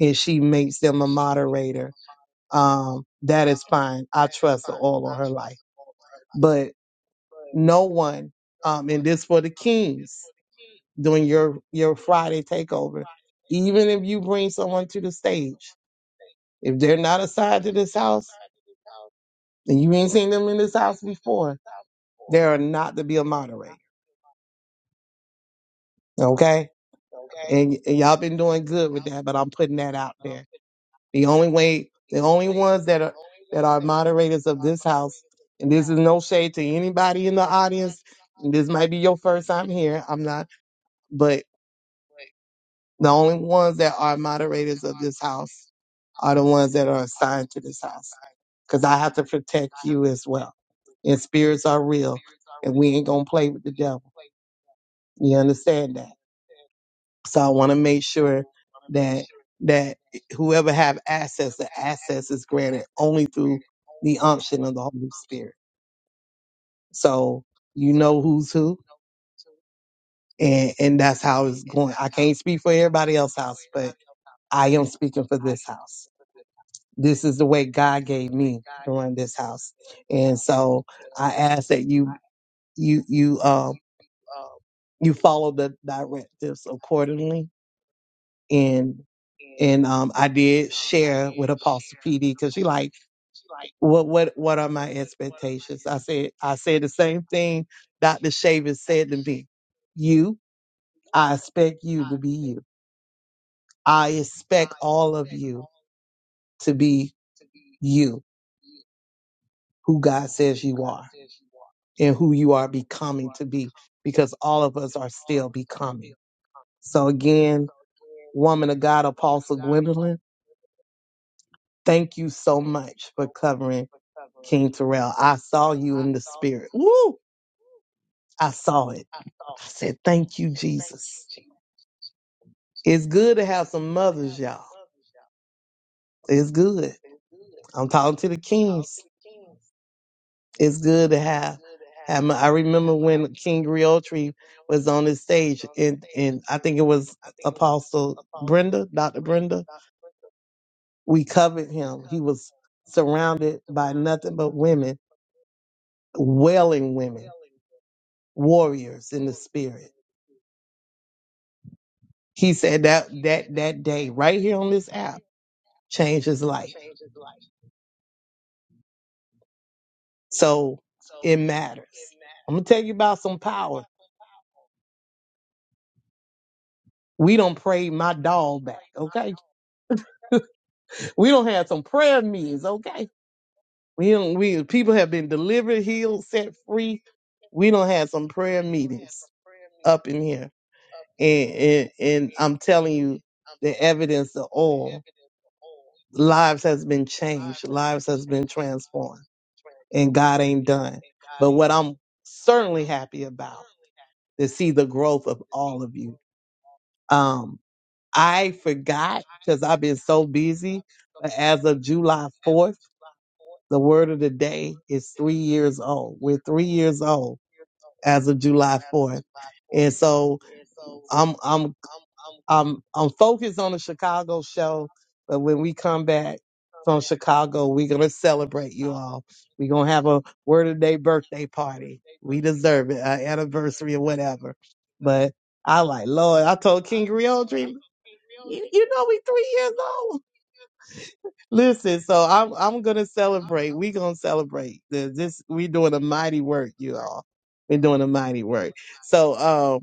Speaker 5: and she makes them a moderator, um, that is fine. I trust the all of her life. But no one, um, and this for the kings during your, your Friday takeover, even if you bring someone to the stage, if they're not assigned to this house, and you ain't seen them in this house before. They are not to be a moderator. Okay? And, and y'all been doing good with that, but I'm putting that out there. The only way, the only ones that are that are moderators of this house, and this is no shade to anybody in the audience. and This might be your first time here. I'm not, but the only ones that are moderators of this house are the ones that are assigned to this house because I have to protect you as well. And spirits are real, and we ain't gonna play with the devil. You understand that? So I want to make sure that that whoever have access, the access is granted only through the unction of the Holy Spirit. So you know who's who, and and that's how it's going. I can't speak for everybody else's house, but I am speaking for this house. This is the way God gave me to run this house, and so I ask that you you you um you follow the directives accordingly and and um, I did share with Apostle PD because she like, what what what are my expectations? I said I said the same thing Dr. Shaver said to me. You, I expect you to be you. I expect all of you to be you, who God says you are, and who you are becoming to be, because all of us are still becoming. So again, woman of God, Apostle Gwendolyn. Thank you so much for covering King Terrell. I saw you in the spirit. Woo! I saw it. I said, Thank you, Jesus. It's good to have some mothers, y'all. It's good. I'm talking to the kings. It's good to have. have my, I remember when King Griotri was on the stage, and, and I think it was Apostle Brenda, Dr. Brenda. We covered him. He was surrounded by nothing but women wailing women, warriors in the spirit. He said that that that day right here on this app changed his life. So it matters. I'm gonna tell you about some power. We don't pray my dog back, okay? We don't have some prayer meetings, okay? We don't we people have been delivered, healed, set free. We don't have some prayer meetings up in here. And and, and I'm telling you the evidence of all. lives has been changed, lives has been transformed, and God ain't done. But what I'm certainly happy about is see the growth of all of you. Um, I forgot because I've been so busy, but as of July 4th, the word of the day is three years old. We're three years old as of July 4th. And so, I'm I'm. I'm I'm focused on the Chicago show, but when we come back from Chicago, we're gonna celebrate you all. We're gonna have a word of the day birthday party. We deserve it, our anniversary or whatever. But I like Lord, I told King Realtree, you, you know we three years old. Listen, so I'm I'm gonna celebrate. We gonna celebrate. The- This we doing a mighty work, you all. We're doing a mighty work. So um,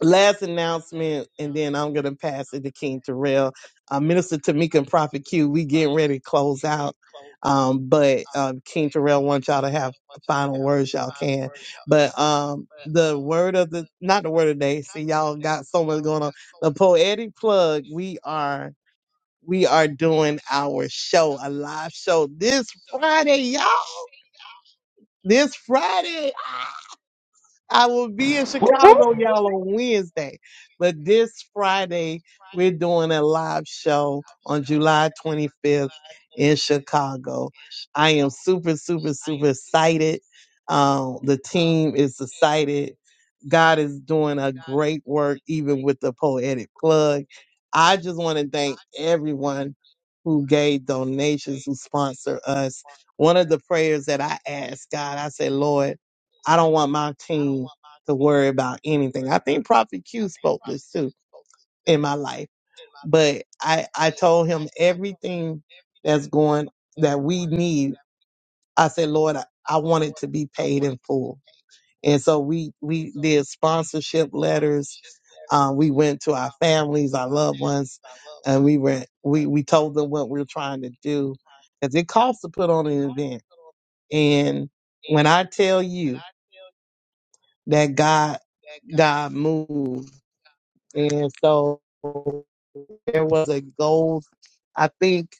Speaker 5: last announcement, and then I'm going to pass it to King Terrell. Uh, Minister Tamika and Prophet Q, we getting ready to close out. Um, but um, King Terrell wants y'all to have final words, y'all can. But um, the word of the, not the word of the day, see, y'all got so much going on. The poetic plug, we are. We are doing our show, a live show this Friday, y'all. This Friday. I will be in
Speaker 7: Whoop, whoop.
Speaker 5: Chicago, y'all, on Wednesday. But this Friday, we're doing a live show on July 25th in Chicago. I am super, super, super excited. Um, the team is excited. God is doing a great work, even with the poetic plug. I just want to thank everyone who gave donations, who sponsor us. One of the prayers that I asked God, I said, Lord, I don't want my team to worry about anything. I think Prophet Q spoke this too in my life. But I, I told him everything that's going that we need. I said, Lord, I, I want it to be paid in full. And so we we did sponsorship letters. Um, we went to our families, our loved ones, and we were we we told them what we were trying to do because it costs to put on an event. And when I tell you that God, God moved, and so there was a goal. I think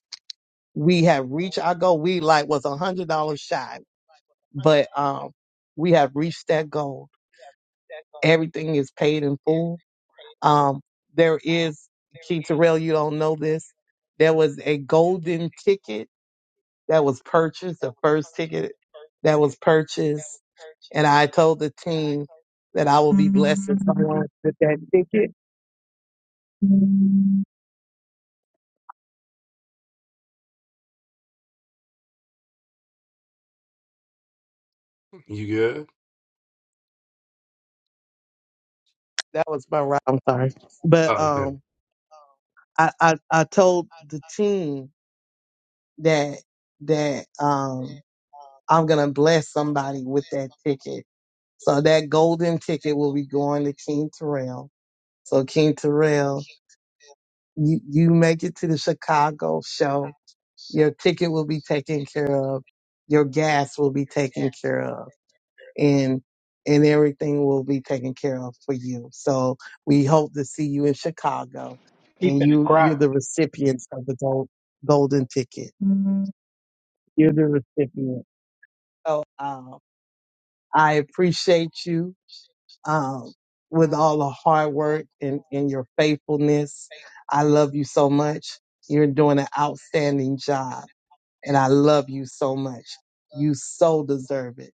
Speaker 5: we have reached our goal. We like was a hundred dollars shy, but um, we have reached that goal. Everything is paid in full. Um, there is Keith Terrell. You don't know this. There was a golden ticket that was purchased. The first ticket that was purchased. And I told the team that I will be blessed if someone with that ticket. That was my right. I'm sorry. But um I, I, I told the team that that um I'm gonna bless somebody with that ticket. So that golden ticket will be going to King Terrell. So King Terrell, you, you make it to the Chicago show. Your ticket will be taken care of. Your gas will be taken care of and and everything will be taken care of for you. So we hope to see you in Chicago,
Speaker 7: He
Speaker 5: and
Speaker 7: finna
Speaker 5: you
Speaker 7: cry.
Speaker 5: you're the recipients of the gold, golden ticket. Mhm. You're the recipient. So um, I appreciate you um, with all the hard work and, and your faithfulness. I love you so much. You're doing an outstanding job, and I love you so much. You so deserve it.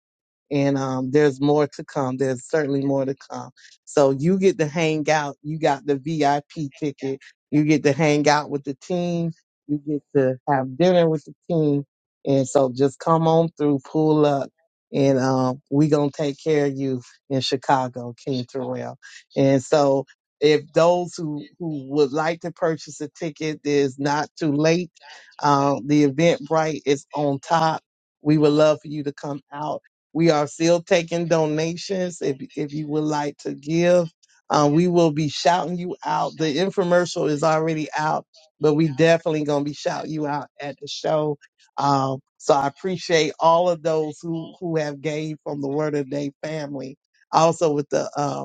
Speaker 5: and um, there's more to come. There's certainly more to come. So you get to hang out. You got the VIP ticket. You get to hang out with the team. You get to have dinner with the team. And so just come on through, pull up, and um, we gonna take care of you in Chicago, King Terrell. And so if those who, who would like to purchase a ticket, there's not too late. Um, the Eventbrite is on top. We would love for you to come out we are still taking donations. If if you would like to give, um, we will be shouting you out. The infomercial is already out, but we definitely gonna be shouting you out at the show. Um, so I appreciate all of those who who have gave from the Word of the Day family. Also with the uh,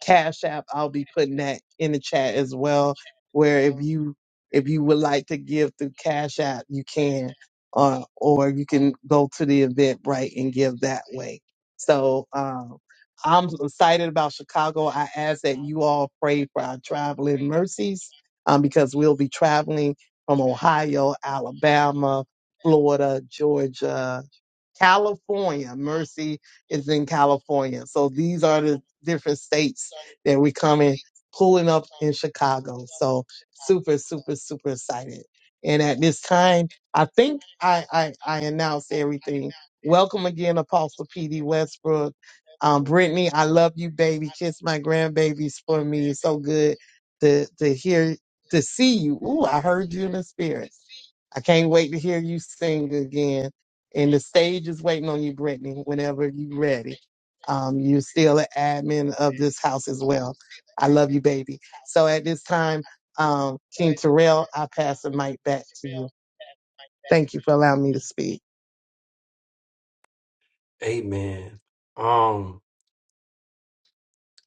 Speaker 5: Cash App. I'll be putting that in the chat as well. Where if you if you would like to give through Cash App, you can, uh, or you can go to the event right and give that way. So um, I'm excited about Chicago. I ask that you all pray for our traveling mercies um, because we'll be traveling from Ohio, Alabama, Florida, Georgia, California. Mercy is in California. So these are the different states that we coming pulling up in Chicago. So super, super, super excited. And at this time, I think I I, I announced everything. Welcome again, Apostle PD Westbrook. Um, Brittany, I love you, baby. Kiss my grandbabies for me. It's so good to to hear to see you. Ooh, I heard you in the spirit. I can't wait to hear you sing again. And the stage is waiting on you, Brittany, whenever you're ready. Um, you're still an admin of this house as well. I love you, baby. So at this time, um, King Terrell, I pass the mic back to you. Thank you for allowing me to speak.
Speaker 1: Amen. Um,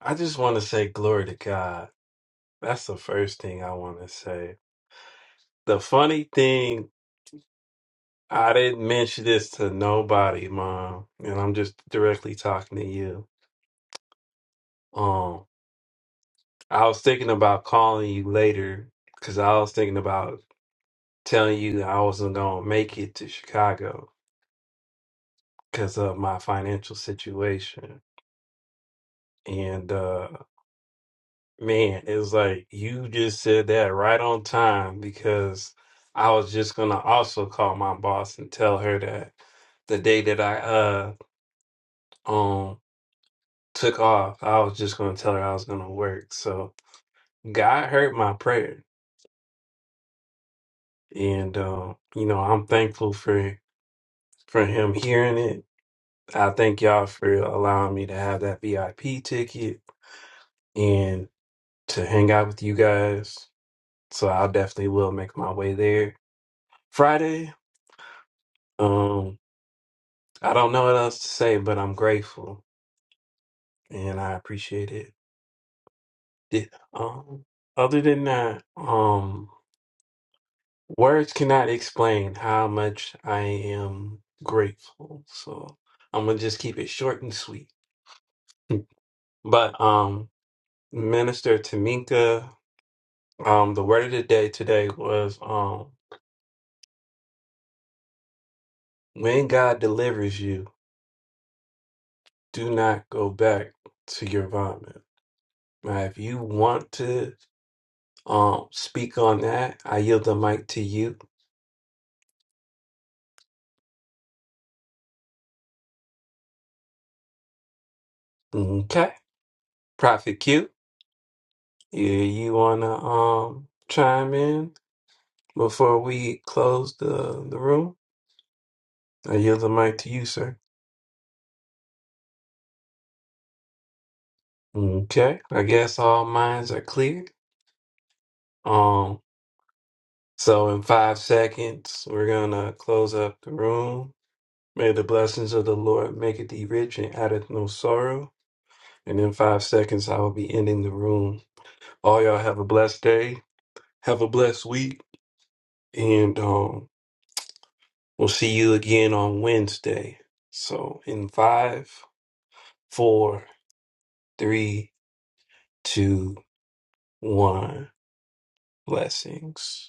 Speaker 1: I just want to say glory to God. That's the first thing I want to say. The funny thing, I didn't mention this to nobody, Mom, and I'm just directly talking to you. Um, I was thinking about calling you later because I was thinking about telling you I wasn't gonna make it to Chicago because of my financial situation, and uh Man, it's like you just said that right on time because I was just gonna also call my boss and tell her that the day that I uh um took off, I was just gonna tell her I was gonna work. So God heard my prayer, and um, you know I'm thankful for for Him hearing it. I thank y'all for allowing me to have that VIP ticket and to hang out with you guys. So I definitely will make my way there Friday. Um. I don't know what else to say, but I'm grateful and I appreciate it. Did- um, other than that, um, words cannot explain how much I am grateful. So I'm gonna just keep it short and sweet. <laughs> But um, Minister Tamika, um, the word of the day today was um, when God delivers you, do not go back to your vomit. Now, if you want to um, speak on that, I yield the mic to you. Okay. Prophet Q, you, you want to um chime in before we close the, the room? I yield the mic to you, sir. Okay. I guess all minds are clear. Um, so in five seconds, we're going to close up the room. May the blessings of the Lord make it thee rich and addeth no sorrow. And in five seconds, I will be ending the room. All y'all have a blessed day. Have a blessed week. And um, We'll see you again on Wednesday. So, in five, four, three, two, one, blessings.